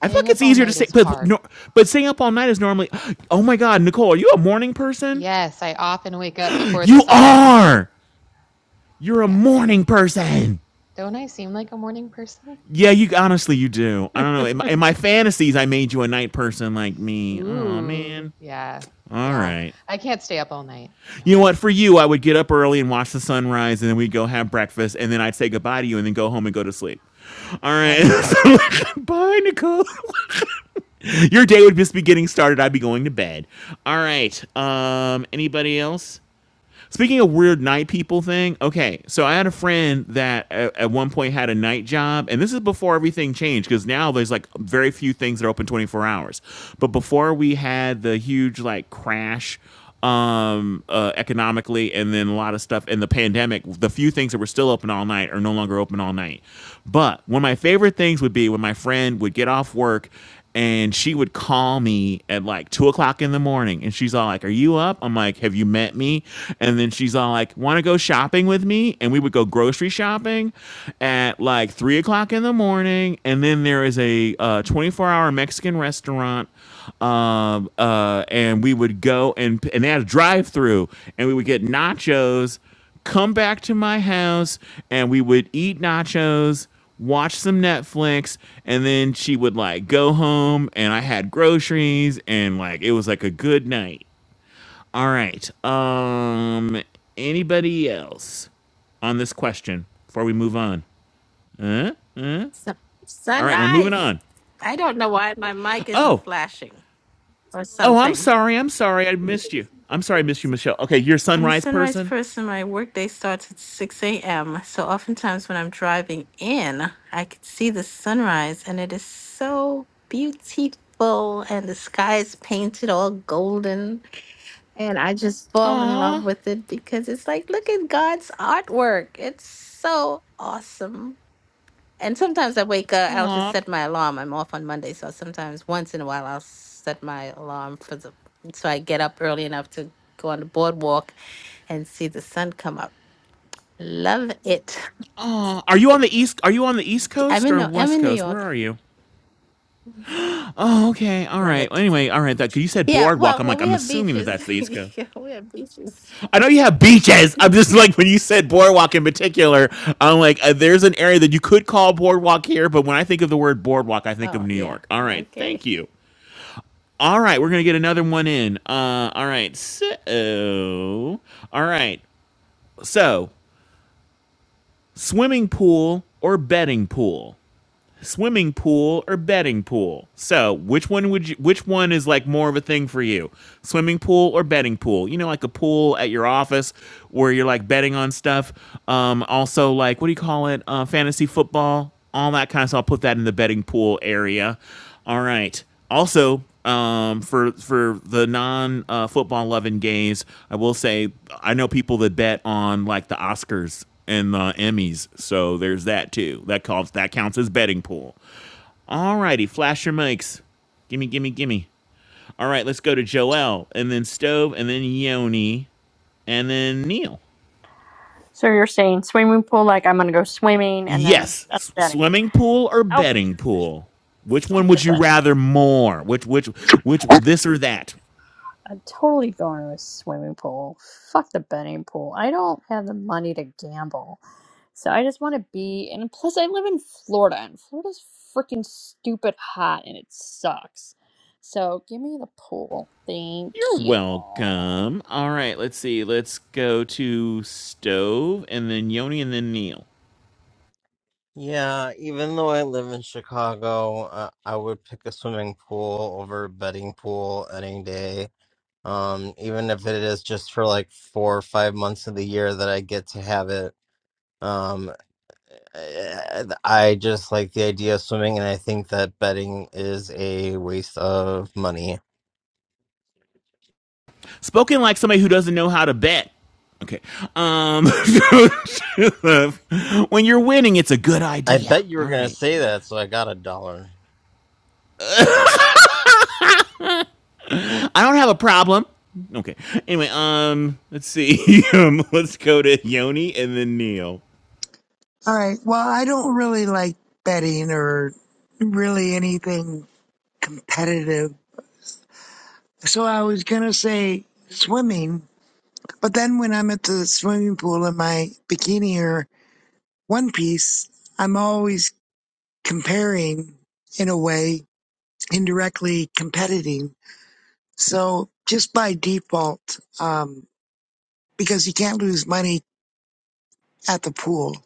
Speaker 6: I feel like
Speaker 4: up
Speaker 6: it's
Speaker 4: all
Speaker 6: easier to
Speaker 4: night
Speaker 6: stay,
Speaker 4: is
Speaker 6: but
Speaker 4: hard.
Speaker 6: no, but staying up all night is normally. [gasps] Oh my God, Nicole, are you a morning person?
Speaker 4: Yes, I often wake up before the
Speaker 6: You
Speaker 4: sun.
Speaker 6: are. You're a
Speaker 4: Yes.
Speaker 6: morning person.
Speaker 4: Don't I seem like a morning person?
Speaker 6: Yeah, you honestly you do. I don't know.
Speaker 4: [laughs]
Speaker 6: In my, in my fantasies, I made you a night person like me. Oh
Speaker 4: Ooh,
Speaker 6: man.
Speaker 4: yeah.
Speaker 6: All
Speaker 4: Yeah.
Speaker 6: right.
Speaker 4: I can't stay up all night. No.
Speaker 6: You know what? For you, I would get up early and watch the sunrise, and then we'd go have breakfast, and then I'd say goodbye to you, and then go home and go to sleep. All
Speaker 4: Love
Speaker 6: right.
Speaker 4: that.
Speaker 6: [laughs] Bye, Nicole. [laughs] Your day would just be getting started. I'd be going to bed. All right. Um, anybody else? Speaking of weird night people thing, okay. So I had a friend that at, at one point had a night job, and this is before everything changed because now there's like very few things that are open 24 hours. But before we had the huge like crash um uh, economically and then a lot of stuff in the pandemic the few things that were still open all night are no longer open all night but one of my favorite things would be when my friend would get off work and she would call me at like two o'clock in the morning and she's all like are you up i'm like have you met me and then she's all like want to go shopping with me and we would go grocery shopping at like three o'clock in the morning and then there is a uh, 24-hour mexican restaurant um, uh, and we would go and and they had a drive-through and we would get nachos come back to my house and we would eat nachos, watch some Netflix, and then she would like go home and I had groceries and like it was like a good night. All right. Um anybody else on this question before we move on? Huh?
Speaker 20: So,
Speaker 6: All right, we're moving
Speaker 20: sunrise.
Speaker 6: on.
Speaker 20: I don't know why my mic isn't
Speaker 6: Oh.
Speaker 20: flashing or
Speaker 6: Oh, I'm
Speaker 20: something.
Speaker 6: sorry. I'm sorry. I missed you. I'm sorry I missed you, Michelle. Okay, you're a
Speaker 20: I'm a
Speaker 6: sunrise
Speaker 20: sunrise
Speaker 6: person?
Speaker 20: person. My workday starts at 6 a.m. So oftentimes when I'm driving in, I can see the sunrise and it is so beautiful and the sky is painted all golden. And I just fall in love
Speaker 6: Aw.
Speaker 20: with it because it's like, look at God's artwork. It's so awesome. And sometimes I wake up, I'll just
Speaker 6: Aw.
Speaker 20: set my alarm. I'm off on Monday, so sometimes once in a while I'll set my alarm for the so I get up early enough to go on the boardwalk and see the sun come up. Love it.
Speaker 6: Uh, Are you on the east? Are you on the east
Speaker 20: I'm
Speaker 6: coast
Speaker 20: in
Speaker 6: or
Speaker 20: New- I'm
Speaker 6: west
Speaker 20: in New
Speaker 6: coast? Where
Speaker 20: York.
Speaker 6: are you? Oh, okay. All
Speaker 20: Love
Speaker 6: right. Well,
Speaker 20: it.
Speaker 6: anyway, all right. That you said
Speaker 20: Yeah,
Speaker 6: boardwalk.
Speaker 20: well,
Speaker 6: I'm
Speaker 20: well
Speaker 6: like,
Speaker 20: we
Speaker 6: I'm
Speaker 20: have
Speaker 6: assuming that
Speaker 20: beaches.
Speaker 6: that's the
Speaker 20: [laughs]
Speaker 6: east coast.
Speaker 20: Yeah, we have beaches.
Speaker 6: I know you have beaches. I'm just like when you said boardwalk in particular. I'm like, uh, there's an area that you could call boardwalk here, but when I think of the word boardwalk, I think of
Speaker 20: Oh,
Speaker 6: New
Speaker 20: yeah.
Speaker 6: York. All right.
Speaker 20: Okay.
Speaker 6: Thank you. All right, we're gonna get another one in. Uh, all right, so all right, so swimming pool or betting pool? swimming pool or betting pool. So, which one would you which one is like more of a thing for you? Swimming pool or betting pool? You know like a pool at your office where you're like betting on stuff. Um also like what do you call it? Uh fantasy football, all that kind of stuff. I'll put that in the betting pool area. All right. Also, um, for for the non uh, football loving gays, I will say I know people that bet on like the Oscars and the Emmys, so there's that too. That counts. That counts as betting pool. All righty, flash your mics. Gimme, gimme, gimme. All right, let's go to Joel, and then Stove, and then Yoni, and then Neil.
Speaker 9: So you're saying swimming pool, like I'm gonna go swimming and then
Speaker 6: Yes,
Speaker 9: that's
Speaker 6: s-
Speaker 9: that
Speaker 6: swimming pool or
Speaker 9: Oh,
Speaker 6: betting pool? Which
Speaker 9: fuck
Speaker 6: one
Speaker 9: the
Speaker 6: would you rather more? Which which
Speaker 9: bed.
Speaker 6: which this or that?
Speaker 9: I'm totally going to a swimming pool. Fuck the betting pool. I don't have the money to gamble. So I just want to be, and plus I live in Florida, and Florida's freaking stupid hot, and it sucks. So give me the pool, thank
Speaker 6: You're
Speaker 9: you.
Speaker 6: welcome. All right, let's see. Let's go to Stove and then Yoni and then Neil.
Speaker 2: Yeah, even though I live in Chicago, uh, I would pick a swimming pool over a betting pool any day. Um, even if it is just for like four or five months of the year that I get to have it. Um, I I just like the idea of swimming, and I think that betting is a waste of money.
Speaker 6: Spoken like somebody who doesn't know how to bet. Okay. Um [laughs] when you're winning, it's a good
Speaker 2: I
Speaker 6: idea.
Speaker 2: bet you were
Speaker 6: All
Speaker 2: gonna
Speaker 6: right.
Speaker 2: say that, so I got a dollar.
Speaker 6: I don't have a problem. Okay. Anyway, um let's see. [laughs] um let's go to Yoni and then Neil.
Speaker 14: All right. Well, I don't really like betting or really anything competitive So I was gonna say swimming, but then when I'm at the swimming pool in my bikini or one piece, I'm always comparing in a way, indirectly competing. So just by default, um, because you can't lose money at the pool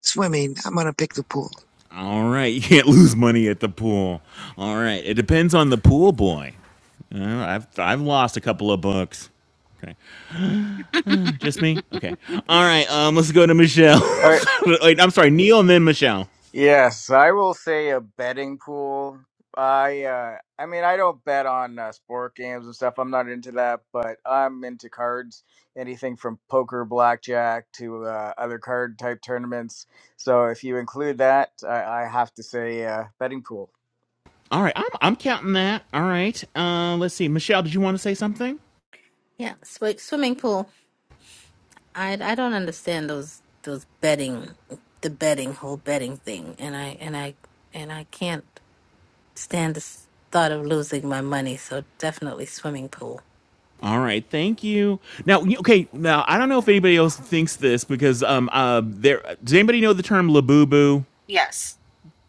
Speaker 14: swimming, I'm gonna pick the pool.
Speaker 6: All right. You can't lose money at the pool. All right. It depends on the pool boy. Uh, I've I've lost a couple of bucks. Okay. Just me? Okay. All right. Um, let's go to Michelle.
Speaker 3: All right.
Speaker 6: [laughs] Wait, I'm sorry, Neil, and then Michelle.
Speaker 3: Yes, I will say a betting pool. I, uh, I mean, I don't bet on uh, sport games and stuff. I'm not into that, but I'm into cards. Anything from poker, blackjack to uh, other card type tournaments. So if you include that, I, I have to say uh, betting pool.
Speaker 6: All right. I'm I'm counting that. All right. Uh, let's see. Michelle, did you want to say something?
Speaker 20: Yeah, swi swimming pool. I I don't understand those those betting the betting whole betting thing and I and I and I can't. stand the s- thought of losing my money, so definitely swimming pool.
Speaker 6: All right. Thank you. Now, y- okay. Now, I don't know if anybody else thinks this because um uh there. Does anybody know the term labubu?
Speaker 1: Yes,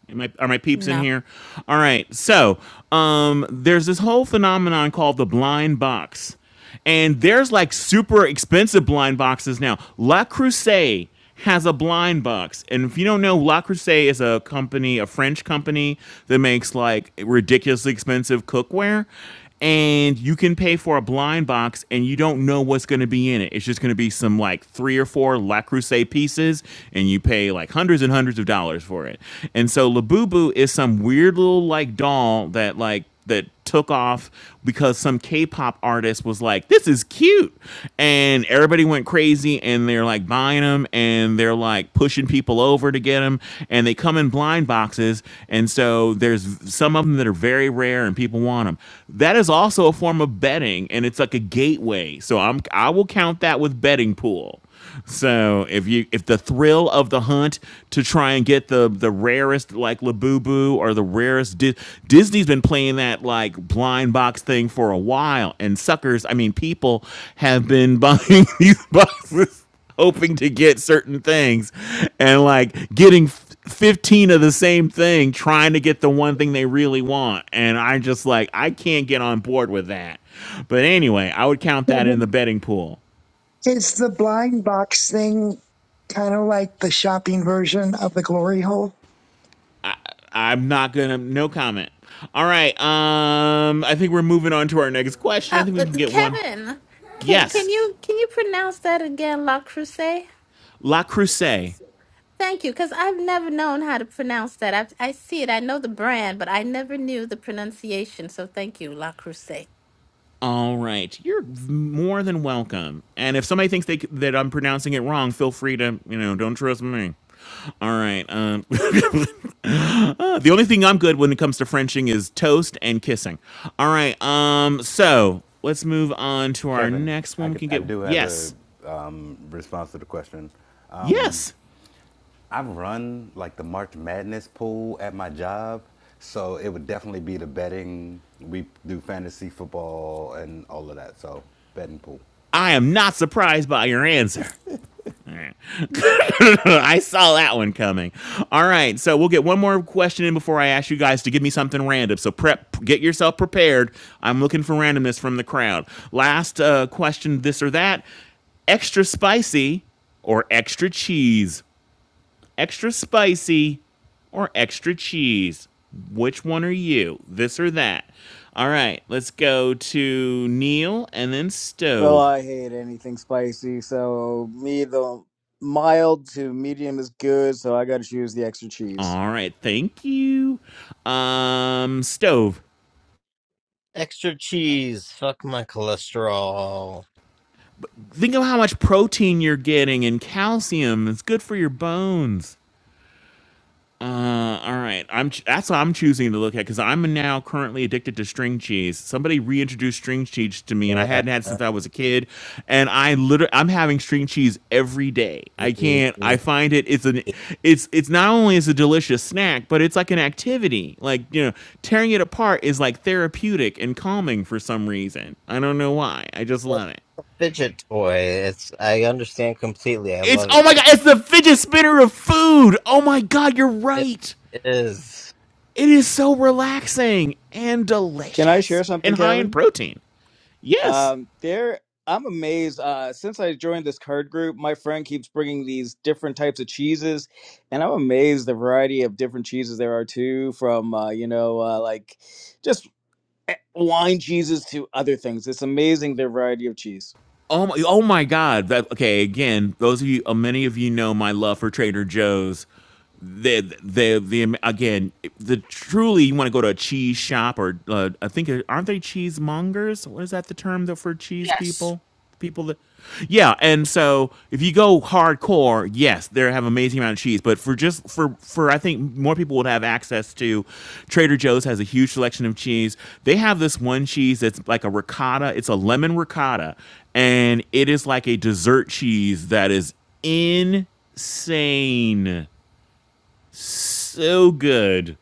Speaker 6: Am I, are my peeps in
Speaker 20: No.
Speaker 6: here? All right. So um, there's this whole phenomenon called the blind box, and there's like super expensive blind boxes now. La Crusade has a blind box, and if you don't know, La Crusade is a company, a French company that makes like ridiculously expensive cookware, and you can pay for a blind box and you don't know what's going to be in it. It's just going to be some like three or four La Crusade pieces and you pay like hundreds and hundreds of dollars for it. And so Labubu is some weird little like doll that like that took off because some K-pop artist was like, "This is cute," and everybody went crazy, and they're like buying them, get him, and they're like pushing people over to get him, and they come in blind boxes, and so there's some of them that are very rare, and people want them. That is also a form of betting, and it's like a gateway. So I'm I will count that with betting pool. So if you if the thrill of the hunt to try and get the the rarest like Labubu or the rarest Di- Disney's been playing that like blind box thing for a while and suckers I mean people have been buying [laughs] these boxes hoping to get certain things and like getting 15 of the same thing trying to get the one thing they really want and i just like i can't get on board with that but anyway i would count that
Speaker 14: Yeah,
Speaker 6: in the betting pool
Speaker 14: Is the blind box thing kind of like the shopping version of the glory hole?
Speaker 6: i'm not gonna no comment all right um i think we're moving on to our next question i
Speaker 20: Uh,
Speaker 6: think we
Speaker 20: but
Speaker 6: can get one
Speaker 20: Kevin, can can
Speaker 6: yes
Speaker 20: you can you pronounce that again, La Crusade?
Speaker 6: la crusade
Speaker 20: Thank you, because I've never known how to pronounce that. I I see it. I know the brand, but I never knew the pronunciation. So thank you, La Crusade.
Speaker 6: All right, you're more than welcome. And if somebody thinks they, c- that I'm pronouncing it wrong, feel free to you know don't trust me. All right. Um, [laughs] uh, the only thing I'm good when it comes to Frenching is toast and kissing. All right. Um. So let's move on to our
Speaker 12: Kevin,
Speaker 6: next
Speaker 12: I,
Speaker 6: one. We
Speaker 12: could,
Speaker 6: can
Speaker 12: I
Speaker 6: get
Speaker 12: do have a
Speaker 6: yes,
Speaker 12: um, response to the question. Um,
Speaker 6: yes.
Speaker 12: I've run like the March Madness pool at my job, so it would definitely be the betting. We do fantasy football and all of that, so betting pool.
Speaker 6: I am not surprised by your answer. All right. [laughs] I saw that one coming. All right, so we'll get one more question in before I ask you guys to give me something random. So prep, get yourself prepared. I'm looking for randomness from the crowd. Last uh, question, this or that: extra spicy or extra cheese? Extra spicy or extra cheese? Which one are you? This or that? All right, let's go to Neil and then
Speaker 3: Well,
Speaker 6: Stove.
Speaker 3: I hate anything spicy, so me the mild to medium is good, so I gotta choose the extra cheese.
Speaker 6: All right, thank you. Um, Stove.
Speaker 2: Extra cheese. Fuck my cholesterol.
Speaker 6: Think of how much protein you're getting and calcium. It's good for your bones. Uh, all right, I'm ch- that's what I'm choosing to look at because I'm now currently addicted to string cheese. Somebody reintroduced string cheese to me, and I
Speaker 2: Yeah.
Speaker 6: hadn't had it since I was a kid. And I literally, I'm having string cheese every day. I can't. I find it. It's an. It's it's not only is a delicious snack, but it's like an activity. Like you know, tearing it apart is like therapeutic and calming for some reason. I don't know why. I just love it.
Speaker 2: Fidget toy. It's I understand completely. I
Speaker 6: It's
Speaker 2: love it.
Speaker 6: oh my god, it's the fidget spinner of food. Oh my god, you're
Speaker 2: It
Speaker 6: right.
Speaker 2: is.
Speaker 6: It is so relaxing and
Speaker 3: Can I share
Speaker 6: delicious
Speaker 3: something,
Speaker 6: and high in
Speaker 3: Kevin?
Speaker 6: protein. Yes.
Speaker 3: Um, there, I'm amazed. Uh, since I joined this card group, my friend keeps bringing these different types of cheeses, and I'm amazed the variety of different cheeses there are too. From uh, you know, uh, like just eh, wine cheeses to other things. It's amazing the variety of cheese.
Speaker 6: Oh my, oh my God. That, okay, again, those of you, uh, many of you know my love for Trader Joe's. The, the, the, again, the truly, you want to go to a cheese shop or, uh, I think, uh, aren't they cheesemongers? What is that the term that for cheese
Speaker 1: yes.
Speaker 6: people? People that, yeah. And so if you go hardcore, yes, they have amazing amount of cheese, but for just, for, for, I think more people would have access to Trader Joe's has a huge selection of cheese. They have this one cheese that's like a ricotta. It's a lemon ricotta and it is like a dessert cheese that is insane. So good.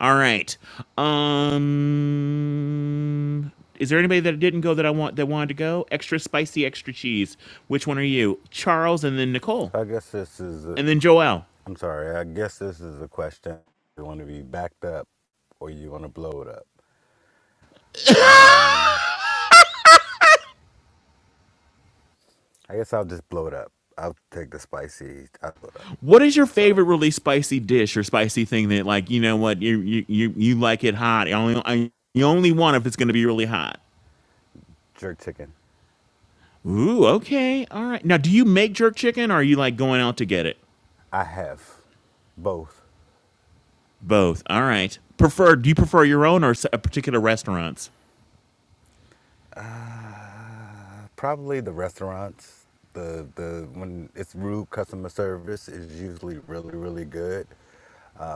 Speaker 6: All right. Um is there anybody that didn't go that I want that wanted to go? Extra spicy, extra cheese. Which one are you? Charles and then Nicole.
Speaker 12: So I guess this is a,
Speaker 6: And then Joelle.
Speaker 12: I'm sorry. I guess this is a question. You want to be backed up or you want to blow it up?
Speaker 6: [laughs]
Speaker 12: Um, I guess I'll just blow it up. I'll take the spicy. I'll blow it up.
Speaker 6: What is your favorite
Speaker 12: Sorry.
Speaker 6: really spicy dish or spicy thing that like you know what you you you, you like it hot? You only I, you only want if it's going to be really hot.
Speaker 12: Jerk chicken.
Speaker 6: Ooh, okay. All right. Now, do you make jerk chicken or are you like going out to get it?
Speaker 12: I have both.
Speaker 6: Both. All right. Prefer do you prefer your own or s- a particular restaurants?
Speaker 12: Uh, probably the restaurants. The the when it's rude customer service is usually really really good.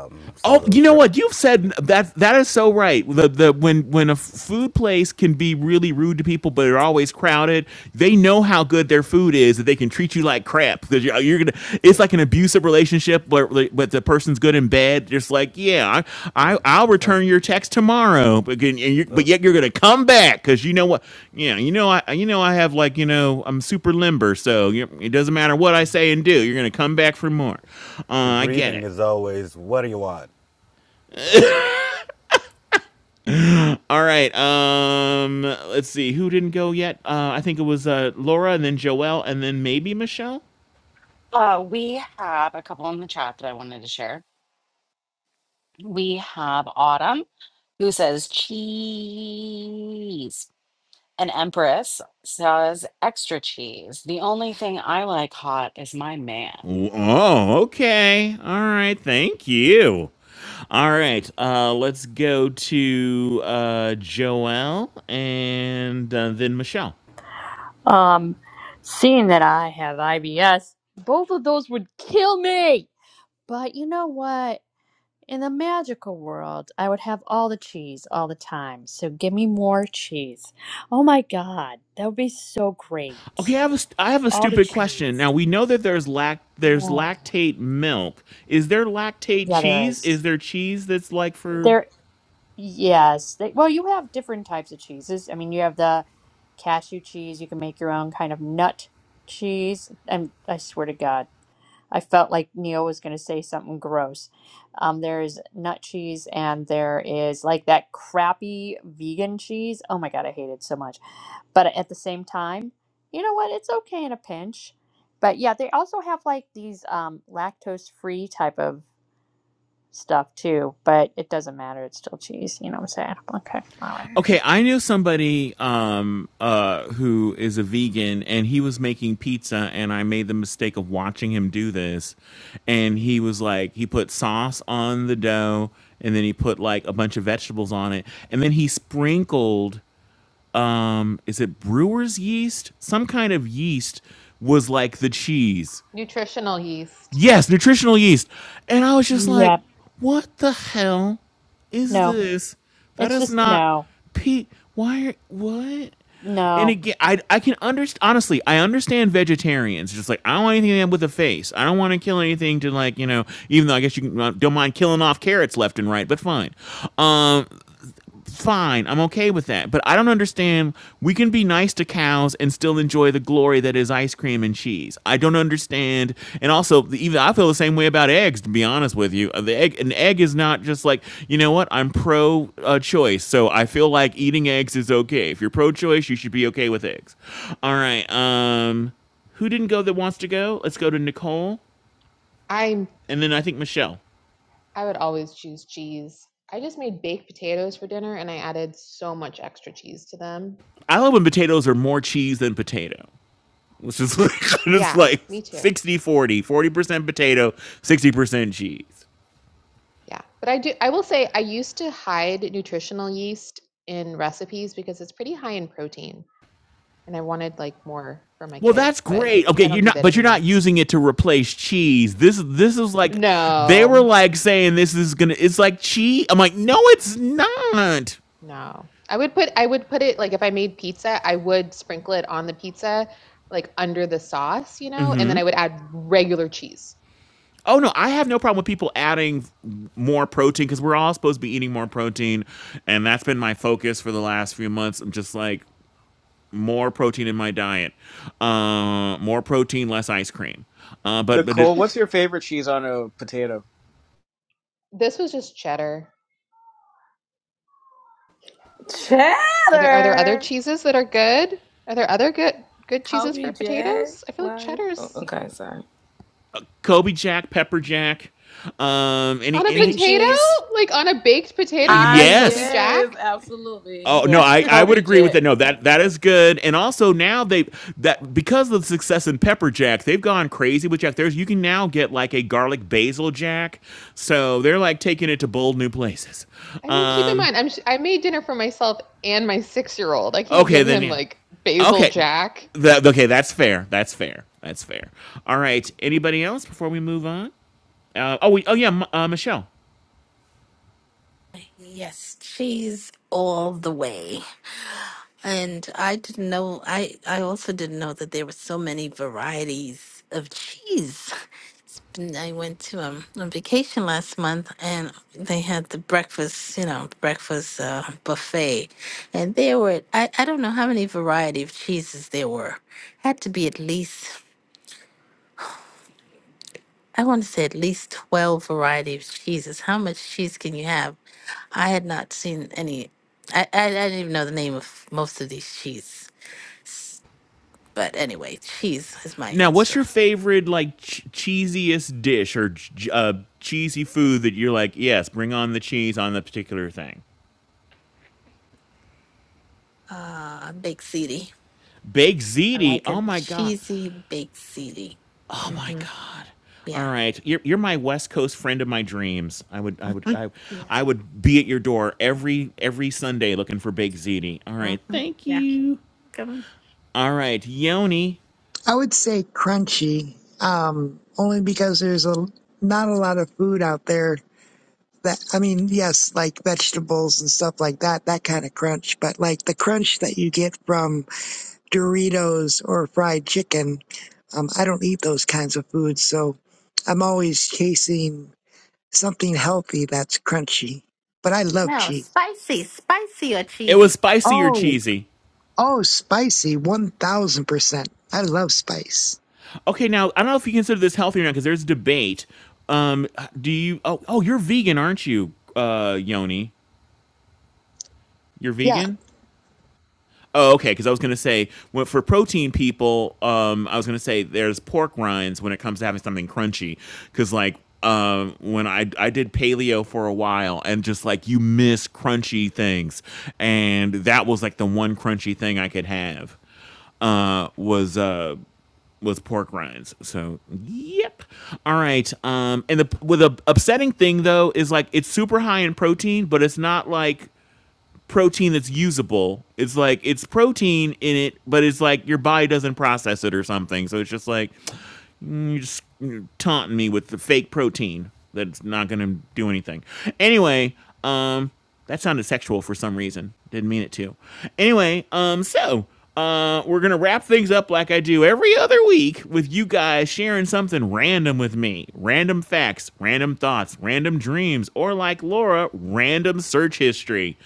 Speaker 12: Um, so
Speaker 6: Oh, you
Speaker 12: those.
Speaker 6: know
Speaker 12: Re-
Speaker 6: what? You've said that that is so right. The the when when a food place can be really rude to people, but are always crowded. They know how good their food is that they can treat you like crap because you're, you're gonna. It's
Speaker 12: yep.
Speaker 6: like an abusive relationship, but but the person's good in bed. Just like yeah, I,
Speaker 12: Yep.
Speaker 6: I I'll
Speaker 12: So
Speaker 6: return your text tomorrow, but can- and you but
Speaker 12: the,
Speaker 6: yet you're gonna come back because you know what? Yeah, you know I you know I have like you know I'm super limber, so you, it doesn't matter what I say and do. You're gonna come back for more.
Speaker 12: the
Speaker 6: Uh, I get
Speaker 12: greeting
Speaker 6: it.
Speaker 12: is always, "What do you want?" So
Speaker 6: All right. Um, let's see who didn't go yet. Uh, I think it was uh, Laura, and then Joelle, and then maybe Michelle.
Speaker 1: Uh, we have a couple in the chat that I wanted to share. We have Autumn, who says cheese. An Empress says extra cheese. The only thing I like hot is my man.
Speaker 6: Oh, okay. All right. Thank you. All right. Uh, let's go to uh, Joelle and uh, then Michelle.
Speaker 9: Um, seeing that I have IBS, both of those would kill me. But you know what? In a magical world, I would have all the cheese all the time. So give me more cheese. Oh my God, that would be so great.
Speaker 6: Okay, I have a st- I have a
Speaker 9: All the
Speaker 6: stupid question.
Speaker 9: cheese.
Speaker 6: Now we know that there's lac there's
Speaker 9: Yeah,
Speaker 6: lactate milk. Is there lactate
Speaker 9: yeah there
Speaker 6: cheese?
Speaker 9: is.
Speaker 6: Is there cheese that's like for
Speaker 9: There, yes. They, well, you have different types of cheeses. I mean, you have the cashew cheese. You can make your own kind of nut cheese. And I swear to God. I felt like Neil was going to say something gross. Um, there's nut cheese and there is like that crappy vegan cheese. Oh my God, I hate it so much. But at the same time, you know what? It's okay in a pinch. But yeah, they also have like these um, lactose free type of stuff too. But it doesn't matter. It's still cheese. You know what I'm saying? Okay. All right.
Speaker 6: Okay, I knew somebody um, uh, who is a vegan, and he was making pizza, and I made the mistake of watching him do this. And he was like, he put sauce on the dough, and then he put like a bunch of vegetables on it, and then he sprinkled, um, is it brewer's yeast? Some kind of yeast was like the cheese
Speaker 4: Nutritional yeast.
Speaker 6: yes, nutritional yeast. And I was just like,
Speaker 9: Yeah.
Speaker 6: what the hell is
Speaker 9: No,
Speaker 6: this? That
Speaker 9: it's
Speaker 6: is
Speaker 9: just
Speaker 6: not
Speaker 9: no.
Speaker 6: Pete. Why? Are, what? And
Speaker 9: No.
Speaker 6: again, I I can understand. Honestly, I understand vegetarians. Just like I don't want anything with a face. I don't want to kill anything to like you know. Even though I guess you can, uh, don't mind killing off carrots left and right, but fine. Um, fine. I'm okay with that. But I don't understand. We can be nice to cows and still enjoy the glory that is ice cream and cheese. I don't understand. And also, even I feel the same way about eggs. To be honest with you, Uh, the egg an egg is not just like you know what I'm pro uh, choice, so I feel like eating eggs is okay. If you're pro choice, you should be okay with eggs. All right. Um, who didn't go that wants to go? Let's go to Nicole,
Speaker 4: i
Speaker 6: and then I think Michelle.
Speaker 4: I would always choose cheese. I just made baked potatoes for dinner and I added so much extra cheese to them.
Speaker 6: I love when potatoes are more cheese than potato. It's just [laughs] like, it's
Speaker 4: Yeah,
Speaker 6: like
Speaker 4: me too.
Speaker 6: 60 forty, forty percent potato, 60% cheese.
Speaker 4: Yeah. But I do I will say I used to hide nutritional yeast in recipes because it's pretty high in protein and I wanted like more for my
Speaker 6: Well,
Speaker 4: kid,
Speaker 6: that's
Speaker 4: but
Speaker 6: great. Okay,
Speaker 4: I don't
Speaker 6: you're
Speaker 4: do
Speaker 6: not
Speaker 4: that
Speaker 6: but you're not
Speaker 4: anymore.
Speaker 6: using it to replace cheese. This this is like they were
Speaker 4: No.
Speaker 6: like saying this is going to it's like cheese. I'm like, "No, it's not."
Speaker 4: No. I would put I would put it like if I made pizza, I would sprinkle it on the pizza like under the sauce, you know, and then I would add regular cheese.
Speaker 6: Oh no, I have no problem with people adding more protein cuz we're all supposed to be eating more protein and that's been my focus for the last few months. I'm just like more protein in my diet. Uh, more protein, less ice cream. Uh, but but it,
Speaker 3: Nicole, what's your favorite cheese on a potato?
Speaker 4: This was just cheddar. Are there are there other
Speaker 15: Chatter.
Speaker 4: cheeses that are good? Are there other good good cheeses
Speaker 15: Kobe
Speaker 4: for
Speaker 15: Jack.
Speaker 4: potatoes? I feel like
Speaker 15: Like, oh,
Speaker 4: cheddar's
Speaker 15: okay, sorry.
Speaker 6: Kobe Jack, Pepper Jack, um, any
Speaker 4: on a
Speaker 1: Cream
Speaker 6: anything.
Speaker 4: potato?
Speaker 1: cheese.
Speaker 4: Like on a baked potato, you're
Speaker 15: Ah,
Speaker 4: putting Kobe
Speaker 6: Yes.
Speaker 15: yes,
Speaker 4: Jack?
Speaker 15: absolutely.
Speaker 6: Oh no, I, I
Speaker 4: [laughs]
Speaker 6: would
Speaker 15: Kobe
Speaker 6: agree with
Speaker 15: Jack.
Speaker 6: that. No, that that is good. And also now they that because of the success in Pepper Jack, they've gone crazy with Jack. There's you can now get like a garlic basil Jack. So they're like taking it to bold new places.
Speaker 4: I mean, keep in
Speaker 6: Um.
Speaker 4: mind, I'm sh- I made dinner for myself and my six year old. I can't
Speaker 6: Okay,
Speaker 4: give
Speaker 6: then
Speaker 4: him
Speaker 6: yeah.
Speaker 4: like basil
Speaker 6: Okay.
Speaker 4: jack.
Speaker 6: That, okay, that's fair. That's fair. That's fair. All right. Anybody else before we move on? Uh, oh, we, oh yeah, uh, Michelle.
Speaker 20: Yes, cheese all the way. And I didn't know I I also didn't know that there were so many varieties of cheese. It's been- I went to um, a vacation last month and they had the breakfast, you know, breakfast uh, buffet. And there were I, I don't know how many variety of cheeses there were. Had to be at least I want to say at least 12 variety of cheeses. How much cheese can you have? I had not seen any I, I, I didn't even know the name of most of these cheeses. But anyway, cheese is my
Speaker 6: Now, what's
Speaker 20: answer.
Speaker 6: your favorite like ch- cheesiest dish or ch- uh, cheesy food that you're like, yes, bring on the cheese on the particular thing?
Speaker 20: Uh, baked ziti.
Speaker 6: Baked
Speaker 20: I
Speaker 6: ziti.
Speaker 20: like
Speaker 6: Oh
Speaker 20: a
Speaker 6: my god.
Speaker 20: cheesy baked ziti.
Speaker 6: Oh my
Speaker 20: hmm
Speaker 6: god. All
Speaker 20: Yeah.
Speaker 6: right, you're, you're my West Coast friend of my dreams. I would I would I,
Speaker 20: Yeah.
Speaker 6: I would be at your door every every Sunday looking for baked ziti. All right,
Speaker 20: hmm
Speaker 6: thank
Speaker 20: Yeah.
Speaker 6: you.
Speaker 20: Come on.
Speaker 6: All right, Yoni.
Speaker 14: I would say crunchy, um, only because there's a not a lot of food out there that I mean, yes, like vegetables and stuff like that, that kind of crunch, but like the crunch that you get from Doritos or fried chicken, um, I don't eat those kinds of foods, so I'm always chasing something healthy that's crunchy. But I love
Speaker 20: No,
Speaker 14: cheese.
Speaker 20: spicy, spicy or
Speaker 6: It was
Speaker 20: cheesy.
Speaker 6: spicy or
Speaker 14: Oh,
Speaker 6: cheesy?
Speaker 14: Oh, spicy, 1000%. I love spice.
Speaker 6: Okay, now I don't know if you consider this healthy or not because there's debate. Um, do you? Oh, oh, you're vegan, aren't you, uh, Yoni? You're
Speaker 14: Yeah.
Speaker 6: vegan. Oh, okay. Because I was gonna say, well, for protein people, um, I was gonna say there's pork rinds when it comes to having something crunchy. Because like, um, when I I did paleo for a while, and just like you miss crunchy things, and that was like the one crunchy thing I could have uh, was uh, with pork rinds. So yep. All right. Um, and the with the upsetting thing though is like it's super high in protein, but it's not like protein that's usable. It's like it's protein in it, but it's like your body doesn't process it or something. So it's just like you're just you're taunting me with the fake protein that's not going to do anything. Anyway, um, that sounded sexual for some reason. Didn't mean it to. Anyway, um, so uh, we're going to wrap things up like I do every other week with you guys sharing something random with me random facts, random thoughts, random dreams, or like Laura, random search history.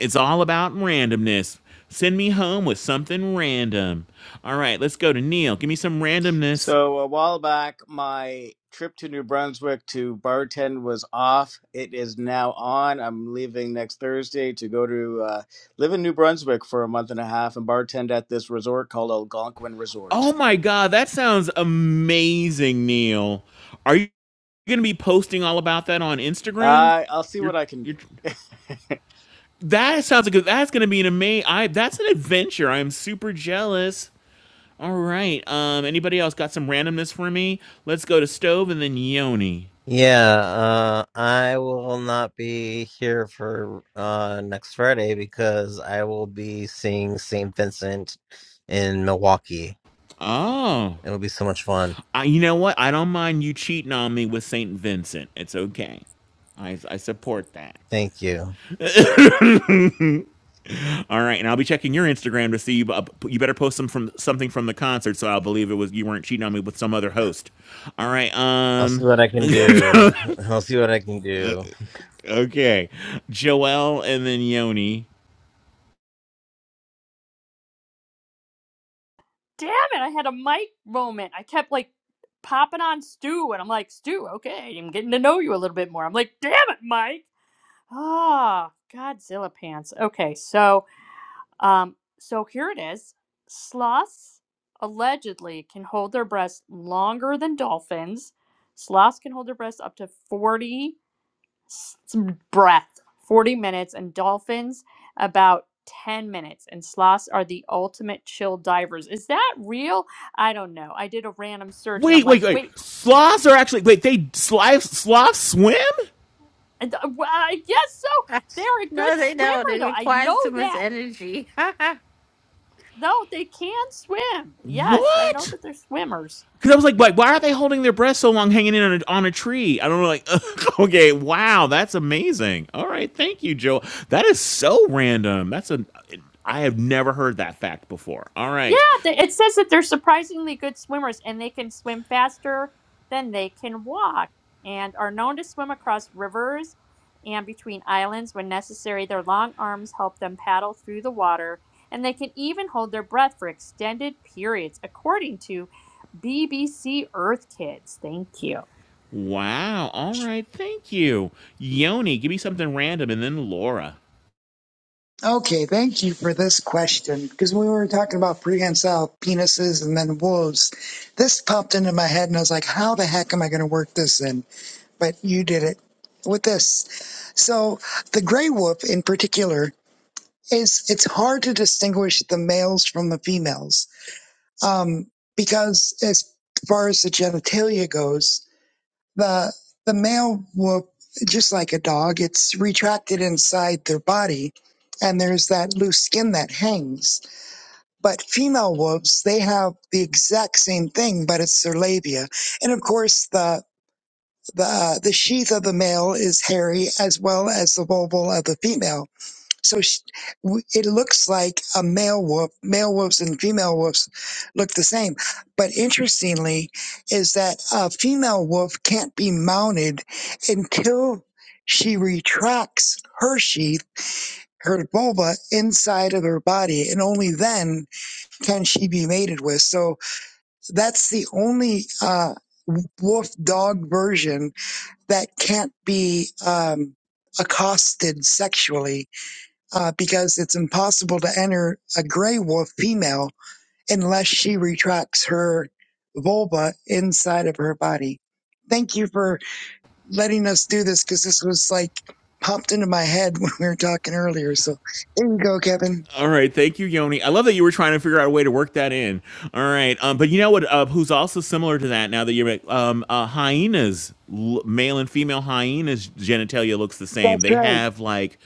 Speaker 6: It's all about randomness. Send me home with something random. All right, let's go to Neil. Give me some randomness.
Speaker 3: So a while back, my trip to New Brunswick to bartend was off. It is now on. I'm leaving next Thursday to go to uh, live in New Brunswick for a month and a half and bartend at this resort called Algonquin
Speaker 6: Oh
Speaker 3: Resort.
Speaker 6: my God, that sounds amazing, Neil. Are you going to be posting all about that on Instagram?
Speaker 3: Uh, I'll see what
Speaker 6: You're,
Speaker 3: I can
Speaker 6: you're.
Speaker 3: do. [laughs]
Speaker 6: That sounds like a- that's going to be an amazing. I that's an adventure. I'm super jealous. All right. Um. Anybody else got some randomness for me? Let's go to stove and then Yoni.
Speaker 2: Yeah, uh I will not be here for uh next Friday because I will be seeing St. Vincent in Milwaukee.
Speaker 6: Oh.
Speaker 2: It'll be so much fun.
Speaker 6: I, you know what? I don't mind you cheating on me with Saint Vincent. It's okay. I I support that.
Speaker 2: Thank you.
Speaker 6: All right, and I'll be checking your Instagram to see you. Uh, you better post some from something from the concert, so I'll believe it was you weren't cheating on me with some other host. All right,
Speaker 2: I'll see
Speaker 6: um,
Speaker 2: what I
Speaker 6: [laughs]
Speaker 2: can do. I'll see what I can do.
Speaker 6: okay, Joel and then Yoni.
Speaker 9: damn it, I had a mic moment. I kept like popping on Stu, and I'm like, Stu, okay, I'm getting to know you a little bit more. I'm like, damn it, Mike. Ah, oh, Godzilla pants. Okay, so um, so here it is. Sloths allegedly can hold their breasts longer than dolphins. Sloths can hold their breasts up to 40 some breath 40 minutes and dolphins about 10 minutes and sloths are the ultimate chill divers is that real i don't know i did a random search and i'm
Speaker 6: Wait,
Speaker 9: like
Speaker 6: wait, wait.
Speaker 9: wait
Speaker 6: Sloths are actually wait. They sloths, sloths swim.
Speaker 9: and, uh, w- i guess so they're a good
Speaker 20: No, they don't.
Speaker 9: swimmer
Speaker 20: It
Speaker 9: though i know
Speaker 20: requires too much
Speaker 9: that
Speaker 20: energy. [laughs]
Speaker 9: no they can swim yes i know
Speaker 6: What?
Speaker 9: that they're swimmers
Speaker 6: Because I was like, like, why are they holding their breath so long, hanging in on a, on a tree? I don't know. Like, [laughs] okay, wow, that's amazing. All right, thank you, Joel. That is so random. That's a I have never heard that fact before. All
Speaker 9: Yeah,
Speaker 6: right.
Speaker 9: th- it says that they're surprisingly good swimmers and they can swim faster than they can walk and are known to swim across rivers and between islands when necessary. Their long arms help them paddle through the water and they can even hold their breath for extended periods, according to BBC Earth Kids. Thank you.
Speaker 6: Wow. All right. Thank you. Yoni, give me something random and then Laura.
Speaker 14: Okay. Thank you for this question. Because we were talking about prehensile penises and then wolves. This popped into my head and I was like, how the heck am I going to work this in? But you did it with this. So the gray wolf in particular is, it's hard to distinguish the males from the females. Um, because as far as the genitalia goes, the the male will just like a dog it's retracted inside their body and there's that loose skin that hangs but female wolves they have the exact same thing but it's their labia and of course the the uh, the sheath of the male is hairy as well as the vulval of the female so sh w it looks like a male wolf, male wolves and female wolves look the same. But interestingly, is that a female wolf can't be mounted until she retracts her sheath, her vulva inside of her body, and only then can she be mated with. So that's the only uh, wolf dog version that can't be um, accosted sexually uh, because it's impossible to enter a gray wolf female unless she retracts her vulva inside of her body. Thank you for letting us do this because this was like popped into my head [laughs] when we were talking earlier. So there you go, Kevin.
Speaker 6: All right. Thank you, Yoni. I love that you were trying to figure out a way to work that in. All right. Um, but you know what? Uh, who's also similar to that now that you're um, uh, hyenas, l- male and female hyenas genitalia looks the same.
Speaker 14: That's
Speaker 6: They
Speaker 14: right.
Speaker 6: have like,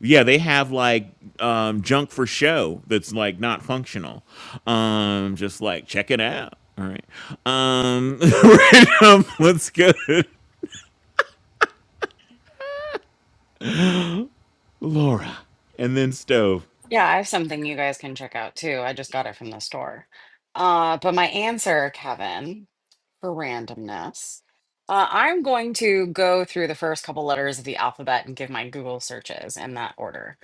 Speaker 6: yeah, they have like um, junk for show that's like not functional. Um, just like check it out. All right. Um, [laughs] right, um, let's go. Laura, and then stove.
Speaker 1: Yeah, I have something you guys can check out too. I just got it from the store. Uh, but my answer, Kevin, for randomness, uh, I'm going to go through the first couple letters of the alphabet and give my Google searches in that order.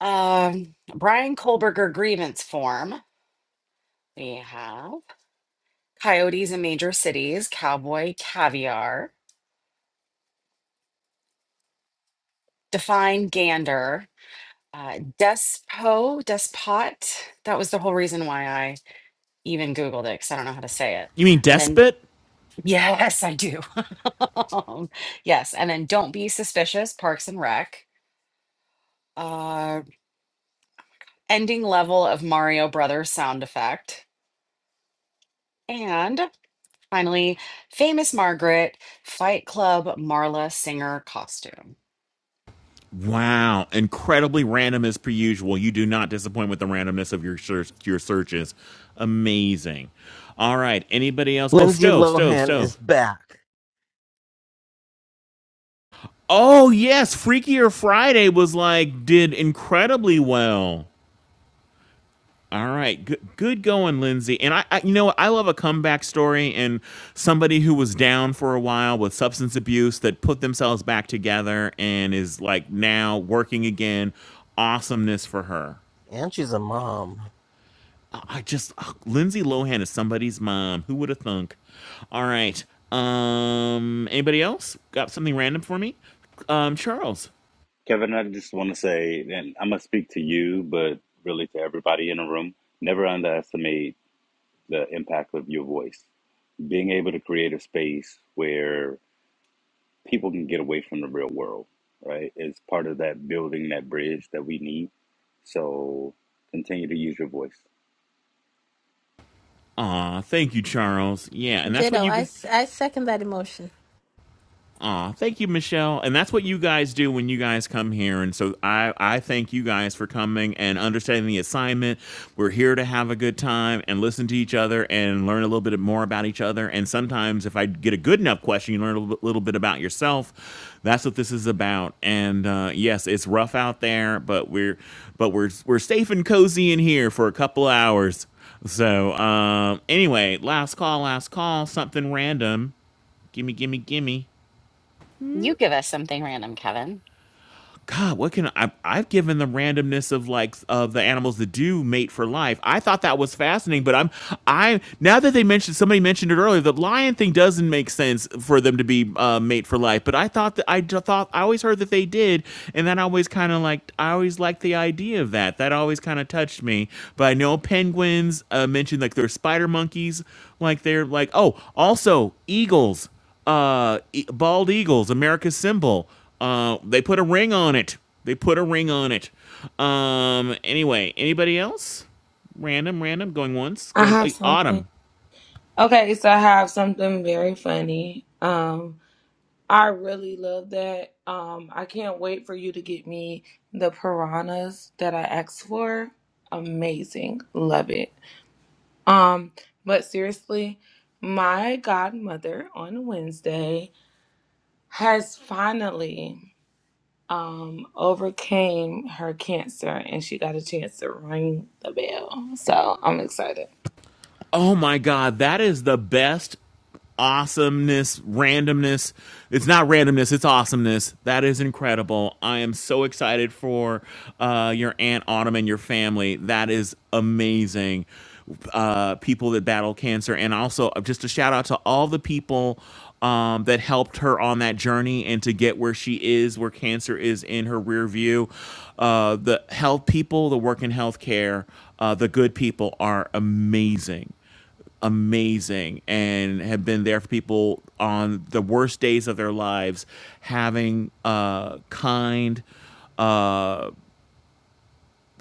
Speaker 1: Um, Brian Kohlberger grievance form. We have coyotes in major cities, cowboy caviar, define gander, uh, Despo, Despot. That was the whole reason why I even Googled it because I don't know how to say it.
Speaker 6: You mean
Speaker 1: And then,
Speaker 6: despot?
Speaker 1: [laughs] yes, I do. [laughs] yes. And then Don't Be Suspicious, Parks and Rec. Uh, ending level of Mario Brothers sound effect. And finally, Famous Margaret, Fight Club Marla Singer costume.
Speaker 6: Wow, incredibly random as per usual. You do not disappoint with the randomness of your search, your searches. Amazing. All right, anybody else? Oh,
Speaker 2: Lindsay
Speaker 6: stove, stove,
Speaker 2: Lohan is
Speaker 6: stove.
Speaker 2: back.
Speaker 6: Oh yes, Freakier Friday was like did incredibly well. All right, good, good going, Lindsay. And I, I, you know, what? I love a comeback story and somebody who was down for a while with substance abuse that put themselves back together and is like now working again. Awesomeness for her.
Speaker 2: And she's a mom.
Speaker 6: I I just ugh, Lindsay Lohan is somebody's mom. Who would have thunk? All right. Um, anybody else got something random for me? Um, Charles.
Speaker 12: Kevin, I just want to say, and I'm going to speak to you, but really to everybody in the room, never underestimate the impact of your voice. being able to create a space where people can get away from the real world, right, is part of that building that bridge that we need. So continue to use your voice.
Speaker 6: Aw, thank you, Charles. Yeah, and that's what
Speaker 20: Ditto.
Speaker 6: you.
Speaker 20: I,
Speaker 6: g-
Speaker 20: s- I second that emotion.
Speaker 6: Aw, thank you, Michelle. And that's what you guys do when you guys come here. And so I, I thank you guys for coming and understanding the assignment. We're here to have a good time and listen to each other and learn a little bit more about each other. And sometimes, if I get a good enough question, you learn a little bit, little bit about yourself. That's what this is about. And uh, yes, it's rough out there, but we're but we're we're safe and cozy in here for a couple hours. So um, anyway, last call, last call, something random. Gimme, gimme, gimme.
Speaker 1: You give us something random, Kevin.
Speaker 6: God, what can I? I've given the randomness of like of the animals that do mate for life. I thought that was fascinating, but I'm I now that they mentioned somebody mentioned it earlier, the lion thing doesn't make sense for them to be uh, mate for life. But I thought that I ju- thought I always heard that they did, and that always kind of like I always liked the idea of that. That always kind of touched me. But I know penguins uh, mentioned like they're spider monkeys, like they're like oh also eagles uh, e- bald eagles, America's symbol. Uh, they put a ring on it. They put a ring on it. Um, anyway, anybody else? Random, random, going once,
Speaker 15: I
Speaker 6: going
Speaker 15: have
Speaker 6: uh,
Speaker 15: something.
Speaker 6: autumn.
Speaker 15: Okay, so I have something very funny. Um, I really love that. Um, I can't wait for you to get me the piranhas that I asked for. Amazing. Love it. Um, but seriously, my godmother on Wednesday has finally um, overcame her cancer and she got a chance to ring the bell. So I'm excited.
Speaker 6: Oh my god, that is the best awesomeness, randomness. It's not randomness, it's awesomeness. That is incredible. I am so excited for uh, your Aunt Autumn and your family. That is amazing. Uh, people that battle cancer. And also, uh, just a shout out to all the people um, that helped her on that journey and to get where she is, where cancer is in her rear view. Uh, the health people, the work in healthcare, uh, the good people are amazing amazing and have been there for people on the worst days of their lives, having uh, kind, uh,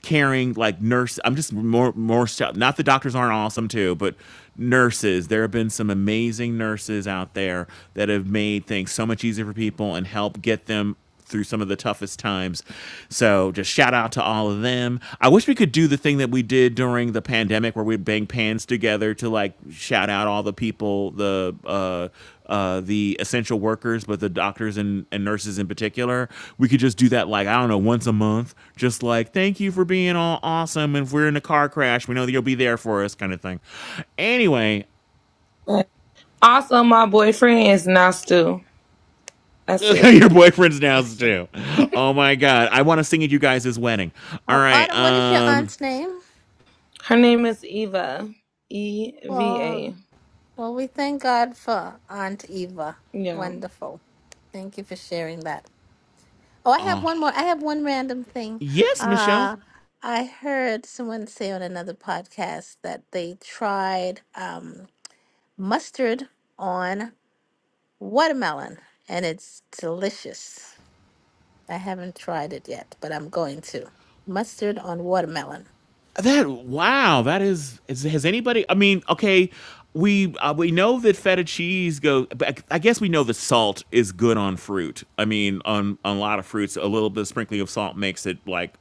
Speaker 6: caring like nurse i'm just more more so, not the doctors aren't awesome too but nurses there have been some amazing nurses out there that have made things so much easier for people and help get them through some of the toughest times so just shout out to all of them i wish we could do the thing that we did during the pandemic pandemic where we would bang pans together to like shout out all the people, the uh, uh, the essential workers, but the doctors and, and nurses in particular. We could just do that like I don't know once a month, just like thank you for being all awesome. And if we're in a car crash, we know that you'll be there for us, kind of thing. Anyway.
Speaker 15: Also, my boyfriend is Nastu.
Speaker 6: [laughs]
Speaker 15: That's it.
Speaker 6: Your boyfriend's down
Speaker 20: Okay.
Speaker 6: too. Oh my god. I want to sing at you guys' wedding. All
Speaker 20: Oh,
Speaker 6: right.
Speaker 20: Autumn, what is your
Speaker 6: Um
Speaker 20: aunt's name?
Speaker 15: Her name is Eva. E V
Speaker 20: Well,
Speaker 15: A.
Speaker 20: well, we thank God for Aunt Eva.
Speaker 15: Yeah.
Speaker 20: Wonderful. Thank you for sharing that. Oh, I have one more. I have one random thing.
Speaker 6: yes, Michelle.
Speaker 20: Uh, I heard someone say on another podcast that they tried um, mustard on watermelon and it's delicious. I haven't tried it yet, but I'm going to. Mustard on watermelon.
Speaker 6: That wow, that is, is has anybody? I mean, okay, we uh, we know that feta cheese goes, but I, I guess we know that salt is good on fruit. I mean, on on a lot of fruits, a little bit of sprinkling of salt makes it like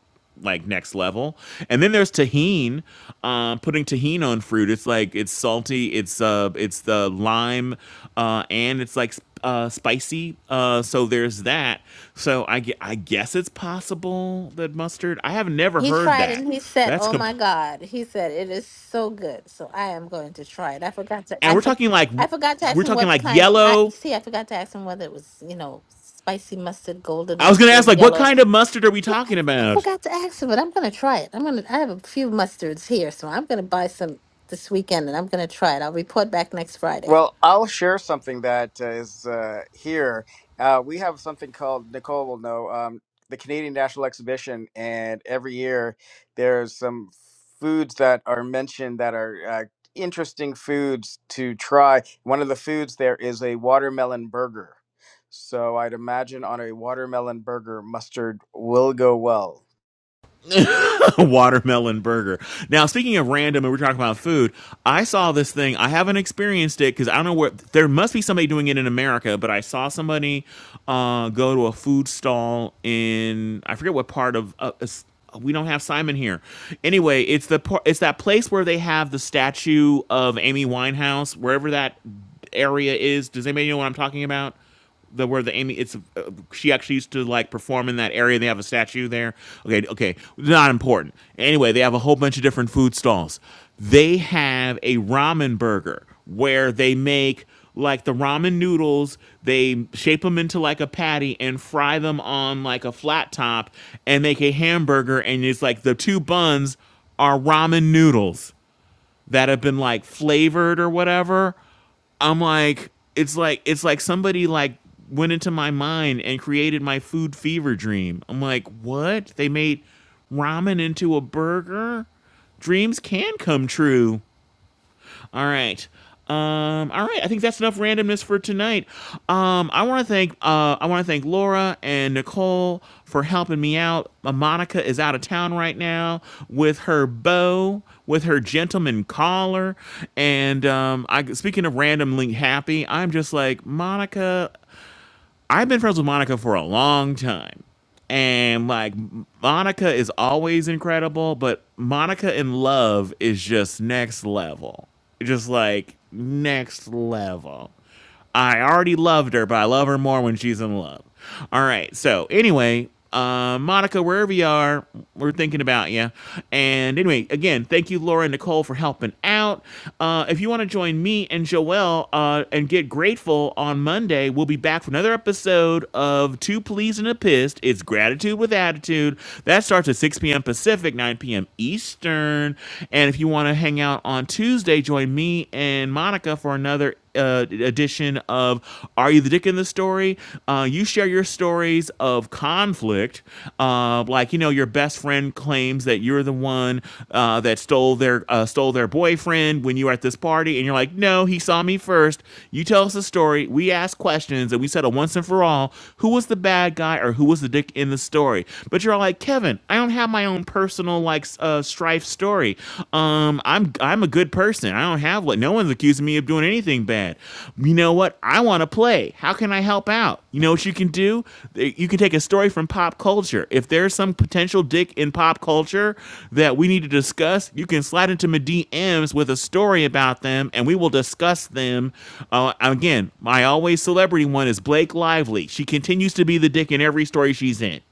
Speaker 6: like next level. And then there's tahini tahine, uh, putting tahine on fruit. It's like it's salty, it's uh, it's the lime, uh, and it's like uh, spicy. Uh, so there's that. So I, gue- I guess it's possible that mustard. I have never
Speaker 20: He
Speaker 6: heard
Speaker 20: tried
Speaker 6: that.
Speaker 20: and he said,
Speaker 6: That's
Speaker 20: "Oh my
Speaker 6: complete.
Speaker 20: God!" He said, "It is so good." So I am going to try it. I forgot to.
Speaker 6: And
Speaker 20: I
Speaker 6: we're
Speaker 20: for,
Speaker 6: talking like
Speaker 20: I forgot to ask
Speaker 6: we're
Speaker 20: him
Speaker 6: talking
Speaker 20: what
Speaker 6: like
Speaker 20: kind. I you
Speaker 6: yellow.
Speaker 20: see. I forgot to ask him whether it was you know spicy mustard, golden
Speaker 6: I was gonna ask
Speaker 20: mustard,
Speaker 6: like what
Speaker 20: yellow.
Speaker 6: kind of mustard are we
Speaker 20: Yeah, I,
Speaker 6: talking
Speaker 20: I
Speaker 6: about?
Speaker 20: forgot to ask him, but I'm gonna try it. I'm gonna. I have a few mustards here, so I'm gonna buy some this weekend, and I'm gonna try it. I'll report back next Friday.
Speaker 3: Well, I'll share something that uh, is uh, here. Uh, we have something called Nicole will know um, the Canadian National Exhibition, and every year there's some foods that are mentioned that are uh, interesting foods to try. One of the foods there is a watermelon burger. So I'd imagine on a watermelon burger, mustard will go well.
Speaker 6: [laughs] watermelon burger. Now, speaking of random, and we're talking about food, I saw this thing. I haven't experienced it because I don't know where. There must be somebody doing it in America, but I saw somebody uh, go to a food stall in I forget what part of. Uh, we don't have Simon here. Anyway, it's the it's that place where they have the statue of Amy Winehouse, wherever that area is. Does anybody know what I'm talking about? the where the Amy it's uh, she actually used to like perform in that area. They have a statue there. Okay, okay, not important. Anyway, they have a whole bunch of different food stalls. They have a ramen burger where they make like the ramen noodles. They shape them into like a patty and fry them on like a flat top and make a hamburger. And it's like the two buns are ramen noodles that have been like flavored or whatever. I'm like, it's like it's like somebody like went into my mind and created my food fever dream. I'm like, what? They made ramen into a burger? Dreams can come true. All right. Um, all right, I think that's enough randomness for tonight. Um, I want to thank uh, I want to thank Laura and Nicole for helping me out. Uh, Monica is out of town right now with her bow, with her gentleman collar, and um, I speaking of randomly happy, I'm just like Monica I've been friends with Monica for a long time. And like Monica is always incredible, but Monica in love is just next level. Just like next level. I already loved her, but I love her more when she's in love. All right. So anyway, uh, Monica, wherever you are, we're thinking about you. And anyway, again, thank you, Laura and Nicole, for helping out. Uh, if you want to join me and Joelle uh, and get grateful on Monday, we'll be back for another episode of Two Pleas and a Pissed. It's Gratitude with Attitude. That starts at 6 p.m. Pacific, 9 p.m. Eastern. And if you want to hang out on Tuesday, join me and Monica for another uh, edition of Are You the Dick in the Story? Uh, you share your stories of conflict. Uh, like, you know, your best friend claims that you're the one uh, that stole their uh, stole their boyfriend when you were at this party. And you're like, no, he saw me first. You tell us the story. We ask questions and we settle once and for all who was the bad guy or who was the dick in the story. But you're all like, Kevin, I don't have my own personal like uh, strife story sorry. Um, I'm I'm a good person. I don't have like no one's accusing me of doing anything bad. You know what? I want to play. How can I help out? You know what you can do? You can take a story from pop culture. If there's some potential dick in pop culture that we need to discuss, you can slide into my DMs with a story about them, and we will discuss them. Uh, again, my always celebrity one is Blake Lively. She continues to be the dick in every story she's in.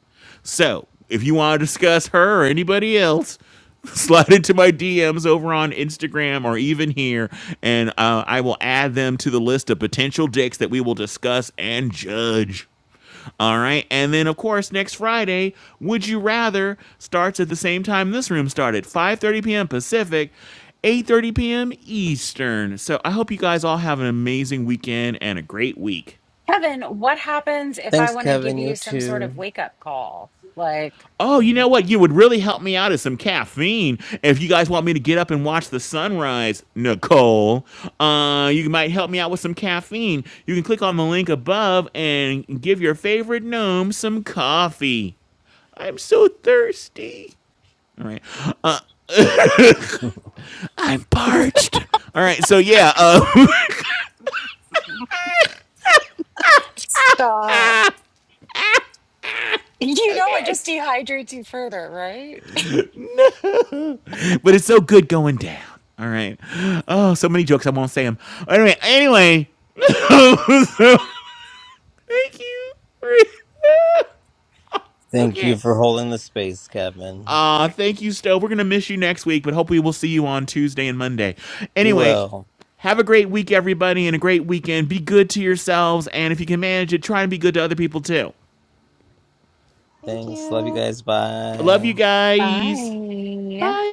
Speaker 6: So if you want to discuss her or anybody else, [laughs] slide into my DMs over on Instagram or even here, and uh, I will add them to the list of potential dicks that we will discuss and judge. All right. And then, of course, next Friday, Would You Rather starts at the same time this room started, 5.30 p.m. Pacific, 8.30 p.m. Eastern. So I hope you guys all have an amazing weekend and a great week.
Speaker 1: Kevin, what happens if I
Speaker 2: Thanks,
Speaker 1: want to
Speaker 2: Kevin.
Speaker 1: give
Speaker 2: You
Speaker 1: you some sort of
Speaker 2: too.
Speaker 1: wake up call? Like,
Speaker 6: Oh, you know what? You would really help me out is some caffeine. If you guys want me to get up and watch the sunrise, Nicole, uh, you might help me out with some caffeine. You can click on the link above and give your favorite gnome some coffee. I'm so thirsty. All right. Uh,
Speaker 2: [laughs]
Speaker 6: I'm parched. All right. So, yeah. Uh,
Speaker 1: Stop. [laughs] You know, it just dehydrates you further, right?
Speaker 6: [laughs] but it's so good going down. All right. Oh, so many jokes. I won't say them. All right. Anyway. [laughs] thank you. [laughs]
Speaker 2: Thank you
Speaker 6: Okay.
Speaker 2: for holding the space, Kevin.
Speaker 6: Uh, thank you, Stove. We're going to miss you next week, but hopefully we'll see you on Tuesday and Monday.
Speaker 2: You
Speaker 6: Anyway,
Speaker 2: will.
Speaker 6: have a great week, everybody, and a great weekend. Be good to yourselves, and if you can manage it, try and be good to other people too.
Speaker 4: Thank
Speaker 2: Thanks. Love you
Speaker 4: you.
Speaker 2: guys.
Speaker 6: I Love
Speaker 2: Bye.
Speaker 6: you
Speaker 1: [laughs]
Speaker 6: guys.
Speaker 1: Bye.
Speaker 6: Bye.